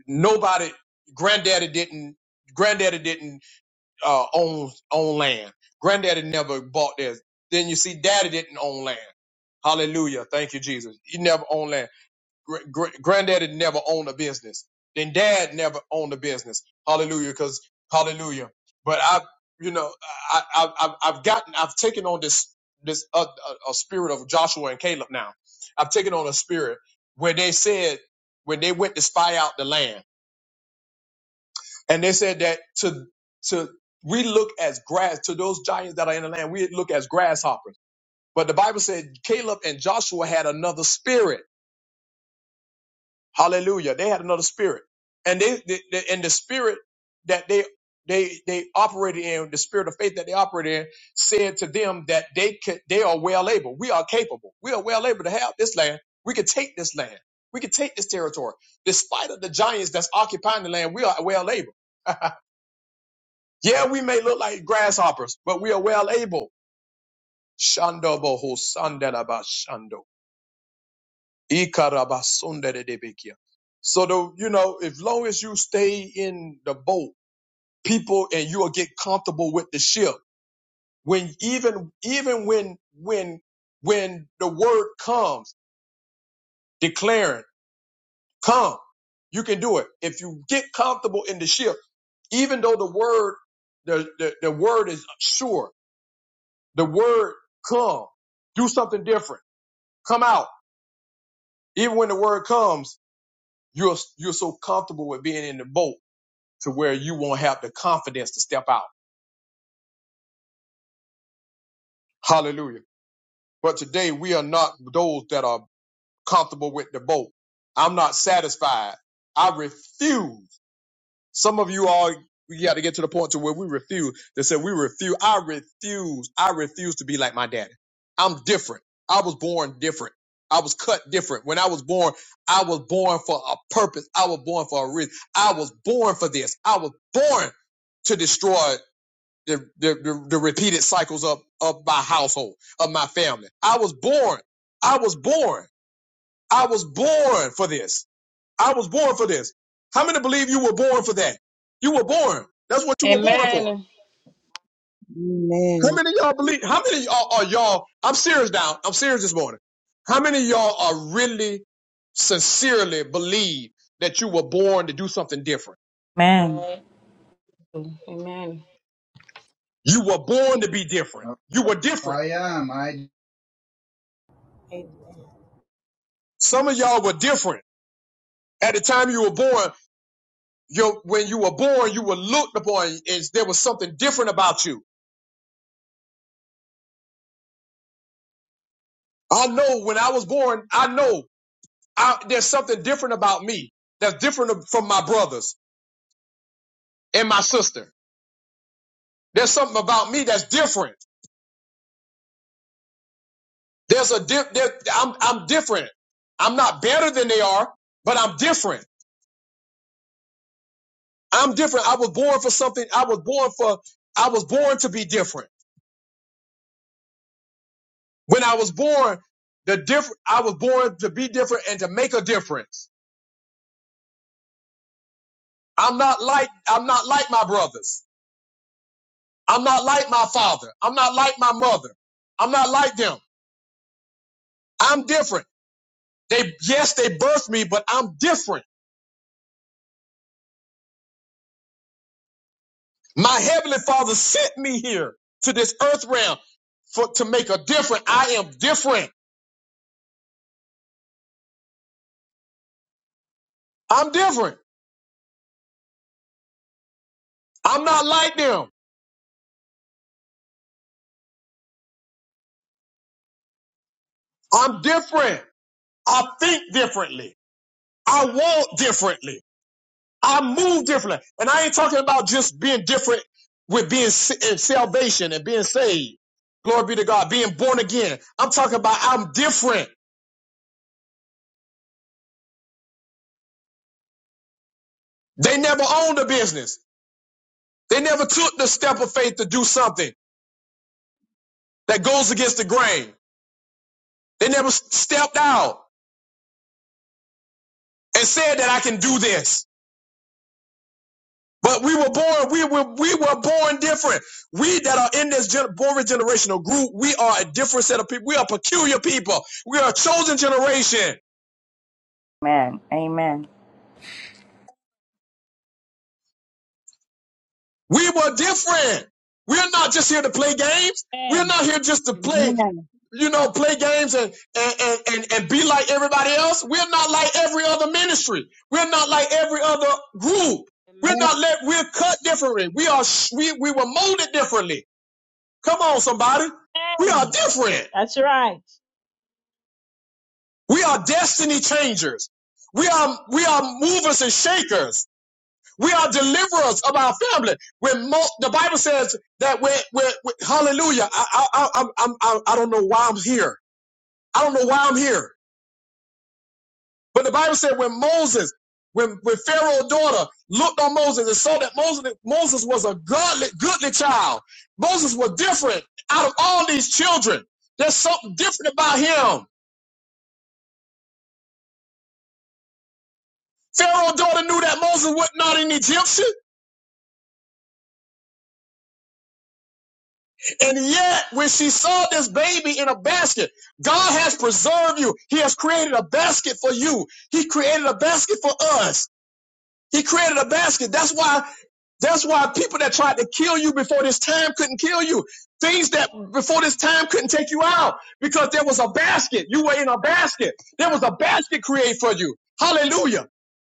Speaker 1: nobody. Granddaddy didn't. Granddaddy didn't uh, own own land. Granddaddy never bought this. Then you see, daddy didn't own land. Hallelujah. Thank you, Jesus. He never owned land. Gr- gr- granddaddy never owned a business. Then dad never owned a business. Hallelujah, because hallelujah. But I, you know, I, I, I've I've gotten, I've taken on this this uh, uh, a spirit of Joshua and Caleb. Now, I've taken on a spirit where they said when they went to spy out the land, and they said that to to we look as grass to those giants that are in the land. We look as grasshoppers. But the Bible said Caleb and Joshua had another spirit Hallelujah. They had another spirit. And they, they, they and the spirit that they they they operated in, the spirit of faith that they operated in, said to them that they could they are well able. We are capable. We are well able to have this land. We could take this land. We could take this territory. Despite of the giants that's occupying the land, we are well able. Yeah, we may look like grasshoppers, but we are well able. Shando boho sandalaba shando. Ikarabasunderedebekia. So the you know, as long as you stay in the boat, people and you'll get comfortable with the ship. When even even when when when the word comes declaring, come, you can do it. If you get comfortable in the ship, even though the word the the, the word is sure, the word come, do something different, come out. Even when the word comes, you're you're so comfortable with being in the boat to where you won't have the confidence to step out. Hallelujah. But today we are not those that are comfortable with the boat. I'm not satisfied. I refuse. Some of you all, we got to get to the point to where we refuse. They said we refuse. I refuse. I refuse to be like my daddy. I'm different. I was born different. I was cut different. When I was born, I was born for a purpose. I was born for a reason. I was born for this. I was born to destroy the, the, the, the repeated cycles of, of my household, of my family. I was born. I was born. I was born for this. I was born for this. How many believe you were born for that? You were born. That's what
Speaker 12: Amen.
Speaker 1: you were born for.
Speaker 12: Amen.
Speaker 3: Amen.
Speaker 1: How many of y'all believe, how many of y'all are y'all, I'm serious now. I'm serious this morning. How many of y'all are really sincerely believe that you were born to do something different.
Speaker 7: Amen.
Speaker 12: Amen. Amen.
Speaker 1: You were born to be different. You were different.
Speaker 12: I am. I
Speaker 15: Amen.
Speaker 1: Some of y'all were different at the time you were born Your, when you were born, you were looked upon as there was something different about you. I know when I was born, I know I, there's something different about me that's different from my brothers and my sister. There's something about me that's different. There's a di- there, I'm, I'm different. I'm not better than they are, but I'm different. I'm different. I was born for something. I was born for, I was born to be different. When I was born, the different, I was born to be different and to make a difference. I'm not like I'm not like my brothers. I'm not like my father. I'm not like my mother. I'm not like them. I'm different. They yes, they birthed me, but I'm different. My heavenly father sent me here to this earth realm for to make a difference. I am different. I'm different. I'm not like them. I'm different. I think differently. I walk differently. I move differently. And I ain't talking about just being different with being in salvation and being saved. Glory be to God, being born again. I'm talking about I'm different. They never owned a business. They never took the step of faith to do something that goes against the grain. They never stepped out and said that I can do this. But we were born, we were, we were born different. We that are in this gen- born generational group, we are a different set of people. We are peculiar people. We are a chosen generation.
Speaker 7: Amen. Amen.
Speaker 1: We were different. We're not just here to play games. We're
Speaker 8: Amen.
Speaker 1: not here just to play,
Speaker 8: Amen.
Speaker 1: you know, play games and, and, and, and, and be like everybody else. We're not like every other ministry. We're not like every other group. We're not let, we're cut differently. We are, sh- we, we were molded differently. Come on, somebody. We are
Speaker 8: Amen.
Speaker 1: different.
Speaker 8: That's right.
Speaker 1: We are destiny changers. We are, we are movers and shakers. We are deliverers of our family. When mo- the Bible says that we're, we're, we hallelujah. I, I, I, I'm, I'm, I i i do not know why I'm here. I don't know why I'm here. But the Bible said when Moses, when, when Pharaoh's daughter looked on Moses and saw that Moses, Moses was a godly, goodly child. Moses was different out of all these children. There's something different about him. Pharaoh's daughter knew that Moses was not an Egyptian. And yet, when she saw this baby in a basket, God has preserved you. He has created a basket for you. He created a basket for us. He created a basket. That's why that's why people that tried to kill you before this time couldn't kill you. Things that before this time couldn't take you out because there was a basket. You were in a basket. There was a basket created for you. Hallelujah.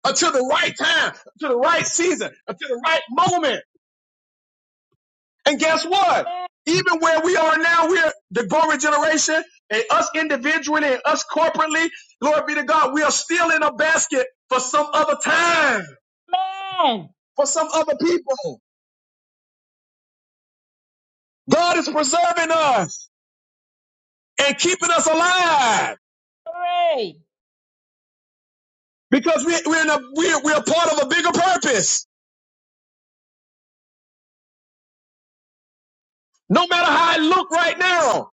Speaker 1: Until the right time, until the right season, until the right moment. And guess what? Even where we are now, we're the glory generation, and us individually and us corporately, glory be to God, we are still in a basket for some other time,
Speaker 8: Amen.
Speaker 1: for some other people. God is preserving us and keeping us alive
Speaker 8: Pray.
Speaker 1: because we, we're, in a, we're, we're part of a bigger purpose. No matter how it look right now,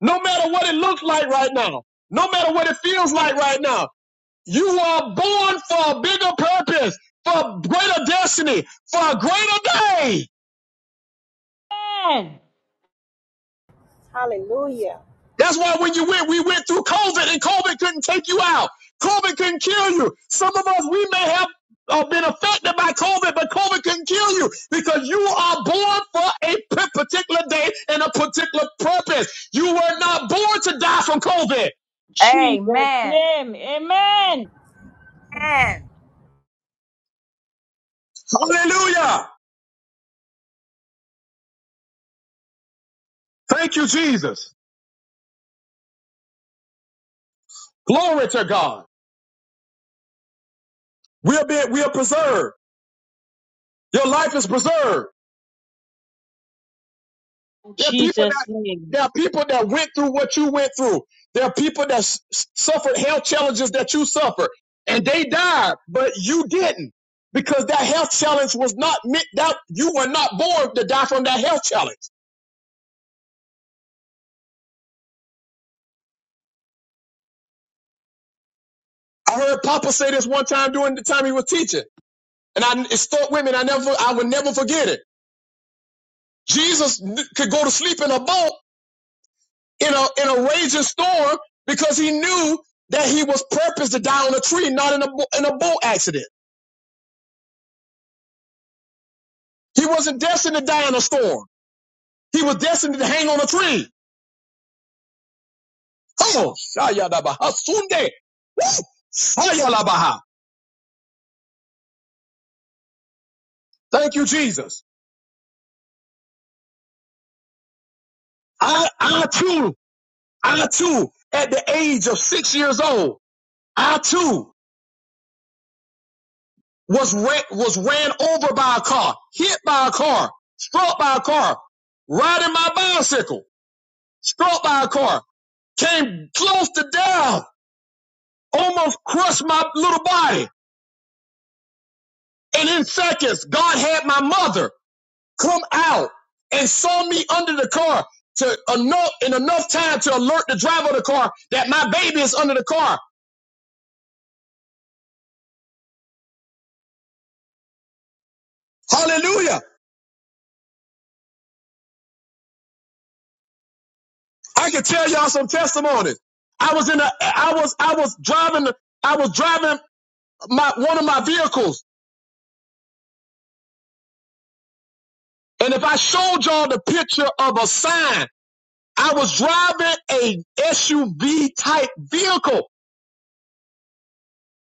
Speaker 1: no matter what it looks like right now, no matter what it feels like right now, You are born for a bigger purpose, for greater destiny, for a greater day.
Speaker 8: Amen.
Speaker 15: Hallelujah.
Speaker 1: That's why when you went, we went through COVID and COVID couldn't take you out. COVID couldn't kill you. Some of us, we may have uh, been affected by COVID, but COVID couldn't kill you because you are born for a particular day and a particular purpose. You were not born to die from COVID.
Speaker 8: In Jesus'
Speaker 7: Amen.
Speaker 8: name. Amen.
Speaker 7: Amen.
Speaker 1: Hallelujah. Thank you, Jesus. Glory to God. We'll be, we'll preserved. Your life is preserved.
Speaker 8: In
Speaker 1: There are people
Speaker 8: Jesus'
Speaker 1: that
Speaker 8: name.
Speaker 1: there are people that went through what you went through. There are people that s- suffered health challenges that you suffered, and they died, but you didn't, because that health challenge was not meant that you were not born to die from that health challenge. I heard Papa say this one time during the time he was teaching, and I, it stuck with me. And I never, I would never forget it. Jesus kn- could go to sleep in a boat in a in a raging storm because he knew that he was purposed to die on a tree, not in a bo- in a boat accident. He wasn't destined to die in a storm. He was destined to hang on a tree. Oh, Shayadabaha Sunde. Shayalabaha. Thank you, Jesus. I, I too, I too, at the age of six years old, I too was ran, was ran over by a car, hit by a car, struck by a car, riding my bicycle, struck by a car, came close to death, almost crushed my little body. And in seconds, God had my mother. come out and saw me under the car to enough in enough time to alert the driver of the car that my baby is under the car. Hallelujah. I can tell y'all some testimonies. I was in a I was I was driving I was driving my one of my vehicles. And if I showed y'all the picture of a sign, I was driving a SUV type vehicle.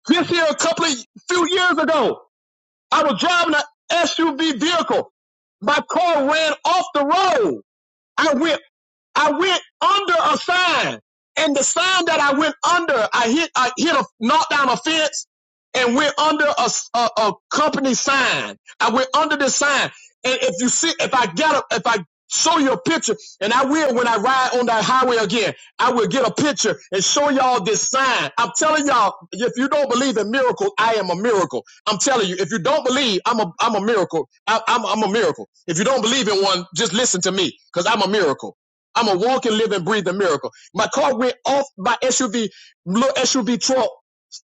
Speaker 1: This here a couple of few years ago. I was driving an SUV vehicle. My car ran off the road. I went I went under a sign, and the sign that I went under, I hit, I hit a knocked down a fence, and went under a a a company sign. I went under this sign, and if you see, if I get up, if I show you a picture, and I will when I ride on that highway again, I will get a picture and show y'all this sign. I'm telling y'all, if you don't believe in miracles, I am a miracle. I'm telling you, if you don't believe, I'm a, I'm a miracle. I, I'm, I'm a miracle. If you don't believe in one, just listen to me, cause I'm a miracle. I'm a walk and live and breathe a miracle. My car went off. My SUV, little SUV truck,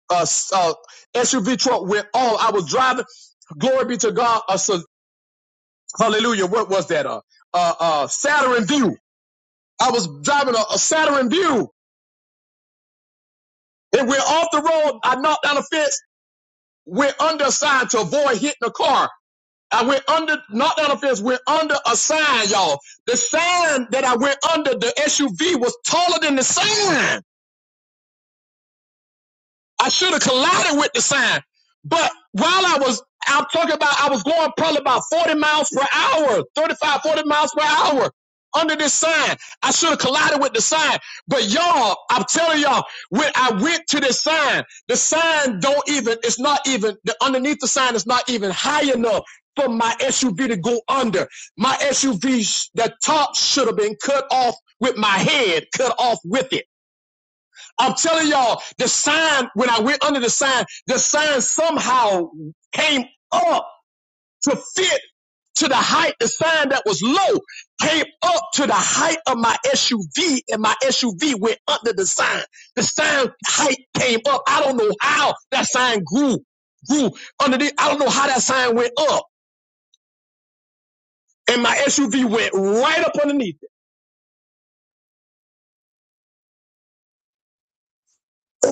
Speaker 1: uh, uh, SUV truck went off. I was driving. Glory be to God. Uh, so, hallelujah. What was that? Uh, uh, uh, Saturn View. I was driving a, a Saturn View. It went off the road. I knocked down a fence. Went under a sign to avoid hitting a car. I went under, knocked down a fence. Went under a sign, y'all. The sign that I went under, the SUV was taller than the sign. I should have collided with the sign. But while I was, I'm talking about, I was going probably about 40 miles per hour, 35, 40 miles per hour under this sign. I should have collided with the sign. But y'all, I'm telling y'all, when I went to this sign, the sign don't even, it's not even, the underneath the sign is not even high enough for my SUV to go under. My SUV, sh- the top should have been cut off with my head, cut off with it. I'm telling y'all, the sign, when I went under the sign, the sign somehow came up to fit to the height, the sign that was low came up to the height of my SUV, and my SUV went under the sign. The sign height came up. I don't know how that sign grew, grew underneath. I don't know how that sign went up, and my SUV went right up underneath.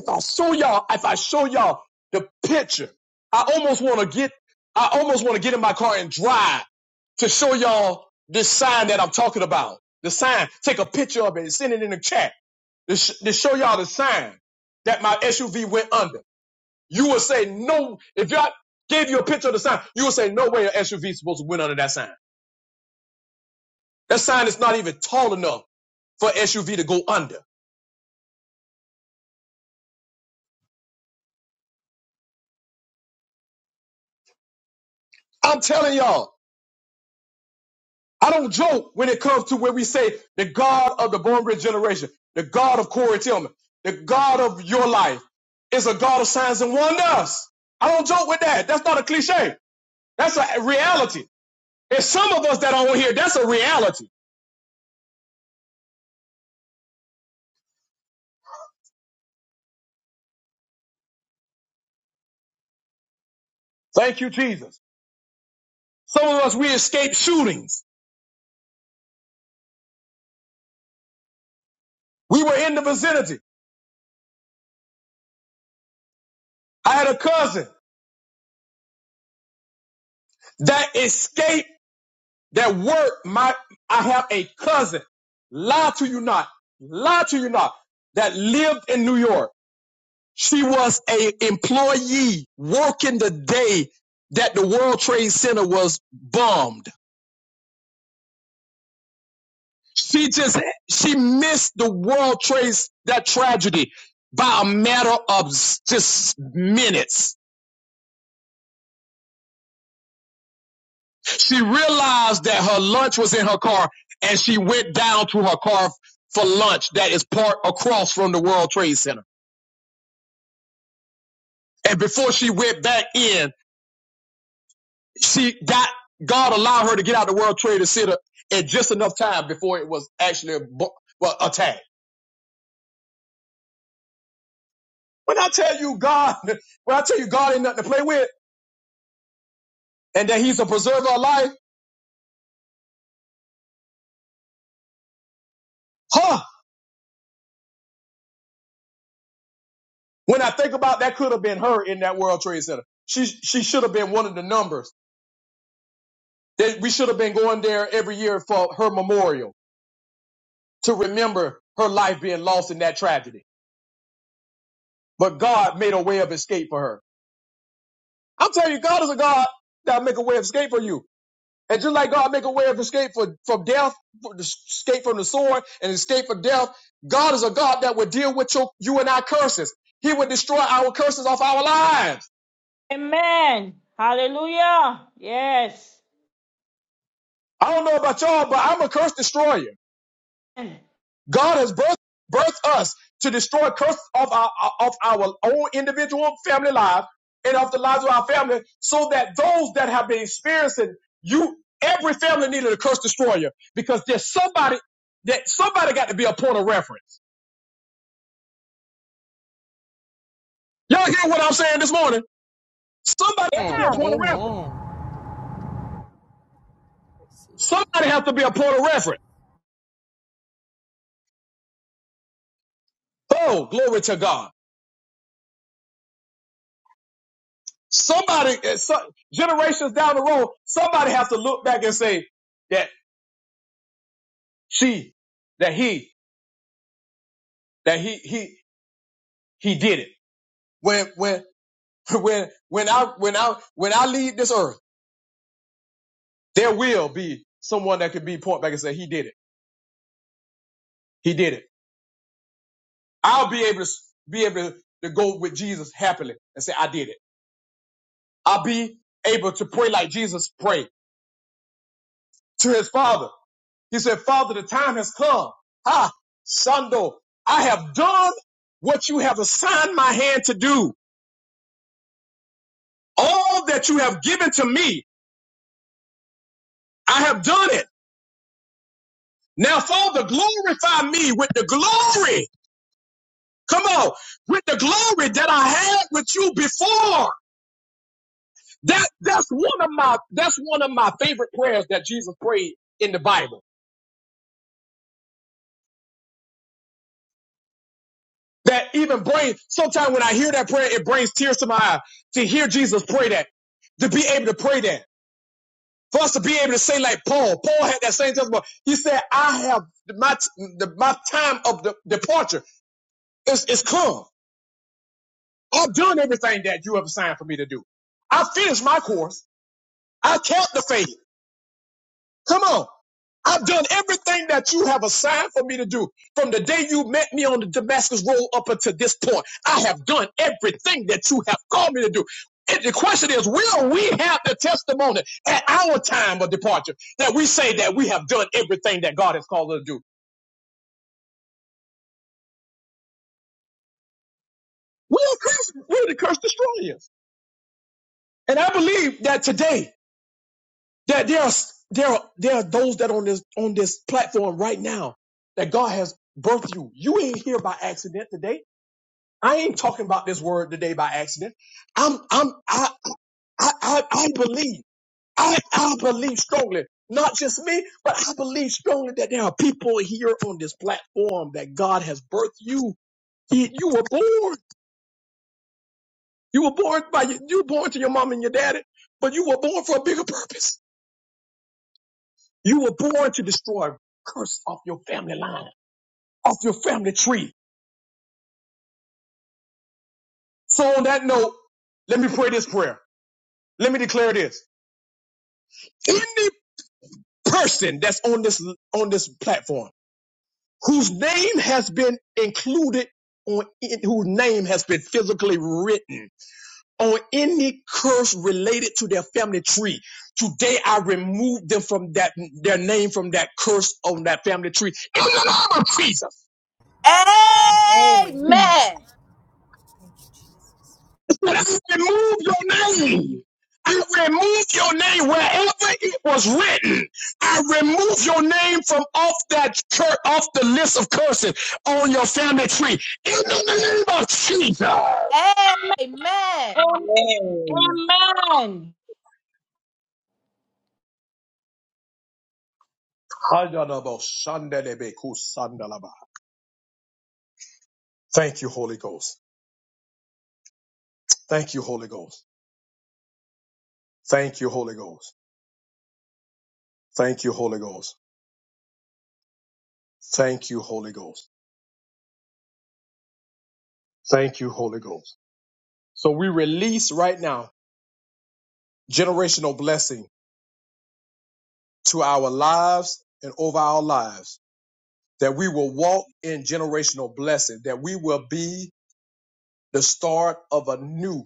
Speaker 1: I'll show y'all, if I show y'all the picture, I almost want to get, I almost want to get in my car and drive to show y'all this sign that I'm talking about. The sign, take a picture of it and send it in the chat to, sh- to show y'all the sign that my SUV went under. You would say no, if y'all gave you a picture of the sign, you would say no way an SUV is supposed to went under that sign. That sign is not even tall enough for SUV to go under. I'm telling y'all, I don't joke when it comes to where we say the God of the born again generation, the God of Corey Tillman, the God of your life is a God of signs and wonders. I don't joke with that. That's not a cliche. That's a reality. There's some of us that are on here. That's a reality. Thank you, Jesus. Some of us, we escaped shootings. We were in the vicinity. I had a cousin that escaped that worked. My, I have a cousin. Lie to you not. Lie to you not. That lived in New York She was a employee working the day that the World Trade Center was bombed. She just she missed the World Trade that tragedy by a matter of just minutes. She realized that her lunch was in her car and she went down to her car for lunch that is parked across from the World Trade Center. And before she went back in, she got God allowed her to get out the World Trade Center at just enough time before it was actually a, bu- well, attacked. When I tell you God, when I tell you God ain't nothing to play with, and that He's a preserver of life, huh? When I think about that, could have been her in that World Trade Center. She she should have been one of the numbers. They, we should have been going there every year for her memorial to remember her life being lost in that tragedy. But God made a way of escape for her. I'm telling you, God is a God that will make a way of escape for you. And just like God make a way of escape for, from death, for escape from the sword, and escape from death, God is a God that would deal with your, you and our curses. He would destroy our curses off our lives.
Speaker 8: Amen. Hallelujah. Yes.
Speaker 1: I don't know about y'all, but I'm a curse destroyer. God has birthed, birthed us to destroy curses of our, of our own individual family life and of the lives of our family so that those that have been experiencing you, every family needed a curse destroyer because there's somebody that somebody got to be a point of reference. Y'all hear what I'm saying this morning? Somebody has to
Speaker 15: Amen.
Speaker 1: be a
Speaker 8: Yeah.
Speaker 1: point of reference.
Speaker 15: Amen.
Speaker 1: Somebody has to be a point of reference. Oh, glory to God. Somebody, eh, so- generations down the road, somebody has to look back and say that she, that he, that he, he, he did it. When, when, when, when I, when I, when I leave this earth, there will be someone that can be point back and say, he did it. He did it. I'll be able to be able to, to go with Jesus happily and say, I did it. I'll be able to pray like Jesus prayed. to his father. He said, Father, the time has come. Ah, Sando, I have done what you have assigned my hand to do. All that you have given to me, I have done it. Now, Father, glorify me with the glory. Come on, with the glory that I had with you before. That that's one of my that's one of my favorite prayers that Jesus prayed in the Bible. That even brings, sometimes when I hear that prayer, it brings tears to my eye to hear Jesus pray that, to be able to pray that. For us to be able to say like Paul, Paul had that same testimony. He said, I have my, the, my time of the departure is, is come. I've done everything that you have assigned for me to do. I finished my course. I kept the faith. Come on. I've done everything that you have assigned for me to do from the day you met me on the Damascus Road up until this point. I have done everything that you have called me to do. And the question is, will we have the testimony at our time of departure that we say that we have done everything that God has called us to do? Will curse, will the curse destroy us? And I believe that today that there are there are there are those that on this on this platform right now that God has birthed you. You ain't here by accident today. I ain't talking about this word today by accident. I'm, I'm, I, I, I, I believe, I, I believe strongly, not just me, but I believe strongly that there are people here on this platform that God has birthed you. He, you were born. You were born by, your- you were born to your mom and your daddy, but you were born for a bigger purpose. You were born to destroy curse off your family line, off your family tree. So on that note, let me pray this prayer. Let me declare this. person that's on this on this platform whose name has been included on in, whose name has been physically written on any curse related to their family tree today i remove them from that their name from that curse on that family tree in the name of jesus
Speaker 7: Amen.
Speaker 8: Amen.
Speaker 15: Amen.
Speaker 7: Amen.
Speaker 1: let us remove your name I remove your name wherever it was written. I remove your name from off that church, off the list of curses on your family tree. In the name of Jesus.
Speaker 7: Amen.
Speaker 8: Amen.
Speaker 1: Thank you, Holy Ghost. Thank you, Holy Ghost. Thank you, Holy Ghost. Thank you, Holy Ghost. Thank you, Holy Ghost. Thank you, Holy Ghost. So we release right now generational blessing to our lives and over our lives. that we will walk in generational blessing, that we will be the start of a new.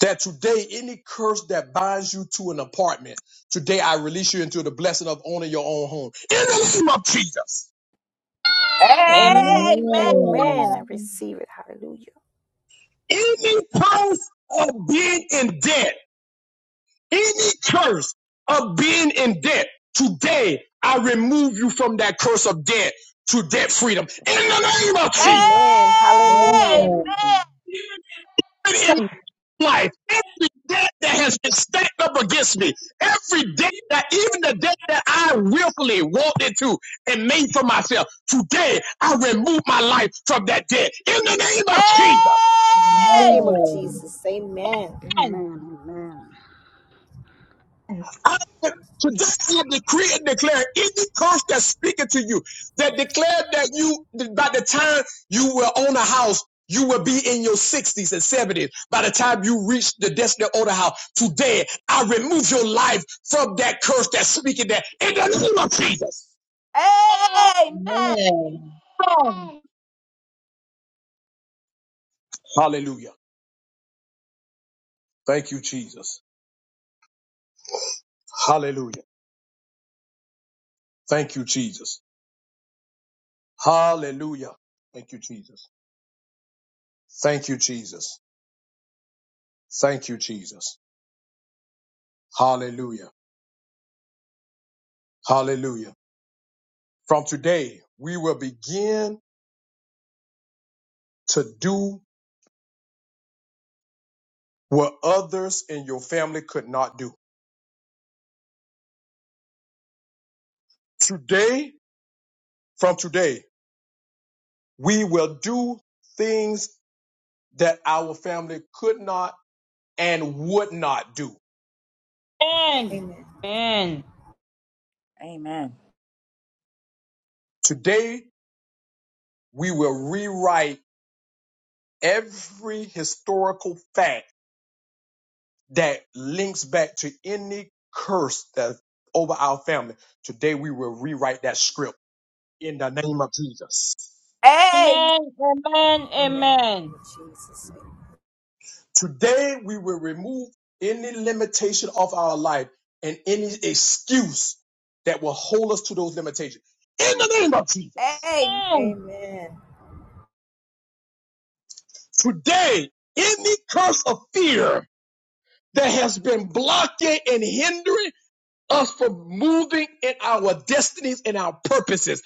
Speaker 1: That today, any curse that binds you to an apartment, today I release you into the blessing of owning your own home. In the name of Jesus,
Speaker 7: Amen.
Speaker 3: Amen. Amen.
Speaker 8: Amen.
Speaker 3: Amen.
Speaker 7: Amen.
Speaker 15: Amen. I receive it. Hallelujah.
Speaker 1: any curse of being in debt, any curse of being in debt, today I remove you from that curse of debt to debt freedom. In the name of Jesus
Speaker 15: Amen. Hallelujah.
Speaker 1: life, every debt that has been stacked up against me, every debt that even the debt that I willfully walked into and made for myself, today I remove my life from that debt. In the name of Jesus.
Speaker 15: Name of Jesus. Amen.
Speaker 11: Amen. Amen.
Speaker 5: Thank
Speaker 1: I, today I decree and declare any curse that's speaking to you that declared that you by the time you will own a house, you will be in your 60s and 70s by the time you reach the destiny of the house. Today, I remove your life from that curse that's speaking that in the name of Jesus.
Speaker 3: Amen.
Speaker 1: Hallelujah. Thank you, Jesus. Hallelujah. Thank you, Jesus. Hallelujah. Thank you, Jesus. Thank you, Jesus. Thank you, Jesus. Hallelujah. Hallelujah. From today, we will begin to do what others in your family could not do. Today, from today, we will do things that our family could not and would not do.
Speaker 15: Amen.
Speaker 8: Amen. Amen. Amen. Amen.
Speaker 7: Amen. Amen. Amen.
Speaker 1: Today, we will rewrite every historical fact that links back to any curse that over our family. Today, we will rewrite that script in the name of Jesus.
Speaker 8: Amen. Amen.
Speaker 15: Amen. Name
Speaker 8: Amen.
Speaker 15: of Jesus.
Speaker 1: Today, we will remove any limitation of our life and any excuse that will hold us to those limitations. In the name of Jesus,
Speaker 15: Amen.
Speaker 1: today, any curse of fear that has been blocking and hindering us from moving in our destinies and our purposes,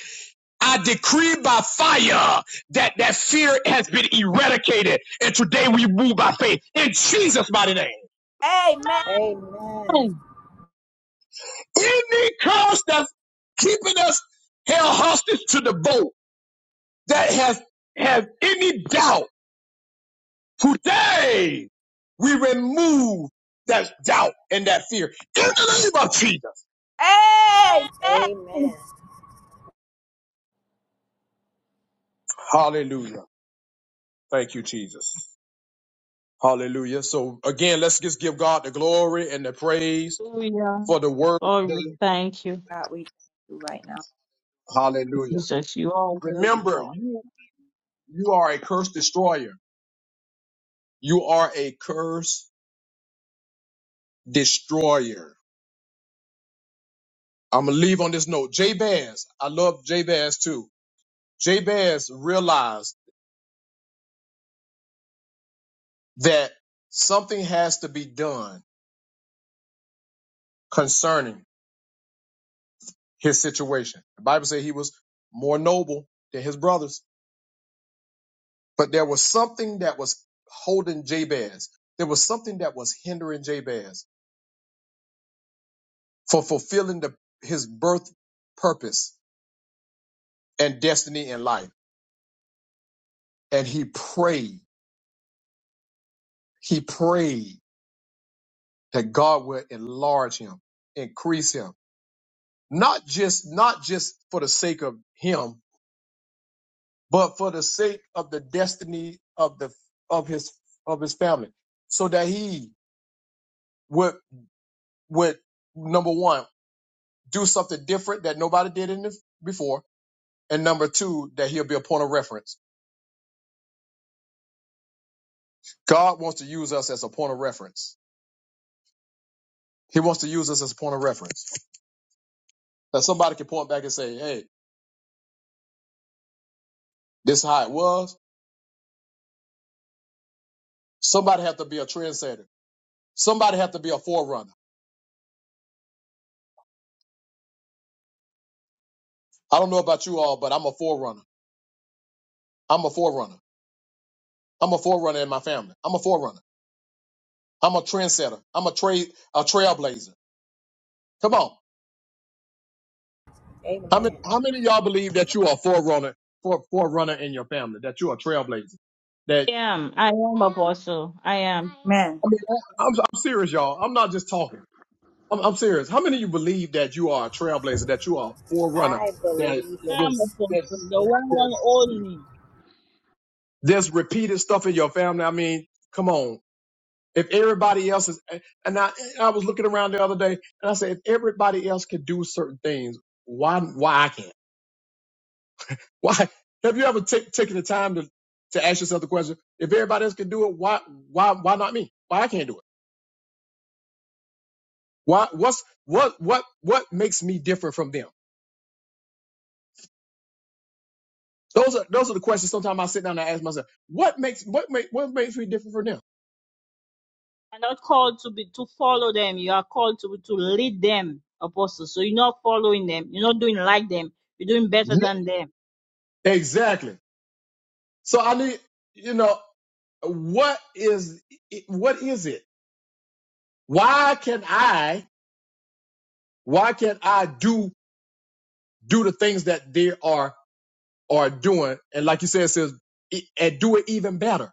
Speaker 1: I decree by fire that that fear has been eradicated. And today we move by faith in Jesus' mighty name.
Speaker 7: Amen. Amen.
Speaker 15: Amen.
Speaker 1: Any curse that's keeping us held hostage to the boat that has have any doubt, today we remove that doubt and that fear in the name of Jesus.
Speaker 7: Amen.
Speaker 8: Amen.
Speaker 15: Amen.
Speaker 1: Hallelujah. Thank you, Jesus. Hallelujah. So again, let's just give God the glory and the praise
Speaker 8: Hallelujah.
Speaker 1: for the word.
Speaker 8: Lord, we
Speaker 1: today.
Speaker 8: thank you,
Speaker 7: God, we thank you right now.
Speaker 1: Hallelujah.
Speaker 8: Jesus. You are worthy,
Speaker 1: Remember,
Speaker 8: Lord.
Speaker 1: you you are a curse destroyer. You are a curse destroyer. I'm gonna leave on this note. Jay Bass, I love Jay Bass too. Jay Bass realized that something has to be done concerning his situation. The Bible says he was more noble than his brothers, but there was something that was holding Jabez. There was something that was hindering Jabez for fulfilling the, his birth purpose and destiny in life. And he prayed, he prayed that God would enlarge him, increase him not just not just for the sake of him, but for the sake of the destiny of the of his of his family, so that he would would number one do something different that nobody did in the, before, and number two that he'll be a point of reference. God wants to use us as a point of reference. He wants to use us as a point of reference that somebody can point back and say, "Hey, this is how it was." Somebody have to be a trendsetter. Somebody have to be a forerunner. I don't know about you all, but I'm a forerunner. I'm a forerunner. I'm a forerunner in my family. I'm a forerunner. I'm a trendsetter. I'm a trade a trailblazer. Come on. How many
Speaker 15: Amen.
Speaker 1: how many of y'all believe that you are a forerunner for forerunner in your family? That you're a trailblazer? That
Speaker 8: I am. I am apostle. I am.
Speaker 7: Amen.
Speaker 1: I mean I- I'm I'm serious, y'all. I'm not just talking. I'm I'm serious. How many of you believe that you are a trailblazer, that you are a forerunner,
Speaker 15: I
Speaker 1: that
Speaker 15: believe
Speaker 8: I
Speaker 15: it.
Speaker 8: am apostle. The
Speaker 15: Amen.
Speaker 8: one and only.
Speaker 1: there's repeated stuff in your family? I mean, come on. If everybody else is and I I was looking around the other day and I said if everybody else can do certain things, why why I can't? Why have you ever ta- taken the time to, to ask yourself the question, if everybody else can do it, why why why not me? Why I can't do it? Why what's what what what makes me different from them? Those are those are the questions sometimes I sit down and ask myself, what makes what make what makes me different from them?
Speaker 8: are not called to be to follow them. You are called to to lead them, apostle. So you're not following them. You're not doing like them. You're doing better than them.
Speaker 1: Exactly. So I need, you know, what is what is it? Why can I? Why can I do do the things that they are are doing? And like you said, it says, e- and do it even better.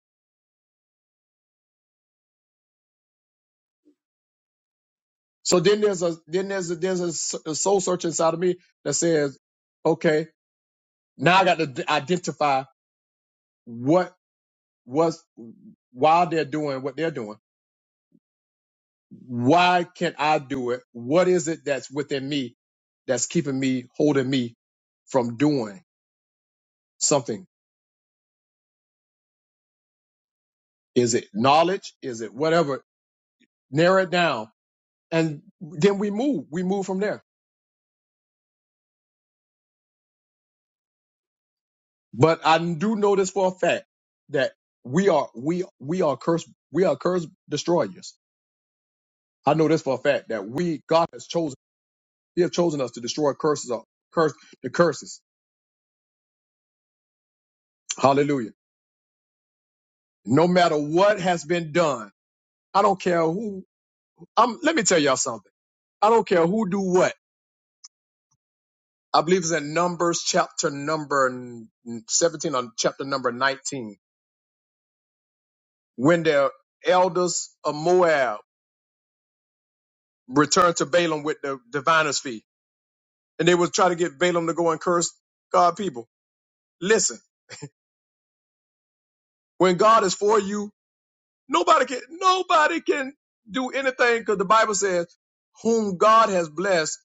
Speaker 1: So then there's a then there's a, there's a, s- a soul search inside of me that says, okay, now I got to d- identify what was why they're doing what they're doing. Why can't I do it? What is it that's within me that's keeping me holding me from doing something? Is it knowledge? Is it whatever? Narrow it down, and then we move. We move from there. But I do know this for a fact that we are we we are cursed. We are cursed destroyers I know this for a fact that we, God has chosen, He has chosen us to destroy curses, or curse the curses. Hallelujah. No matter what has been done, I don't care who. I'm, let me tell y'all something. I don't care who do what. I believe it's in Numbers chapter number 17 or chapter number 19. When the elders of Moab returned to Balaam with the diviner's fee, and they would try to get Balaam to go and curse God's people. Listen, when God is for you, Nobody can nobody can do anything because the Bible says, "Whom God has blessed,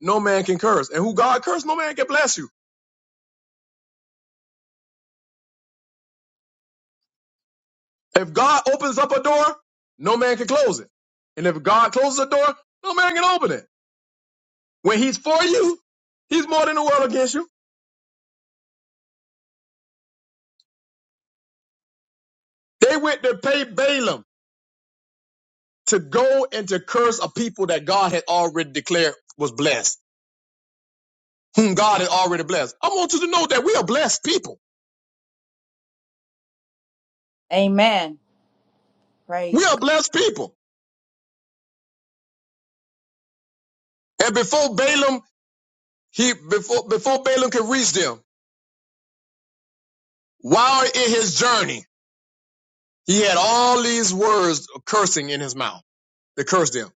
Speaker 1: no man can curse, and who God cursed, no man can bless you." If God opens up a door, no man can close it, and if God closes a door, no man can open it. When He's for you, He's more than the world against you. They went to pay Balaam to go and to curse a people that God had already declared was blessed, whom God had already blessed. I want you to know that we are blessed people.
Speaker 7: Amen.
Speaker 1: We
Speaker 7: Praise
Speaker 1: are
Speaker 7: God.
Speaker 1: blessed people. And before Balaam He before before Balaam could reach them, while in his journey, he had all these words of cursing in his mouth to curse them.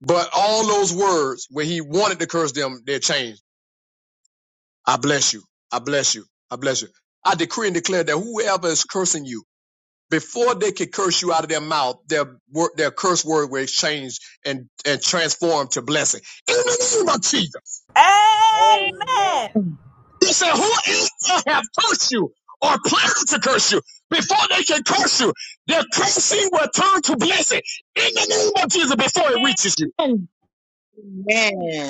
Speaker 1: But all those words, when he wanted to curse them, they changed. I bless you. I bless you. I bless you. I decree and declare that whoever is cursing you, before they could curse you out of their mouth, their word, their curse word will exchange and and transform to blessing. In the name of Jesus.
Speaker 7: Amen.
Speaker 15: Amen.
Speaker 1: He said, Who else have cursed you or planned to curse you? Before they can curse you, their cursing will turn to blessing in the name of Jesus before it reaches you.
Speaker 8: Amen.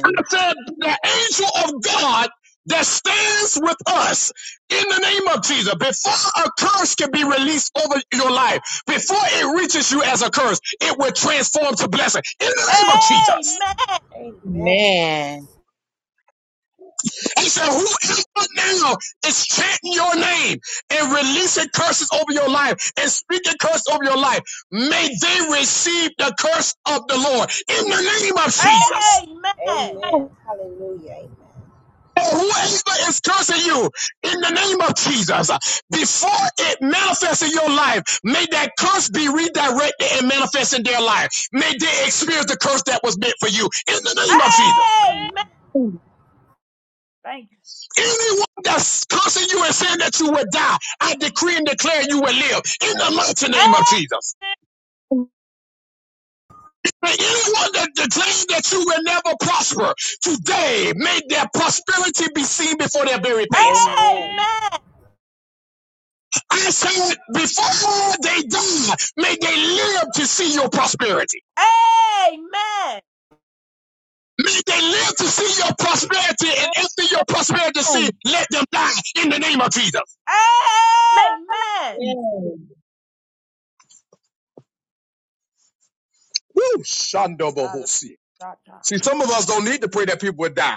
Speaker 1: And I said, The angel of God that stands with us in the name of Jesus, before a curse can be released over your life, before it reaches you as a curse, it will transform to blessing in the name of Jesus.
Speaker 7: Amen.
Speaker 15: Amen.
Speaker 3: Amen.
Speaker 1: He said, Whoever now is chanting your name and releasing curses over your life and speaking curse over your life, may they receive the curse of the Lord in the name of Jesus.
Speaker 7: Amen.
Speaker 15: Amen. Hallelujah. Amen.
Speaker 1: And Whoever is cursing you in the name of Jesus, before it manifests in your life, may that curse be redirected and manifest in their life. May they experience the curse that was meant for you in the name of Jesus.
Speaker 7: Amen. Thank you.
Speaker 1: Anyone that's cursing you and saying that you will die, I decree and declare you will live in the mighty name of
Speaker 7: A-
Speaker 1: Jesus. And anyone that declares that you will never prosper, today may their prosperity be seen before their very face.
Speaker 15: Amen. Amen.
Speaker 7: Amen.
Speaker 1: I said, before they die, may they live to see your prosperity.
Speaker 7: Amen.
Speaker 1: May they live to see your prosperity, and after your prosperity, see,
Speaker 8: Amen. Amen.
Speaker 1: let them die in the name of Jesus.
Speaker 7: Amen.
Speaker 8: Amen.
Speaker 3: Amen.
Speaker 1: Woo,
Speaker 7: Sala,
Speaker 1: Shandobohosi. See, some of us don't need to pray that people would die.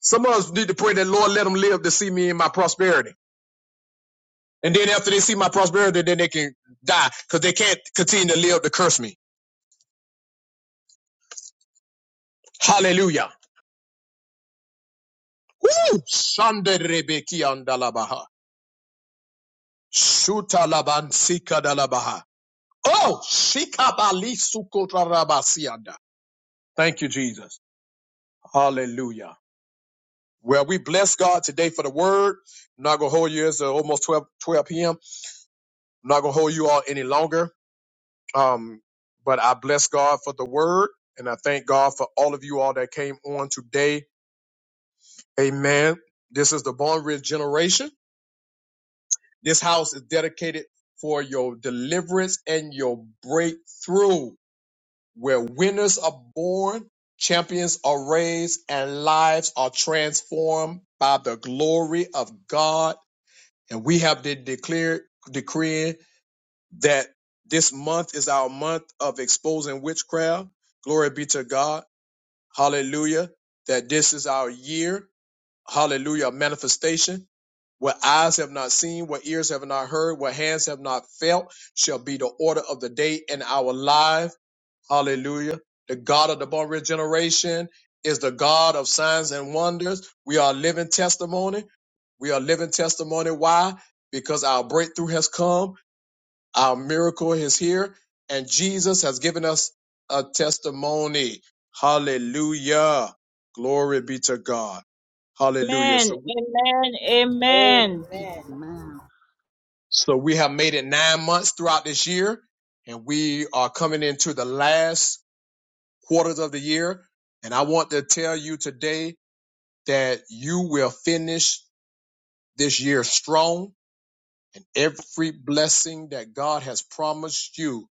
Speaker 1: Some of us need to pray that Lord let them live to see me in my prosperity. And then after they see my prosperity, then they can die because they can't continue to live to curse me. Hallelujah. Woo! Shanderebeki andalabaha. Sutalabansika dalabaha. Oh, shikabali sukotarabasianda. Thank you, Jesus. Hallelujah. Well, we bless God today for the word. I'm not going to hold you. It's uh, almost 12, 12 p.m. I'm not going to hold you all any longer. Um, but I bless God for the word and I thank God for all of you all that came on today. Amen. This is the Barn Ridge generation. This house is dedicated for your deliverance and your breakthrough, where winners are born, champions are raised, and lives are transformed by the glory of God. And we have been declared, decreeing that this month is our month of exposing witchcraft. Glory be to God hallelujah, that this is our year, hallelujah, of manifestation. What eyes have not seen, what ears have not heard, what hands have not felt shall be the order of the day in our life. Hallelujah. The God of the born regeneration is the God of signs and wonders. We are living testimony. We are living testimony. Why? Because our breakthrough has come. Our miracle is here, and Jesus has given us a testimony. Hallelujah. Glory be to God. Hallelujah.
Speaker 8: Amen. Amen.
Speaker 1: So,
Speaker 8: Amen.
Speaker 15: Amen.
Speaker 11: Amen.
Speaker 1: so we have made it nine months throughout this year, and we are coming into the last quarters of the year. And I want to tell you today that you will finish this year strong, and every blessing that God has promised you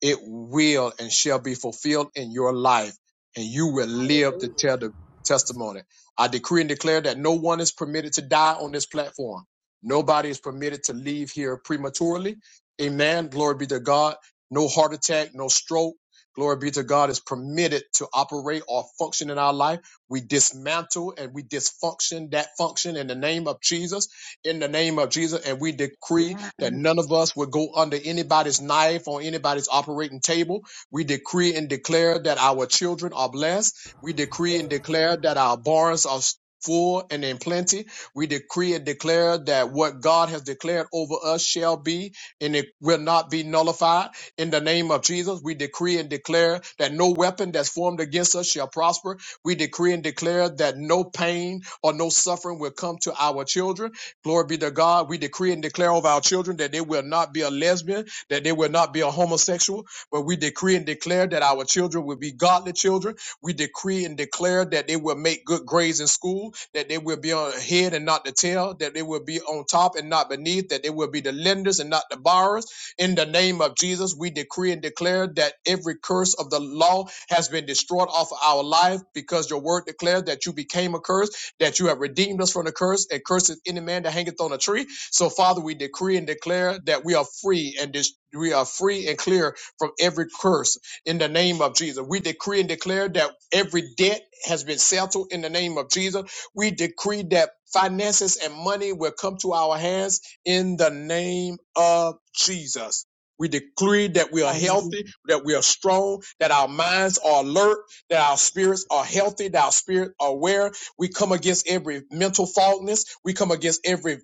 Speaker 1: it will and shall be fulfilled in your life, and you will live to
Speaker 15: Hallelujah.
Speaker 1: tell the testimony. I decree and declare that no one is permitted to die on this platform. Nobody is permitted to leave here prematurely. Amen. Glory be to God. No heart attack, no stroke. Glory be to God is permitted to operate or function in our life. We dismantle and we dysfunction that function in the name of Jesus in the name of Jesus. And we decree
Speaker 11: Amen.
Speaker 1: that none of us would go under anybody's knife or anybody's operating table. We decree and declare that our children are blessed. We decree
Speaker 15: Amen.
Speaker 1: and declare that our barns are full and in plenty. We decree and declare that what God has declared over us shall be and it will not be nullified. In the name of Jesus, we decree and declare that no weapon that's formed against us shall prosper. We decree and declare that no pain or no suffering will come to our children. Glory be to God. We decree and declare over our children that they will not be a lesbian, that they will not be a homosexual, but we decree and declare that our children will be godly children. We decree and declare that they will make good grades in school, that they will be on the head and not the tail, that they will be on top and not beneath, that they will be the lenders and not the borrowers. In the name of Jesus, we decree and declare that every curse of the law has been destroyed off of our life because your word declares that you became a curse that you have redeemed us from the curse, and curses any man that hangeth on a tree. So, Father, we decree and declare that we are free and dis- we are free and clear from every curse in the name of Jesus. We decree and declare that every debt has been settled in the name of Jesus. We decree that finances and money will come to our hands in the name of Jesus. We decree that we are
Speaker 8: Hallelujah.
Speaker 1: healthy, that we are strong, that our minds are alert, that our spirits are healthy, that our spirits are aware, we come against every mental fogness. We come against every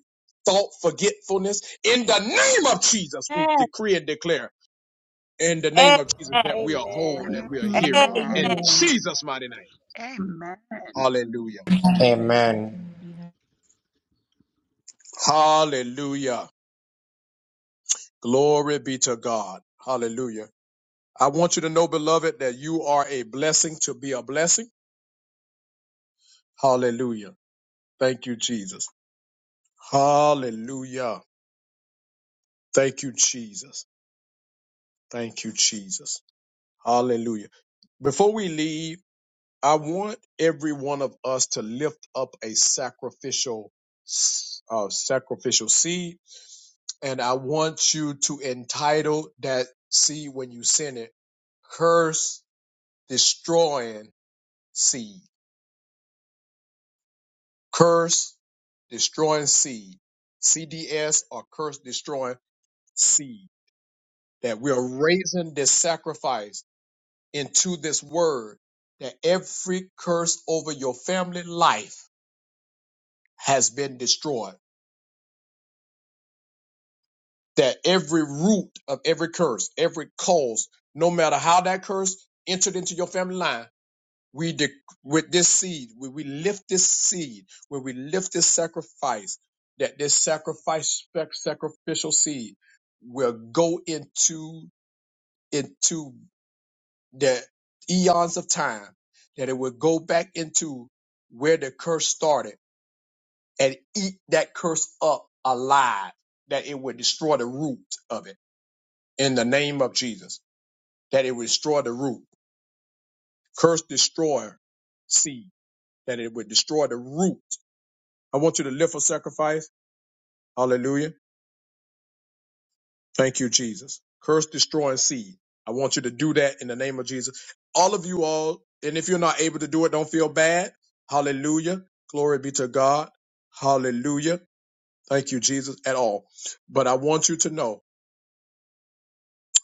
Speaker 1: thought forgetfulness. In the name of Jesus, we
Speaker 8: Amen.
Speaker 1: decree and declare in the name of Jesus
Speaker 7: Amen.
Speaker 1: that we are
Speaker 15: Amen.
Speaker 1: whole and we
Speaker 15: Amen.
Speaker 1: are healed.
Speaker 11: Amen.
Speaker 7: Amen.
Speaker 1: In
Speaker 3: Amen.
Speaker 1: Jesus' mighty name.
Speaker 11: Amen.
Speaker 1: Hallelujah.
Speaker 16: Amen.
Speaker 1: Hallelujah. Glory be to God. Hallelujah. I want you to know, beloved, that you are a blessing to be a blessing. Hallelujah. Thank you, Jesus. Hallelujah. Thank you, Jesus. Thank you, Jesus. Hallelujah. Before we leave, I want every one of us to lift up a sacrificial s- uh, sacrificial seed, and I want you to entitle that seed when you send it curse destroying seed. Curse destroying seed. CDS or curse destroying seed. That we are raising this sacrifice into this word that every curse over your family life has been destroyed. That every root of every curse, every cause, no matter how that curse entered into your family line, we de- with this seed, when we lift this seed, when we lift this sacrifice, that this sacrifice sac- sacrificial seed will go into into the eons of time that it would go back into where the curse started and eat that curse up alive that it would destroy the root of it in the name of jesus that it would destroy the root curse destroyer seed that it would destroy the root i want you to live for sacrifice hallelujah Thank you, Jesus. Curse destroying seed. I want you to do that in the name of Jesus. All of you all, and if you're not able to do it, don't feel bad. Hallelujah. Glory be to God. Hallelujah. Thank you, Jesus, at all. But I want you to know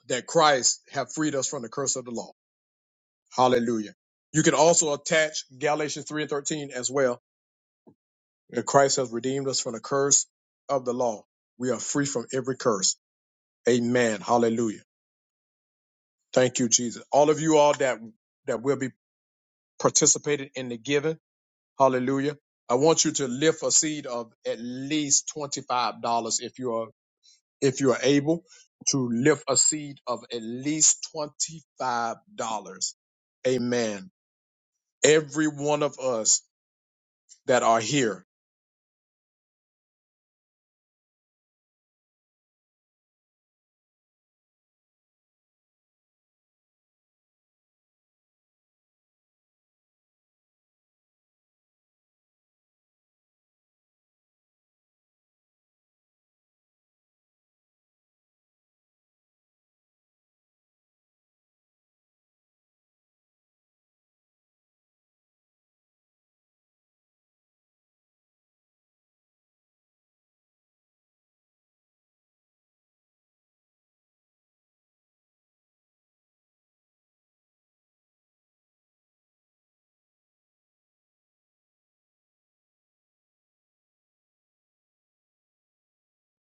Speaker 1: that Christ have freed us from the curse of the law. Hallelujah. You can also attach Galatians 3 and 13 as well. that Christ has redeemed us from the curse of the law. We are free from every curse. Amen. Hallelujah. Thank you, Jesus. All of you all that that will be participating in the giving, hallelujah. I want you to lift a seed of at least twenty-five dollars if you are if you are able to lift a seed of at least twenty-five dollars. Amen. Every one of us that are here.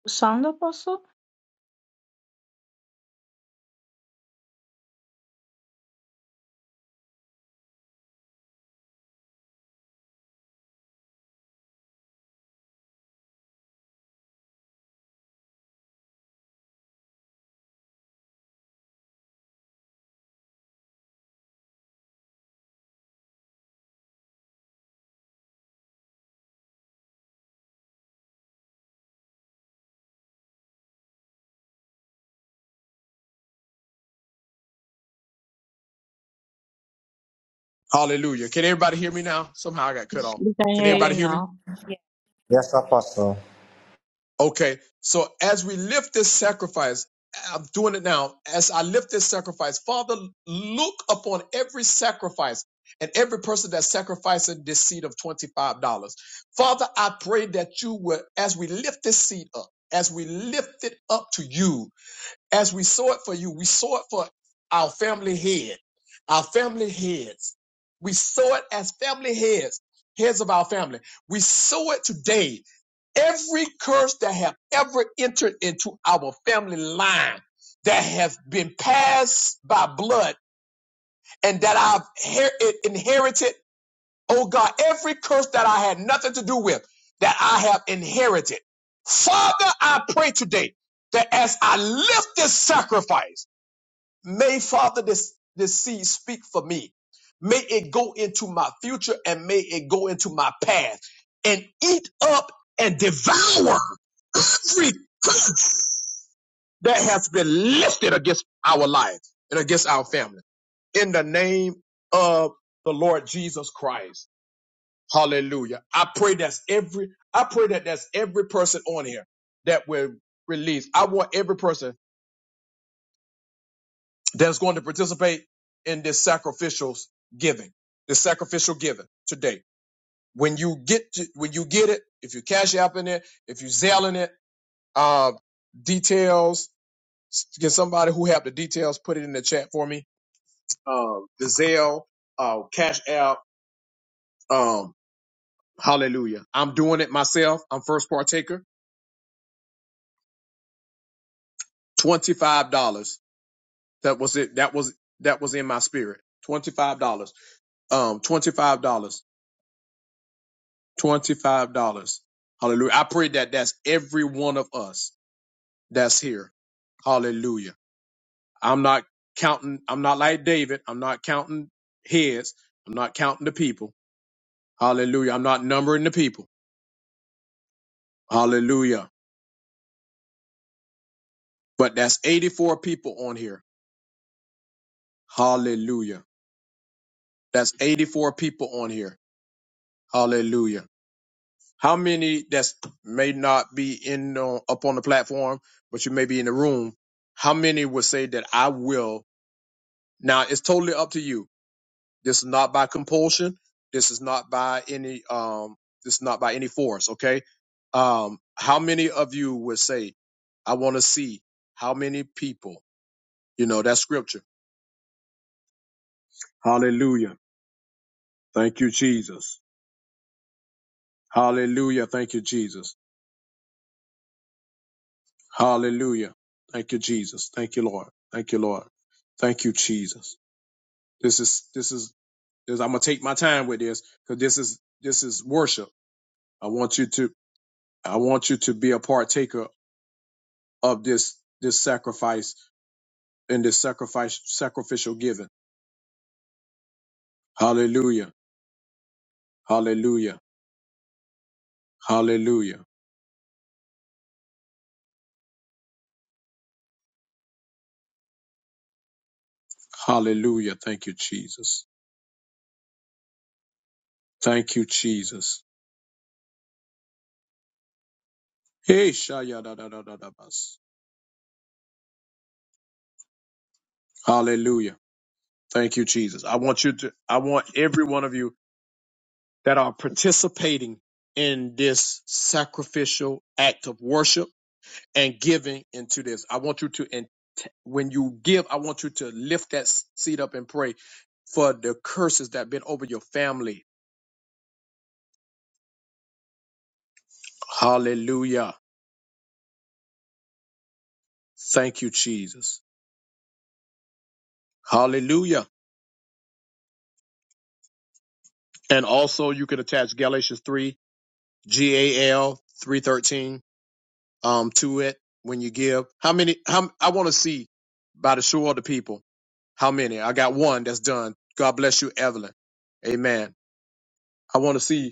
Speaker 8: Sound apostle?
Speaker 1: Hallelujah. Can everybody hear me now? Somehow I got cut
Speaker 8: Yes,
Speaker 1: off.
Speaker 8: We can
Speaker 1: Can
Speaker 8: hear
Speaker 7: Yes,
Speaker 8: you
Speaker 1: everybody hear me?
Speaker 8: now.
Speaker 7: yes.
Speaker 16: Yes, Apostle.
Speaker 1: Okay, so as we lift this sacrifice, I'm doing it now. As I lift this sacrifice, Father, look upon every sacrifice and every person that's sacrificing this seed of $25. Father, I pray that you will, as we lift this seed up, as we lift it up to you, as we saw it for you, we saw it for our family head, our family heads. We saw it as family heads, heads of our family. We saw it today. Every curse that have ever entered into our family line that has been passed by blood and that I've her- inherited, oh God, every curse that I had nothing to do with, that I have inherited. Father, I pray today that as I lift this sacrifice, May, Father, this, this seed speak for me. May it go into my future and may it go into my past and eat up and devour every that has been lifted against our life and against our family. In the name of the Lord Jesus Christ. Hallelujah. I pray that's every, I pray that that's every person on here that will release. I want every person that's going to participate in this sacrificial giving, this sacrificial giving today. When you get to, when you get it, if you cash app in it, if you selling it, uh, details, s- get somebody who have the details, put it in the chat for me. Um, the Zelle, uh, cash app, um, hallelujah. I'm doing it myself. I'm first partaker. $25. That was it. That was, that was in my spirit. $25. Um, $25. $25. Hallelujah. I pray that that's every one of us that's here. Hallelujah. I'm not counting, I'm not like David. I'm not counting heads. I'm not counting the people. Hallelujah. I'm not numbering the people. Hallelujah. But that's 84 people on here. Hallelujah. That's 84 people on here. Hallelujah. How many that's may not be in uh, up on the platform, but you may be in the room? How many would say that I will? Now it's totally up to you. This is not by compulsion. This is not by any um this is not by any force, okay? Um how many of you would say, I want to see how many people, you know, that scripture. Hallelujah. Thank you, Jesus. Hallelujah. Thank you, Jesus. Hallelujah. Thank you, Jesus. Thank you, Lord. Thank you, Lord. Thank you, Jesus. This is this is this, I'm gonna take my time with this because this is this is worship. I want you to I want you to be a partaker of this this sacrifice and this sacrifice sacrificial giving. Hallelujah. Hallelujah. Hallelujah. Hallelujah. Thank you, Jesus. Thank you, Jesus. Hey, shaya da da da da da bas. Hallelujah. Thank you, Jesus. I want you to I want every one of you that are participating in this sacrificial act of worship and giving into this. I want you to, and when you give, I want you to lift that s- seed up and pray for the curses that have been over your family. Hallelujah. Thank you, Jesus. Hallelujah. And also you can attach Galatians 3, G-A-L 313, um, to it when you give. How many, how, I want to see by the show of the people, how many? I got one that's done. God bless you, Evelyn. Amen. I want to see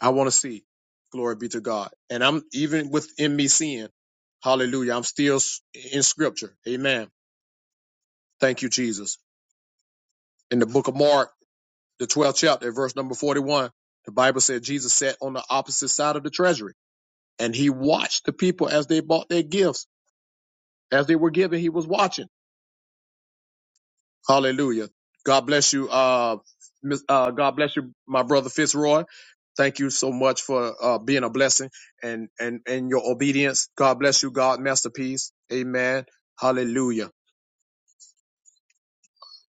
Speaker 1: I want to see. Glory be to God. And I'm even within me seeing. Hallelujah. I'm still s- in scripture. Amen. Thank you, Jesus. In the book of Mark, the 12th chapter, verse number 41, the Bible said Jesus sat on the opposite side of the treasury and he watched the people as they bought their gifts. As they were giving, he was watching. Hallelujah. God bless you. Uh, Miss- uh, God bless you, my brother Fitzroy. Thank you so much for uh, being a blessing and, and, and your obedience. God bless you, God, masterpiece. Amen. Hallelujah.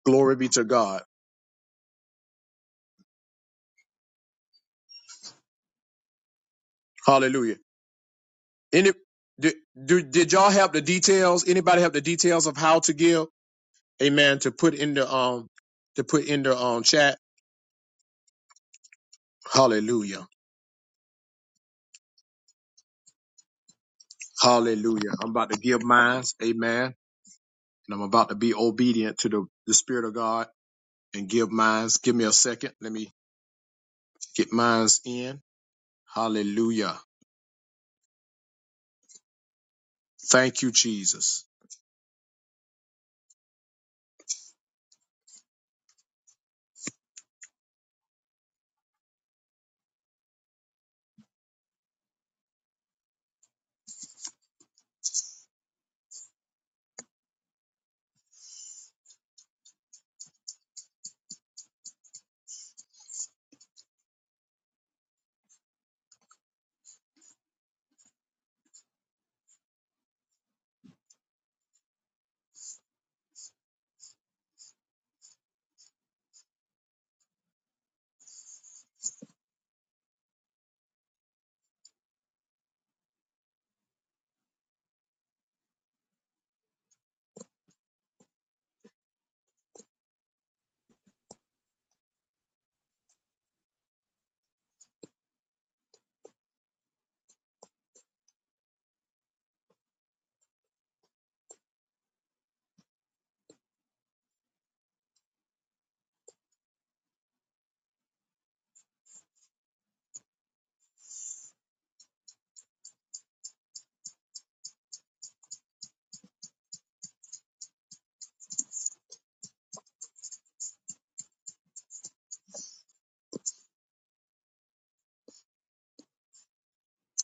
Speaker 1: Glory be to God. Hallelujah. Any, did, did, did y'all have the details? Anybody have the details of how to give? Amen. To put in the, um, to put in the, um, chat. Hallelujah. Hallelujah. I'm about to give mine. Amen. and I'm about to be obedient to the, the Spirit of God and give minds. Give me a second. Let me get minds in. Hallelujah. Thank you, Jesus.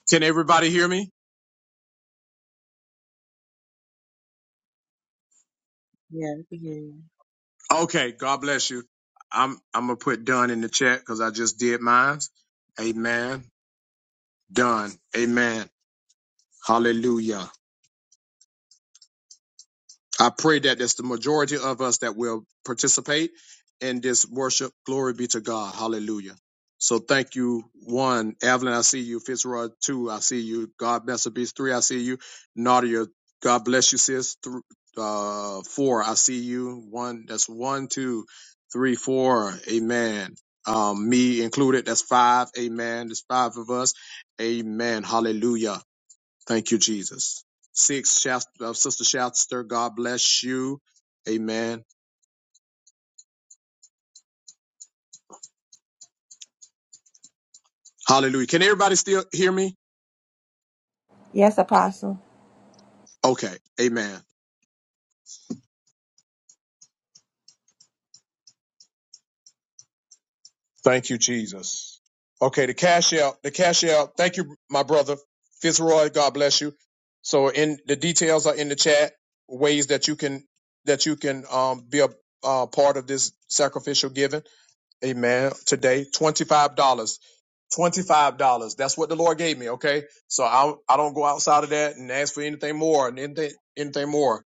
Speaker 1: Can everybody hear me?
Speaker 3: Yeah, we can hear
Speaker 1: Okay. God bless you. I'm I'm gonna put done in the chat because I just did minds. Amen. Done. Amen. Hallelujah. I pray that it's the majority of us that will participate in this worship. Glory be to God. Hallelujah. So thank you, one, Evelyn, I see you. Fitzroy, two, I see you. God bless her, beast, three, I see you. Nadia, God bless you, sis. Th- uh, four, I see you. One, that's one, two, three, four. Amen. Um, me included, that's five. Amen. There's five of us. Amen. Hallelujah. Thank you, Jesus. Six, Shast- uh, Sister Shaster, God bless you. Amen. Hallelujah. Can everybody still hear me?
Speaker 7: Yes, Apostle.
Speaker 1: Okay. Amen. Thank you, Jesus. Okay, the cash out, the cash out. Thank you, my brother Fitzroy. God bless you. So, in the details are in the chat. Ways that you can that you can um, be a uh, part of this sacrificial giving. Amen. Today, twenty-five dollars. Twenty-five dollars. That's what the Lord gave me. Okay, so I I don't go outside of that and ask for anything more and anything anything more.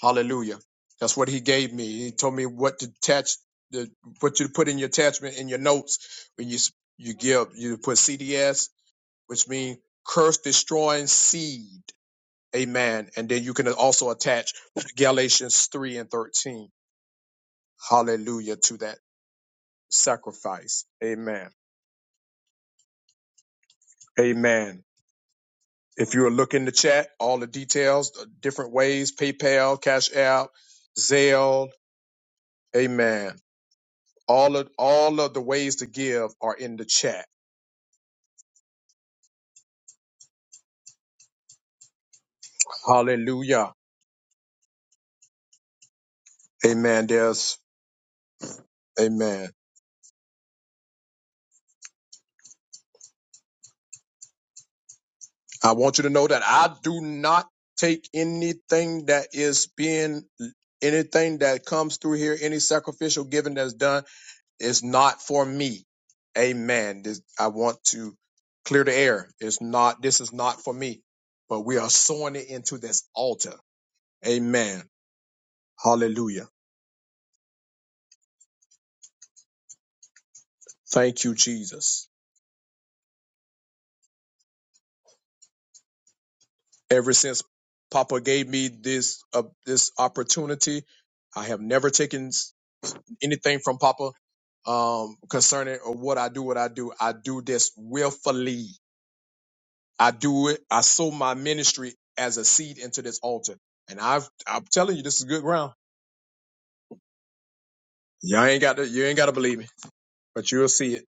Speaker 1: Hallelujah. That's what He gave me. He told me what to attach, the what you put in your attachment in your notes when you you give. You put CDS, which means curse destroying seed. Amen. And then you can also attach Galatians three and thirteen. Hallelujah to that sacrifice. Amen. Amen. If you are looking in the chat, all the details, the different ways, PayPal, Cash App, Zelle, Amen. All of all of the ways to give are in the chat. Hallelujah. Amen. There's Amen. I want you to know that I do not take anything that is being anything that comes through here, any sacrificial giving that's done. It's not for me. Amen. This, I want to clear the air. It's not, this is not for me, but we are sowing it into this altar. Amen. Hallelujah. Thank you, Jesus. Ever since Papa gave me this, uh, this opportunity, I have never taken s- anything from Papa, um, concerning or what I do, what I do. I do this willfully I do it. I sow my ministry as a seed into this altar. And I've, I'm telling you, this is good ground. Y'all ain't got to, you ain't got to believe me, but you'll see it.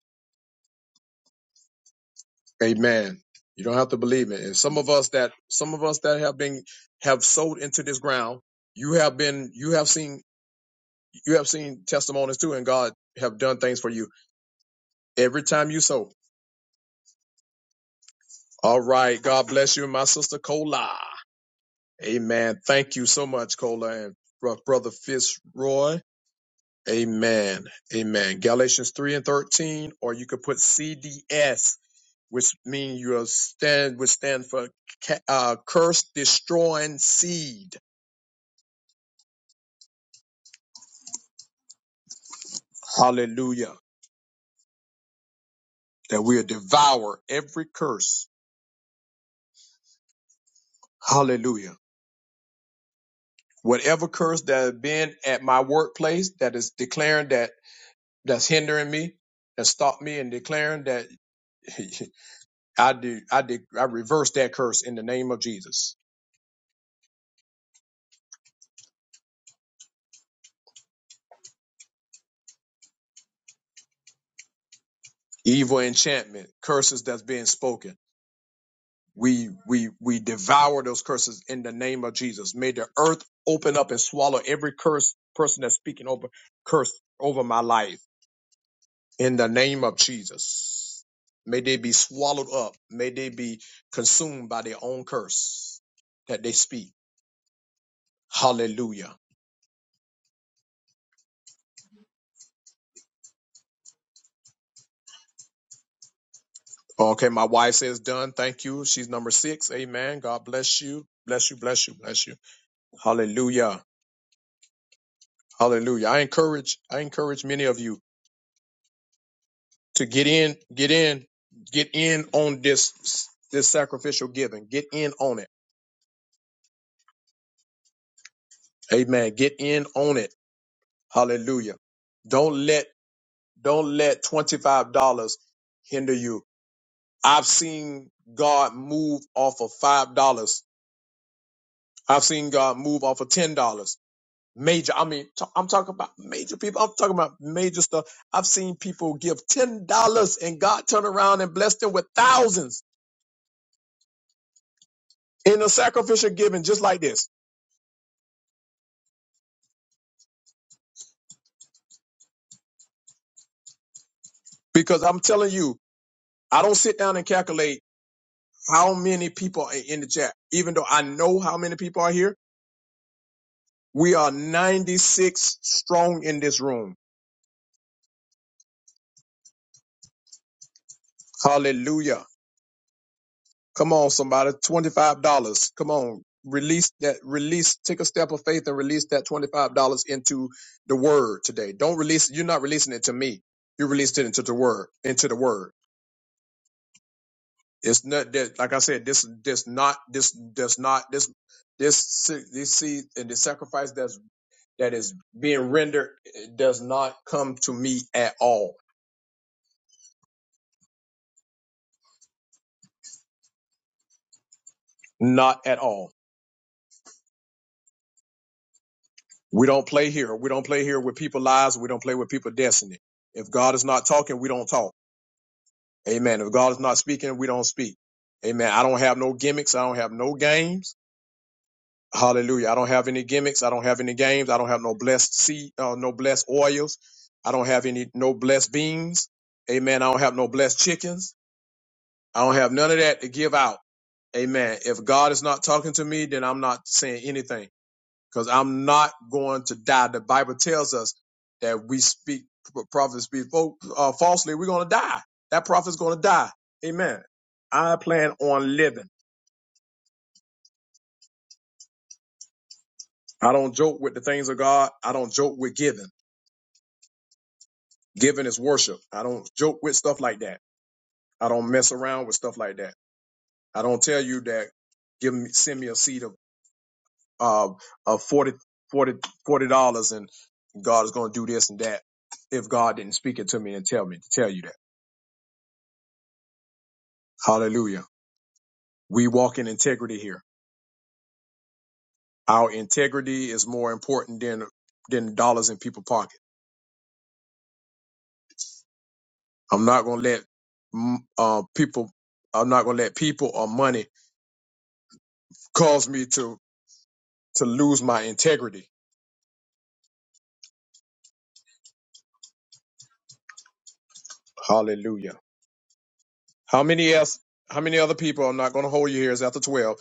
Speaker 1: Amen. You don't have to believe me. And some of us that, some of us that have been, have sowed into this ground, you have been, you have seen, you have seen testimonies too, and God have done things for you every time you sow. All right. God bless you, my sister Cola. Amen. Thank you so much, Cola and bro- brother Fitzroy. Amen. Amen. Galatians 3 and 13, or you could put CDS, which means you stand, which stand for ca- uh, curse destroying seed. Hallelujah. That we'll devour every curse. Hallelujah. Whatever curse that has been at my workplace that is declaring that, that's hindering me, that stopped me and declaring that I do, I did, I reverse that curse in the name of Jesus. Evil enchantment, curses that's being spoken. We we we devour those curses in the name of Jesus. May the earth open up and swallow every curse person that's speaking over curse over my life in the name of Jesus. May they be swallowed up. May they be consumed by their own curse that they speak. Hallelujah. Okay, my wife says done. Thank you. She's number six. Amen. God bless you. Bless you. Bless you. Bless you. Hallelujah. Hallelujah. I encourage, I encourage many of you to get in, get in, get in on this this sacrificial giving. Get in on it. Amen. Get in on it. Hallelujah. Don't let don't let twenty five dollars hinder you. I've seen God move off of five dollars. I've seen God move off of ten dollars. Major, I mean, i am talking about major people. I'm talking about major stuff. I've seen people give ten dollars and God turn around and bless them with thousands in a sacrificial giving, just like this. because I'm telling you, I don't sit down and calculate how many people are in the chat, even though I know how many people are here. We are 96 strong in this room. Hallelujah. Come on, somebody. $25. Come on. Release that, release, take a step of faith and release that $25 into the word today. Don't release, you're not releasing it to me. You released it into the word, into the word. It's not that, like I said, this, this not, this does not, this this se- this seed and the sacrifice that's. that is being rendered does not come to me at all. Not at all. We don't play here. We don't play here with people's lives. We don't play with people's destiny. If God is not talking, we don't talk. Amen. If God is not speaking, we don't speak. Amen. I don't have no gimmicks. I don't have no games. Hallelujah. I don't have any gimmicks. I don't have any games. I don't have no blessed seed, uh, no blessed oils. I don't have any, no blessed beans. Amen. I don't have no blessed chickens. I don't have none of that to give out. Amen. If God is not talking to me, then I'm not saying anything because I'm not going to die. The Bible tells us that we speak, prophets speak uh, falsely, we're going to die. That prophet's going to die. Amen. I plan on living. I don't joke with the things of God. I don't joke with giving. Giving is worship. I don't joke with stuff like that. I don't mess around with stuff like that. I don't tell you that give me, send me a seed of. uh, uh, 40, dollars and God is going to do this and that if God didn't speak it to me and tell me to tell you that. Hallelujah. We walk in integrity here. Our integrity is more important than than dollars in people's pocket. I'm not going to let mm, uh, people. I'm not going to let people or money cause me to to lose my integrity. Hallelujah. How many else? How many other people? I'm not going to hold you here. It's after 12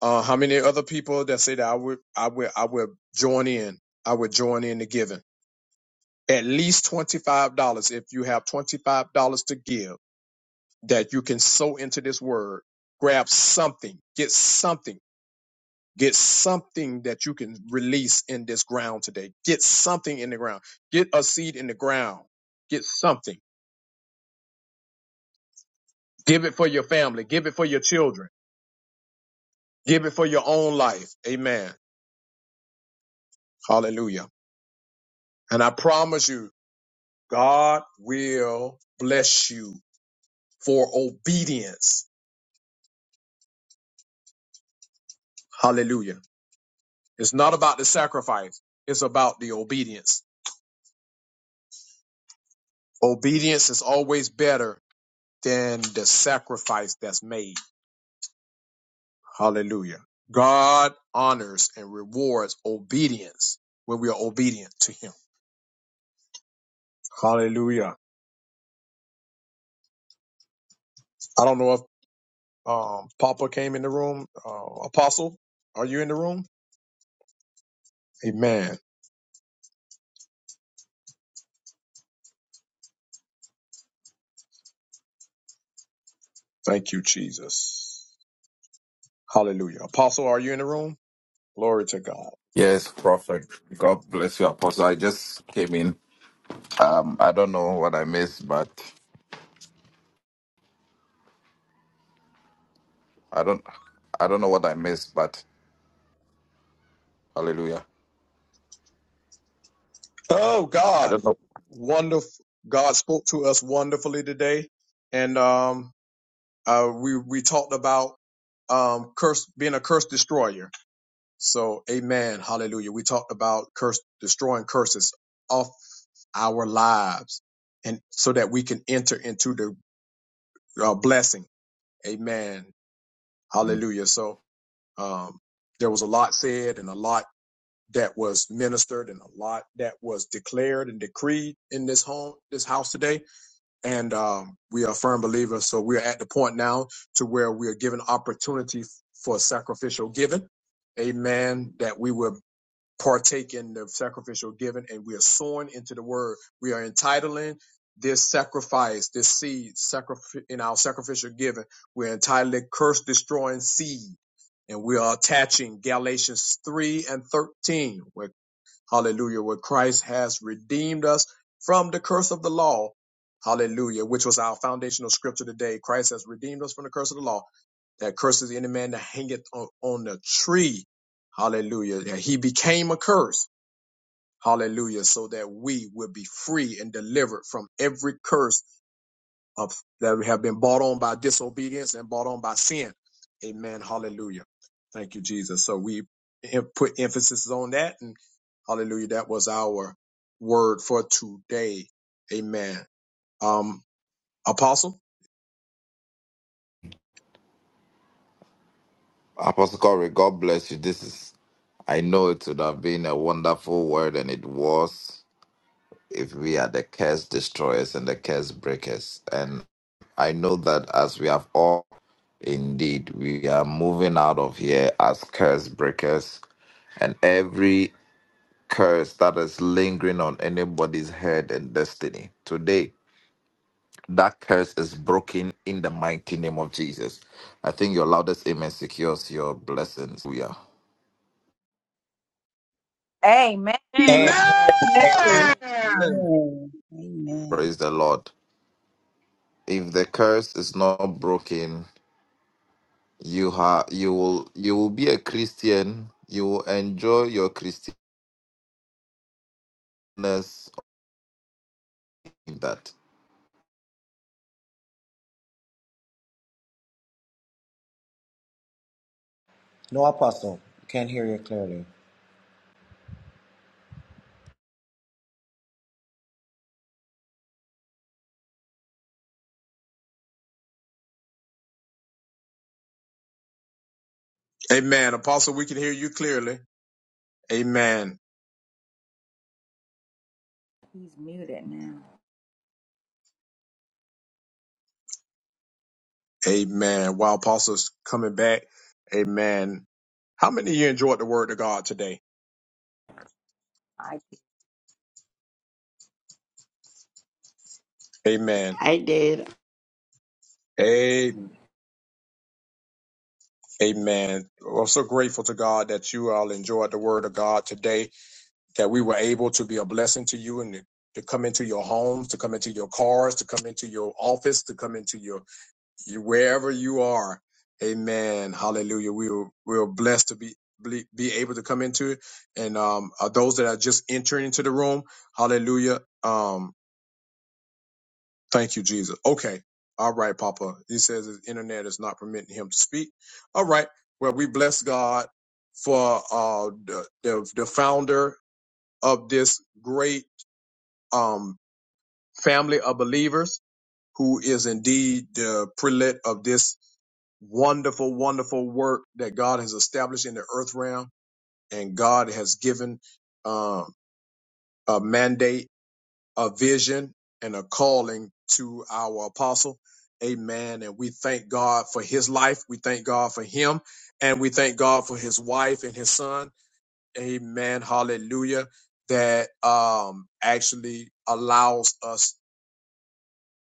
Speaker 1: Uh, how many other people that say that I would, I would, I would join in. I would join in the giving. At least $25. If you have $25 to give that you can sow into this word, grab something, get something, get something that you can release in this ground today. Get something in the ground. Get a seed in the ground. Get something. Give it for your family. Give it for your children. Give it for your own life. Amen. Hallelujah. And I promise you, God will bless you for obedience. Hallelujah. It's not about the sacrifice, it's about the obedience. Obedience is always better than the sacrifice that's made. Hallelujah. God honors and rewards obedience when we are obedient to Him. Hallelujah. I don't know if um, Papa came in the room. Uh, Apostle, are you in the room? Amen. Thank you, Jesus. Hallelujah. Apostle, are you in the room? Glory to God.
Speaker 17: Yes, Prophet. God bless you, Apostle. I just came in. Um, I don't know what I missed, but I don't, I don't know what I missed, but Hallelujah.
Speaker 1: Oh,
Speaker 17: I
Speaker 1: God.
Speaker 17: don't know.
Speaker 1: Wonderful. God spoke to us wonderfully today. And um, uh, we, we talked about um, curse, being a curse destroyer. So, amen. Hallelujah. We talked about curse, destroying curses off our lives and so that we can enter into the uh, blessing. Amen.
Speaker 17: Mm.
Speaker 1: Hallelujah. So, um, there was a lot said and a lot that was ministered and a lot that was declared and decreed in this home, this house today. And um, we are firm believers. So we are at the point now to where we are given opportunity for sacrificial giving. Amen. That we will partake in the sacrificial giving and we are sowing into the word. We are entitling this sacrifice, this seed sacrif- in our sacrificial giving. We're entitling curse destroying seed and we are attaching Galatians 3 and 13, where. Hallelujah. Where Christ has redeemed us from the curse of the law. Hallelujah. Which was our foundational scripture today. Christ has redeemed us from the curse of the law. That curses any man that hangeth on, on the tree. Hallelujah. That he became a curse. Hallelujah. So that we would be free and delivered from every curse of that we have been bought on by disobedience and bought on by sin. Amen. Hallelujah. Thank you, Jesus. So we put emphasis on that and hallelujah. That was our word for today. Amen. Um, apostle.
Speaker 17: Apostle Corey, God bless you. This is, I know it would have been a wonderful word, and it was if we are the curse destroyers and the curse breakers. And I know that as we have all, indeed, we are moving out of here as curse breakers, and every curse that is lingering on anybody's head and destiny. Today, that curse is broken in the mighty name of Jesus. I think your loudest amen secures your blessings. We are.
Speaker 7: Amen.
Speaker 6: Amen.
Speaker 16: Amen.
Speaker 6: Amen.
Speaker 16: Amen.
Speaker 3: you.
Speaker 1: Amen.
Speaker 3: Amen. Amen.
Speaker 17: Praise the Lord. If the curse is not broken, you ha- you will you will be a Christian. You will enjoy your Christianness in that.
Speaker 16: No, Apostle. Can't hear you clearly.
Speaker 1: Amen. Apostle, we can hear you clearly. Amen.
Speaker 7: He's muted now.
Speaker 1: Amen. While apostle's coming back. Amen. How many of you enjoyed the word of God today?
Speaker 7: I
Speaker 1: Amen.
Speaker 11: I did.
Speaker 1: Amen. Amen. Well, I'm so grateful to God that you all enjoyed the word of God today, that we were able to be a blessing to you and to come into your homes, to come into your cars, to come into your office, to come into your, your wherever you are. Amen. Hallelujah. We were, we were blessed to be be be able to come into it. and um uh, those that are just entering into the room hallelujah Um, Thank you, Jesus. Okay. All right, Papa. He says his internet is not permitting him to speak. All right. Well, we bless God for uh, the, the the founder of this great um, family of believers, who is indeed the prelate of this wonderful, wonderful work that God has established in the earth realm, and God has given um, a mandate a vision and a calling to our apostle. Amen. And we thank God for his life. We thank God for him. And we thank God for his wife and his son. Amen. Hallelujah. That um actually allows us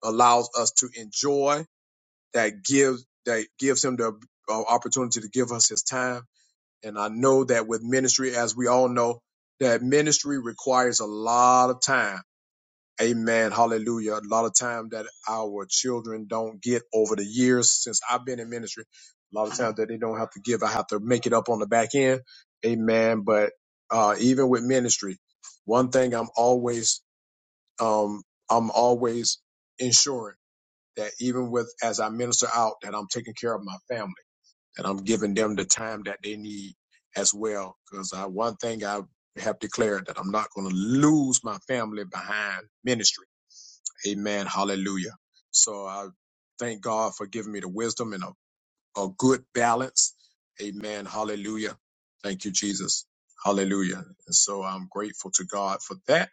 Speaker 1: allows us to enjoy that gives that gives him the uh, opportunity to give us his time. And I know that with ministry, as we all know, that ministry requires a lot of time Amen. Hallelujah. A lot of time that our children don't get over the years since I've been in ministry. A lot of times that they don't have to give. I have to make it up on the back end. Amen. But uh, even with ministry, one thing I'm always um, I'm always ensuring that even with as I minister out, that I'm taking care of my family, that I'm giving them the time that they need as well. Because I, one thing I have declared that I'm not going to lose my family behind ministry Amen. Hallelujah. So I thank God for giving me the wisdom and a, a good balance. Amen. Hallelujah. Thank you, Jesus. Hallelujah. And so I'm grateful to God for that.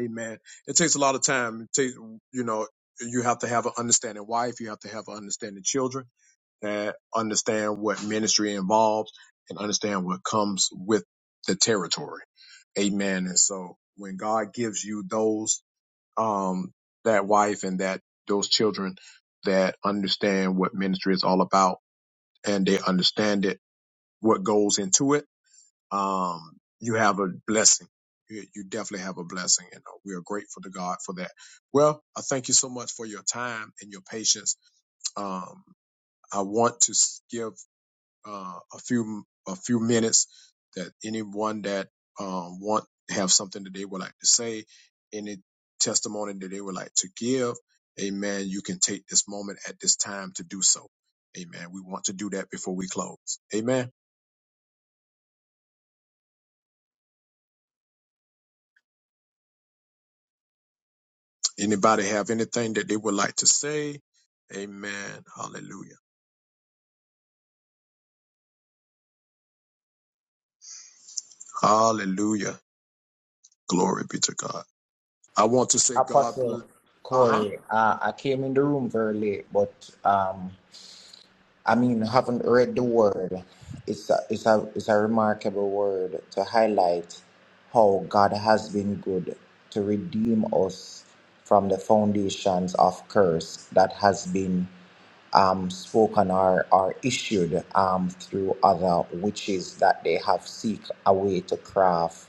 Speaker 1: Amen. It takes a lot of time. It takes, you know, you have to have an understanding wife. You have to have an understanding children and understand what ministry involves and understand what comes with the territory. Amen. And so when God gives you those um, that wife and that those children that understand what ministry is all about and they understand it, what goes into it, um, you have a blessing. You, you definitely have a blessing, and uh, we are grateful to God for that. Well, I thank you so much for your time and your patience. Um, I want to s- give uh, a few a few minutes that anyone that um, want have something that they would like to say, any testimony that they would like to give, Amen. You can take this moment at this time to do so, Amen. We want to do that before we close, Amen. Anybody have anything that they would like to say, Amen. Hallelujah, Hallelujah. Glory be to God. I want to say God
Speaker 16: Apostle
Speaker 1: bless. Uh-huh.
Speaker 16: Corey, uh, I came in the room very late, but um, I mean, haven't read the word. It's a, it's a, it's a remarkable word to highlight how God has been good to redeem us from the foundations of curse that has been um, spoken or, or issued um, through other witches that they have seek a way to craft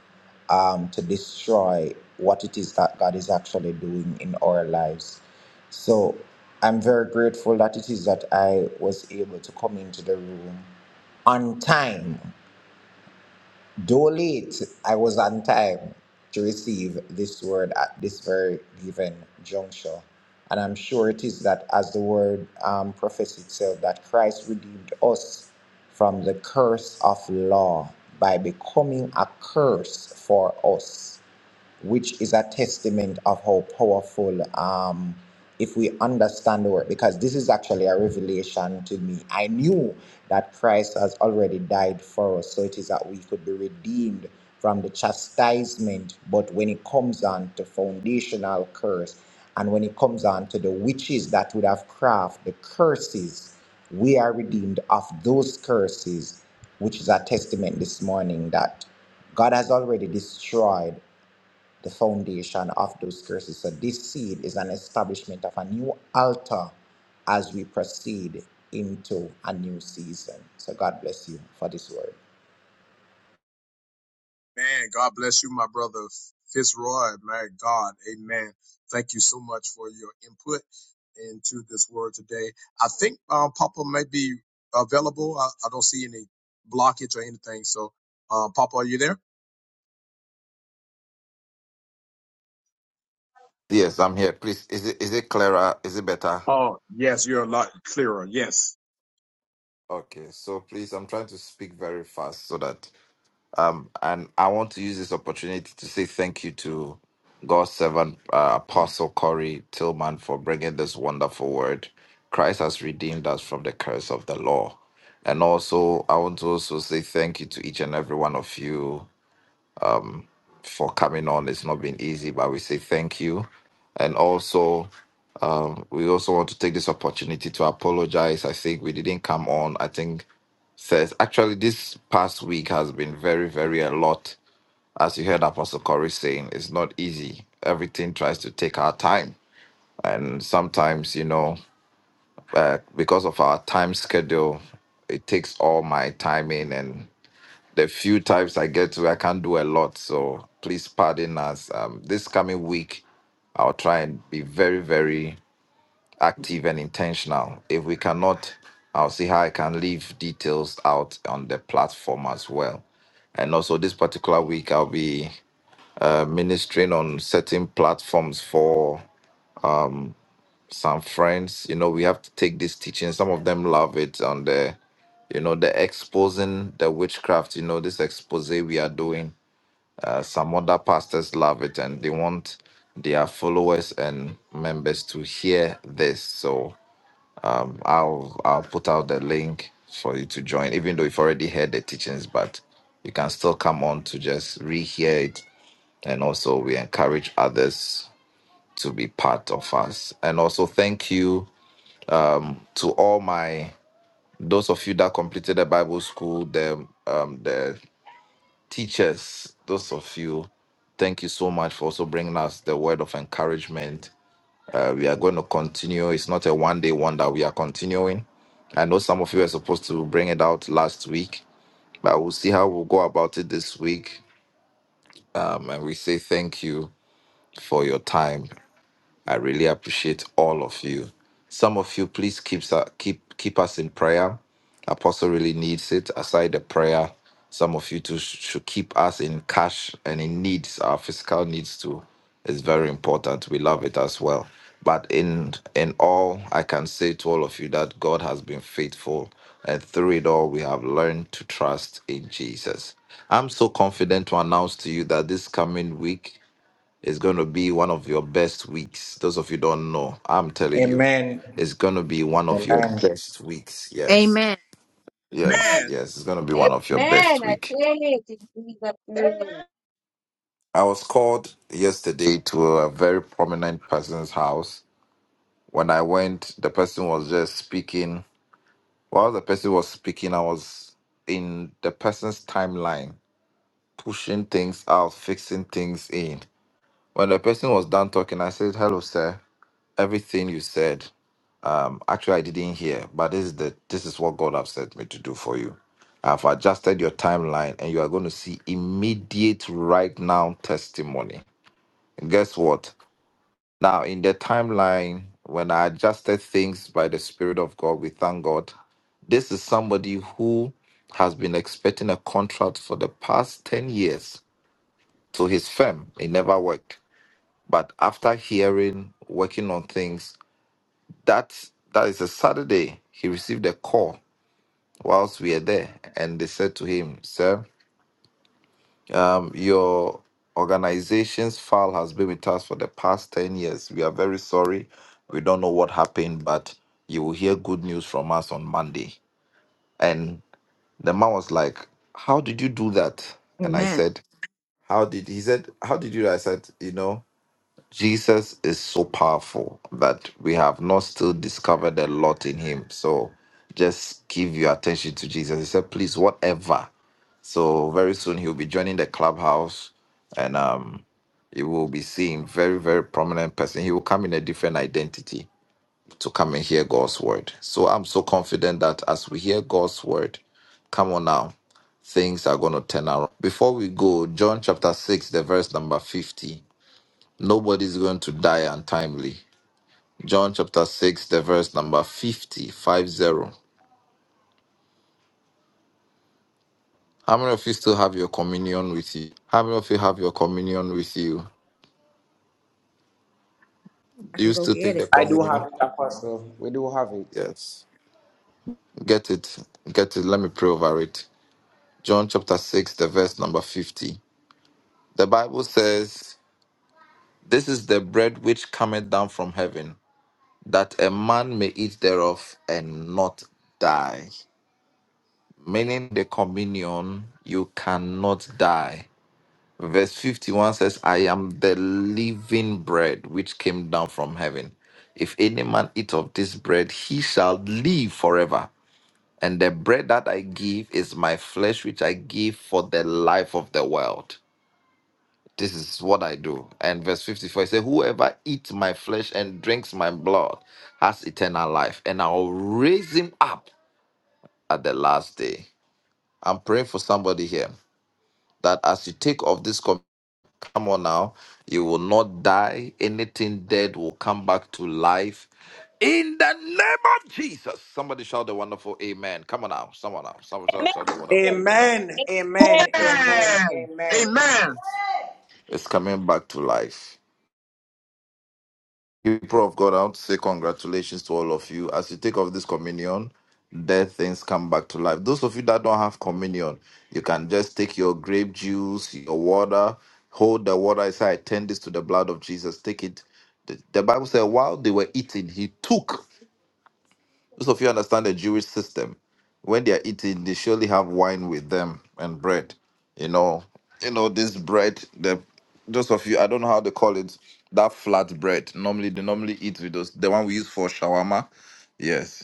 Speaker 16: um, to destroy what it is that God is actually doing in our lives. So I'm very grateful that it is that I was able to come into the room on time. Though late, I was on time to receive this word at this very given juncture. And I'm sure it is that as the word um, profess itself, that Christ redeemed us from the curse of law by becoming a curse for us which is a testament of how powerful um, if we understand the word because this is actually a revelation to me i knew that christ has already died for us so it is that we could be redeemed from the chastisement but when it comes on to foundational curse and when it comes on to the witches that would have craft the curses we are redeemed of those curses which is a testament this morning that God has already destroyed the foundation of those curses. So this seed is an establishment of a new altar as we proceed into a new season. So God bless you for this word.
Speaker 1: Man, God bless you, my brother Fitzroy. My God, amen. Thank you so much for your input into this word today. I think um, Papa may be available. I, I don't see any blockage or anything. So, uh, Papa, are you there?
Speaker 17: Yes, I'm here. Please, is it is it clearer? Is it better?
Speaker 1: Oh, yes, you're a lot clearer. Yes.
Speaker 17: Okay, so please, I'm trying to speak very fast so that Um, and I want to use this opportunity to say thank you to God's servant, uh, Apostle Corey Tillman, for bringing this wonderful word. Christ has redeemed us from the curse of the law. And also, I want to also say thank you to each and every one of you for coming on. It's not been easy, but we say thank you. And also, we also want to take this opportunity to apologize. I think we didn't come on. I think says actually this past week has been very, very a lot as you heard Apostle Corey saying, it's not easy. Everything tries to take our time. And sometimes, you know, uh, because of our time schedule, it takes all my timing. And the few times I get to, I can't do a lot. So please pardon us. Um, this coming week, I'll try and be very, very active and intentional. If we cannot, I'll see how I can leave details out on the platform as well. And also, this particular week, I'll be uh, ministering on certain platforms for some friends. You know, we have to take this teaching. Some of them love it on the, you know, the exposing the witchcraft. You know, this expose we are doing. Uh, some other pastors love it and they want their followers and members to hear this. So I'll I'll put out the link for you to join, even though you've already heard the teachings, but you can still come on to just rehear it. And also, we encourage others to be part of us. And also thank you to all my those of you that completed the Bible school, the um the teachers, those of you, thank you so much for also bringing us the word of encouragement. Uh, we are going to continue. It's not a one day wonder. We are continuing. I know some of you are supposed to bring it out last week, but we'll see how we'll go about it this week. Um, and we say thank you for your time. I really appreciate all of you. Some of you, please keep keep keep us in prayer. Apostle really needs it. Aside the prayer, some of you too sh- should keep us in cash and in needs. Our physical needs too is very important. We love it as well. But in in all, I can say to all of you that God has been faithful, and through it all, we have learned to trust in Jesus. I'm so confident to announce to you that this coming week it's going to be one of your best weeks. Those of you don't know, I'm telling you,
Speaker 16: Amen.
Speaker 17: it's going to be one of your
Speaker 16: Amen.
Speaker 17: best weeks. Yes,
Speaker 7: Amen.
Speaker 17: yes,
Speaker 1: Man.
Speaker 17: yes. It's going to be one of your
Speaker 6: Amen.
Speaker 17: best
Speaker 6: I
Speaker 17: week.
Speaker 6: say it in Jesus' name.
Speaker 17: I was called yesterday to a very prominent person's house. When I went, the person was just speaking. While the person was speaking, I was in the person's timeline, pushing things out, fixing things in. When the person was done talking, I said, Hello, sir. Everything you said. Um, actually, I didn't hear, but this is the this is what God has sent me to do for you. I've adjusted your timeline, and you are going to see immediate, right now testimony. And guess what? Now, in the timeline, when I adjusted things by the Spirit of God, we thank God. This is somebody who has been expecting a contract for the past 10 years to his firm. It never worked. But after hearing, working on things, that that is a Saturday, he received a call whilst we are there. And they said to him, Sir, um, your organization's file has been with us for the past 10 years. We are very sorry. We don't know what happened, but you will hear good news from us on Monday. And the man was like, How did you do that? And I
Speaker 7: Amen.
Speaker 17: said, How did he said, How did you? do that?" I said, You know, Jesus is so powerful that we have not still discovered a lot in him. So just give your attention to Jesus. He said, Please, whatever So very soon he'll be joining the clubhouse, and um, you will be seeing very very prominent person. He will come in a different identity to come and hear God's word. So I'm so confident that as we hear God's word, come on now, things are going to turn around. Before we go, John chapter six, the verse number fifty. Nobody's going to die untimely. John chapter six, the verse number fifty-five zero. How many of you still have your communion with you? How many of you have your communion with you?
Speaker 7: I
Speaker 17: Do
Speaker 7: can
Speaker 17: you
Speaker 7: go
Speaker 17: still
Speaker 7: get
Speaker 17: take
Speaker 7: it.
Speaker 17: the
Speaker 16: I do.
Speaker 17: communion? Yes. Get it. Get it. Let me pray over it. John chapter 6, the verse number 50. The Bible says, This is the bread which cometh down from heaven, that a man may eat thereof and not die. Meaning the communion, you cannot die. Verse 51 says, I am the living bread which came down from heaven. If any man eat of this bread, he shall live forever. And the bread that I give is my flesh, which I give for the life of the world. This is what I do. And verse 54 it says, Whoever eats my flesh and drinks my blood has eternal life, and I'll raise him up at the last day. I'm praying for somebody here that as you take off this com- come on now, you will not die. Anything dead will come back to life. In the name of Jesus. Somebody shout the wonderful amen. Come on now. Someone now. Someone
Speaker 6: Amen.
Speaker 17: shout shout the wonderful amen.
Speaker 16: Amen. Amen.
Speaker 6: Amen.
Speaker 16: Amen.
Speaker 1: Amen.
Speaker 16: Amen.
Speaker 1: Amen.
Speaker 17: It's, it's coming back to life. People of God, I want to say congratulations to all of you. As you take of this communion, dead things come back to life. Those of you that don't have communion, you can just take your grape juice, your water, hold the water aside, turn this to the blood of Jesus, take it. The, the Bible said, while they were eating, he took. Most of you understand the Jewish system. When they are eating, they surely have wine with them and bread. You know, you know this bread. The those of you, I don't know how they call it. That flat bread. Normally, they normally eat with those. The one we use for shawarma. Yes.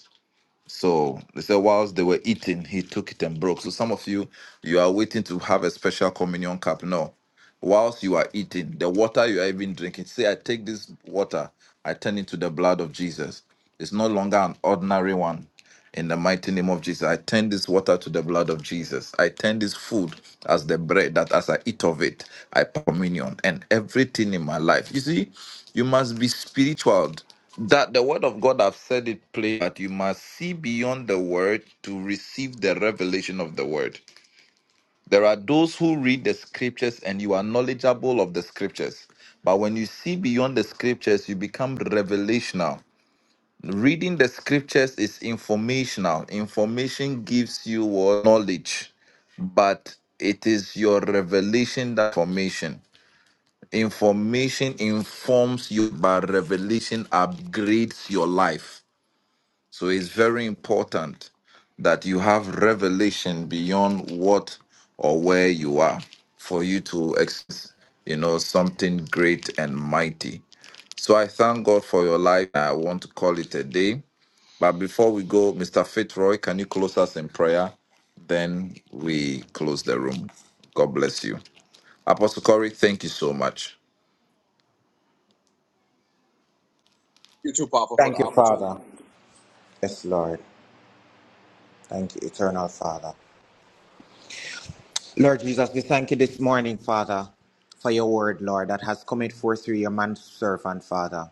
Speaker 17: So they said, whilst they were eating, he took it and broke. So some of you, you are waiting to have a special communion cup. No. Whilst you are eating, the water you are even drinking, say, I take this water, I turn it to the blood of Jesus. It's no longer an ordinary one. In the mighty name of Jesus, I turn this water to the blood of Jesus. I turn this food as the bread that as I eat of it, I pour communion and everything in my life. You see, you must be spiritual. That the word of God, I've said it plain, that you must see beyond the word to receive the revelation of the word. There are those who read the scriptures and you are knowledgeable of the scriptures. But when you see beyond the scriptures, you become revelational. Reading the scriptures is informational. Information gives you what? knowledge, but it is your revelation that formation. Information informs you, but revelation upgrades your life. So it's very important that you have revelation beyond what or where you are for you to ex- you know something great and mighty so i thank god for your life i want to call it a day but before we go, Mr. Fitzroy, can you close us in prayer? Then we close the room. God bless you. Apostle Corey, thank you so much.
Speaker 1: You too, Papa, for the
Speaker 16: Thank you, Father.
Speaker 1: opportunity.
Speaker 16: Yes, Lord. Thank you, Eternal Father. Lord Jesus, we thank you this morning, Father, for your word, Lord, that has come forth through your manservant, Father.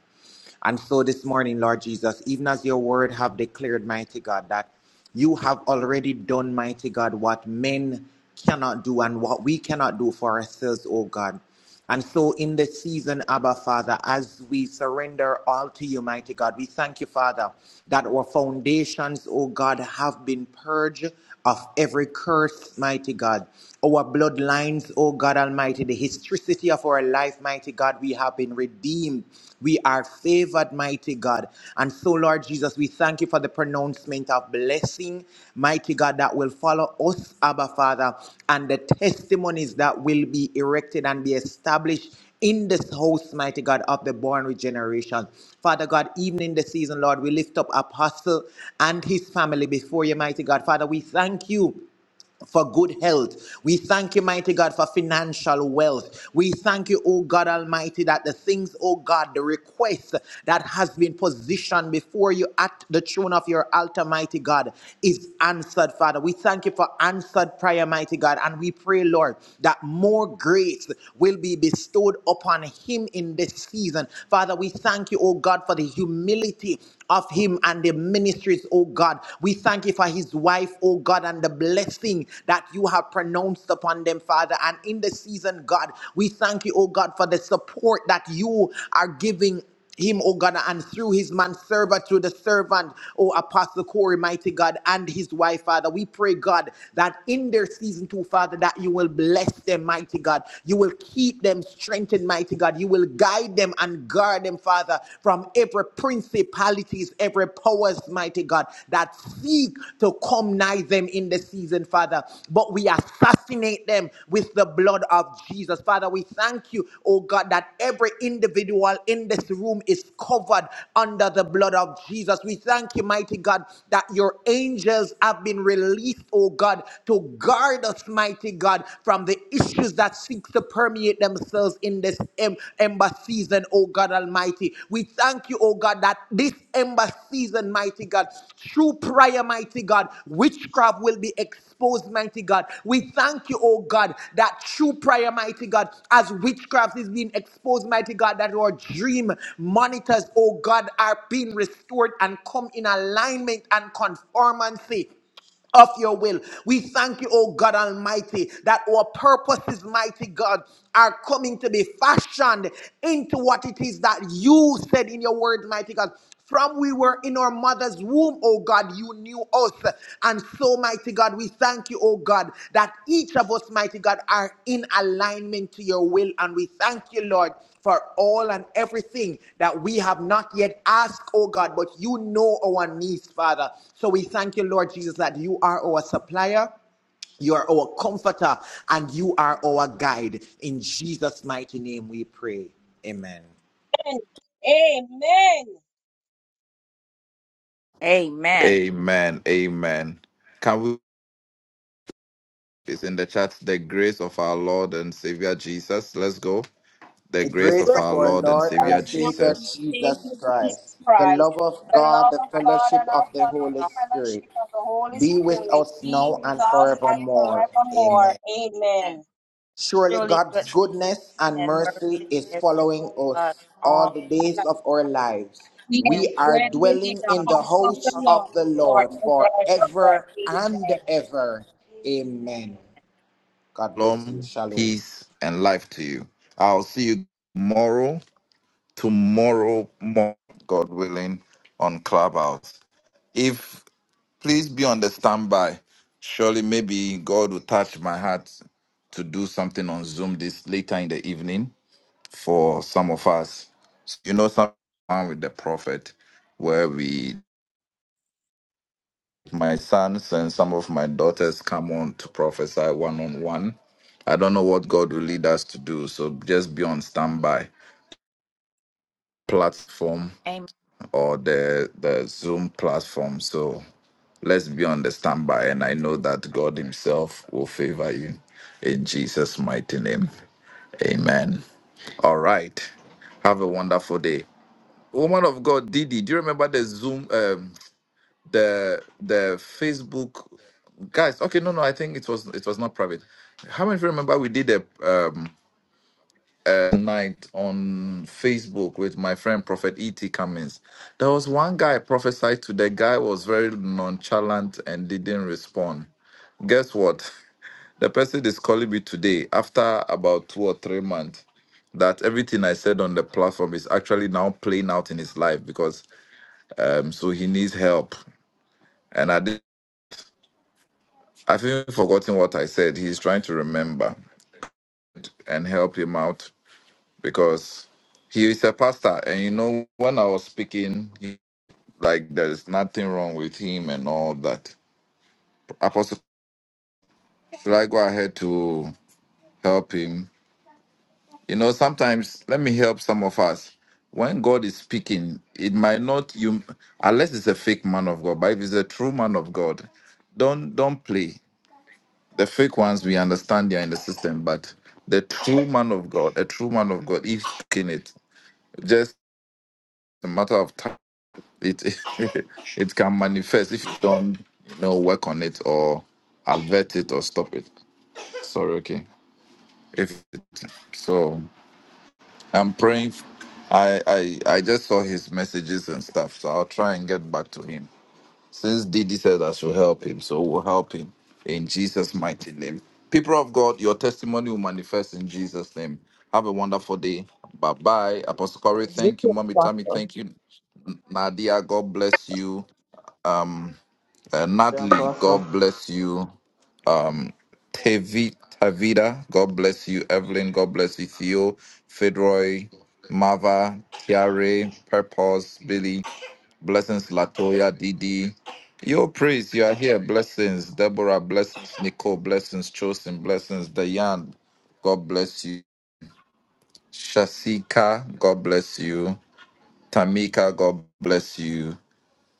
Speaker 16: And so this morning, Lord Jesus, even as your word have declared, mighty God, that you have already done, mighty God, what men cannot do and what we cannot do for ourselves, oh God. And so in this season, Abba Father, as we surrender all to you, mighty God, we thank you, Father, that our foundations, oh God, have been purged of every curse, mighty God. Our bloodlines, oh God Almighty, the historicity of our life, mighty God, we have been redeemed. We are favored, mighty God. And so, Lord Jesus, we thank you for the pronouncement of blessing, mighty God, that will follow us, Abba Father, and the testimonies that will be erected and be established in this house, mighty God, of the born regeneration. Father God, even in the season, Lord, we lift up Apostle and his family before you, mighty God. Father, we thank you for good health. We thank you, mighty God, for financial wealth. We thank you, oh God Almighty, that the things, oh God, the request that has been positioned before you at the throne of your altar, mighty God, is answered, Father. We thank you for answered prayer, mighty God, and we pray, Lord, that more grace will be bestowed upon him in this season. Father, we thank you, oh God, for the humility of him and the ministries, oh God. We thank you for his wife, oh God, and the blessing that you have pronounced upon them, Father. And in the season, God, we thank you, oh God, for the support that you are giving him, oh God, and through his manservant, through the servant, oh Apostle Corey, mighty God, and his wife, Father. We pray, God, that in their season two, Father, that you will bless them, mighty God. You will keep them strengthened, mighty God. You will guide them and guard them, Father, from every principle principalities, every powers, mighty God, that seek to come nigh them in the season, Father. But we assassinate them with the blood of Jesus. Father, we thank you, oh God, that every individual in this room is covered under the blood of Jesus. We thank you, mighty God, that your angels have been released, oh God, to guard us, mighty God, from the issues that seek to permeate themselves in this em- embassy ember season, oh God Almighty. We thank you, oh God, that this ember season, mighty God, through prayer, mighty God, witchcraft will be exposed, mighty God. We thank you, oh God, that through prayer, mighty God, as witchcraft is being exposed, mighty God, that our dream monitors, oh God, are being restored and come in alignment and conformity of your will. We thank you, oh God Almighty, that our purposes, mighty God, are coming to be fashioned into what it is that you said in your word, mighty God. From we were in our mother's womb, oh God, you knew us. And so, mighty God, we thank you, oh God, that each of us, mighty God, are in alignment to your will. And we thank you, Lord for all and everything that we have not yet asked, oh God, but you know our needs, Father. So we thank you, Lord Jesus, that you are our supplier. You are our comforter and you are our guide. In Jesus' mighty name we pray. Amen.
Speaker 6: Amen.
Speaker 7: Amen.
Speaker 17: Amen. Amen. Can we it's in the chat the grace of our Lord and Savior Jesus? Let's go. The
Speaker 16: The
Speaker 17: grace
Speaker 16: grace
Speaker 17: of
Speaker 16: of
Speaker 6: Praise
Speaker 17: our
Speaker 16: our
Speaker 17: Lord and
Speaker 16: Lord and
Speaker 17: Savior
Speaker 6: the Lord,
Speaker 16: Savior
Speaker 17: Jesus.
Speaker 6: Savior
Speaker 16: Jesus Christ,
Speaker 6: Jesus
Speaker 16: the
Speaker 6: Christ,
Speaker 16: love of
Speaker 6: the
Speaker 16: God,
Speaker 6: love
Speaker 16: the
Speaker 6: of
Speaker 7: I-
Speaker 6: God
Speaker 16: fellowship
Speaker 6: and our
Speaker 16: of the
Speaker 6: fellow
Speaker 16: Holy Spirit
Speaker 6: fellowship of the Holy
Speaker 16: be with
Speaker 6: Spirit
Speaker 16: us
Speaker 6: be
Speaker 16: now
Speaker 6: with
Speaker 16: and
Speaker 6: us and
Speaker 16: forevermore. Amen.
Speaker 6: forevermore.
Speaker 7: Amen.
Speaker 6: Amen.
Speaker 16: Surely
Speaker 7: Surely
Speaker 16: God's
Speaker 7: goodness
Speaker 16: goodness and
Speaker 7: and
Speaker 16: mercy is
Speaker 7: mercy.
Speaker 16: following
Speaker 7: God
Speaker 16: us all
Speaker 7: all
Speaker 16: the days of our lives.
Speaker 6: We are
Speaker 7: and
Speaker 16: We are
Speaker 6: dwelling in
Speaker 16: dwelling
Speaker 6: the
Speaker 7: we
Speaker 16: in the
Speaker 6: house of the
Speaker 16: house
Speaker 6: Lord
Speaker 16: of the Lord
Speaker 6: forever
Speaker 16: forever
Speaker 6: and
Speaker 16: and
Speaker 6: ever.
Speaker 16: ever. Amen. God bless you.
Speaker 17: Shalom,
Speaker 16: Shalom.
Speaker 17: peace, and life to you. I'll see you tomorrow, tomorrow morning, God willing, on Clubhouse. If Please be on the standby. Surely, maybe God will touch my heart to do something on Zoom this later in the evening for some of us. You know, someone with the prophet, where we, my sons and some of my daughters, come on to prophesy one on one. I don't know what God will lead us to do, so just be on standby platform
Speaker 7: are.
Speaker 17: or the the Zoom platform. So Let's be on the standby, and I know that God Himself will favor you in Jesus' mighty name. Amen. All right. Have a wonderful day. Woman of God, Didi, do you remember the Zoom, um, the the Facebook guys? Okay, no, no, I think it was it was not private. How many of you remember we did a um night on Facebook with my friend Prophet E.T. Cummings. There was one guy I prophesied to. The guy was very nonchalant and didn't respond. Guess what? The person is calling me today after about two or three months that everything I said on the platform is actually now playing out in his life because um so he needs help. And I did I've even forgotten what I said. He's trying to remember and help him out. because he is a pastor and you know when i was speaking he, like there's nothing wrong with him and all that apostle should i go ahead to help him you know sometimes let me help some of us when god is speaking it might not you unless it's a fake man of god but if it's a true man of god don't don't play the fake ones we understand they're in the system but the true man of god a true man of god is speaking. it just a matter of time It it can manifest if you don't you know work on it or avert it or stop it. Sorry, okay. If so, I'm praying. f- I I I just saw his messages and stuff, so I'll try and get back to him. Since Didi said I should help him, so we'll help him in Jesus' mighty name. People of God, your testimony will manifest in Jesus' name. Have a wonderful day. Bye bye. Apostle Corey, thank you. Mommy Tammy,
Speaker 6: Amen.
Speaker 17: thank you. Nadia, God bless you. Uh, Natalie,
Speaker 5: Apostle.
Speaker 17: God bless you. Tevi, Tavida, God bless you. Evelyn, God bless you. Theo, Fedroy, Mava, Tiare, Purpose, Billy, Blessings, Latoya, Didi. Your praise, you are here. Blessings, Deborah, blessings, Nicole, blessings, Chosen, blessings, Dayan, God bless you. Shasika, God bless you. Tamika, God bless you.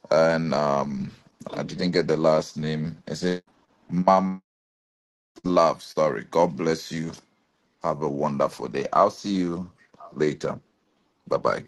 Speaker 17: And um, I didn't get the last name. Is it Mama? love story. God bless you. Have a wonderful day. I'll see you later. Bye bye.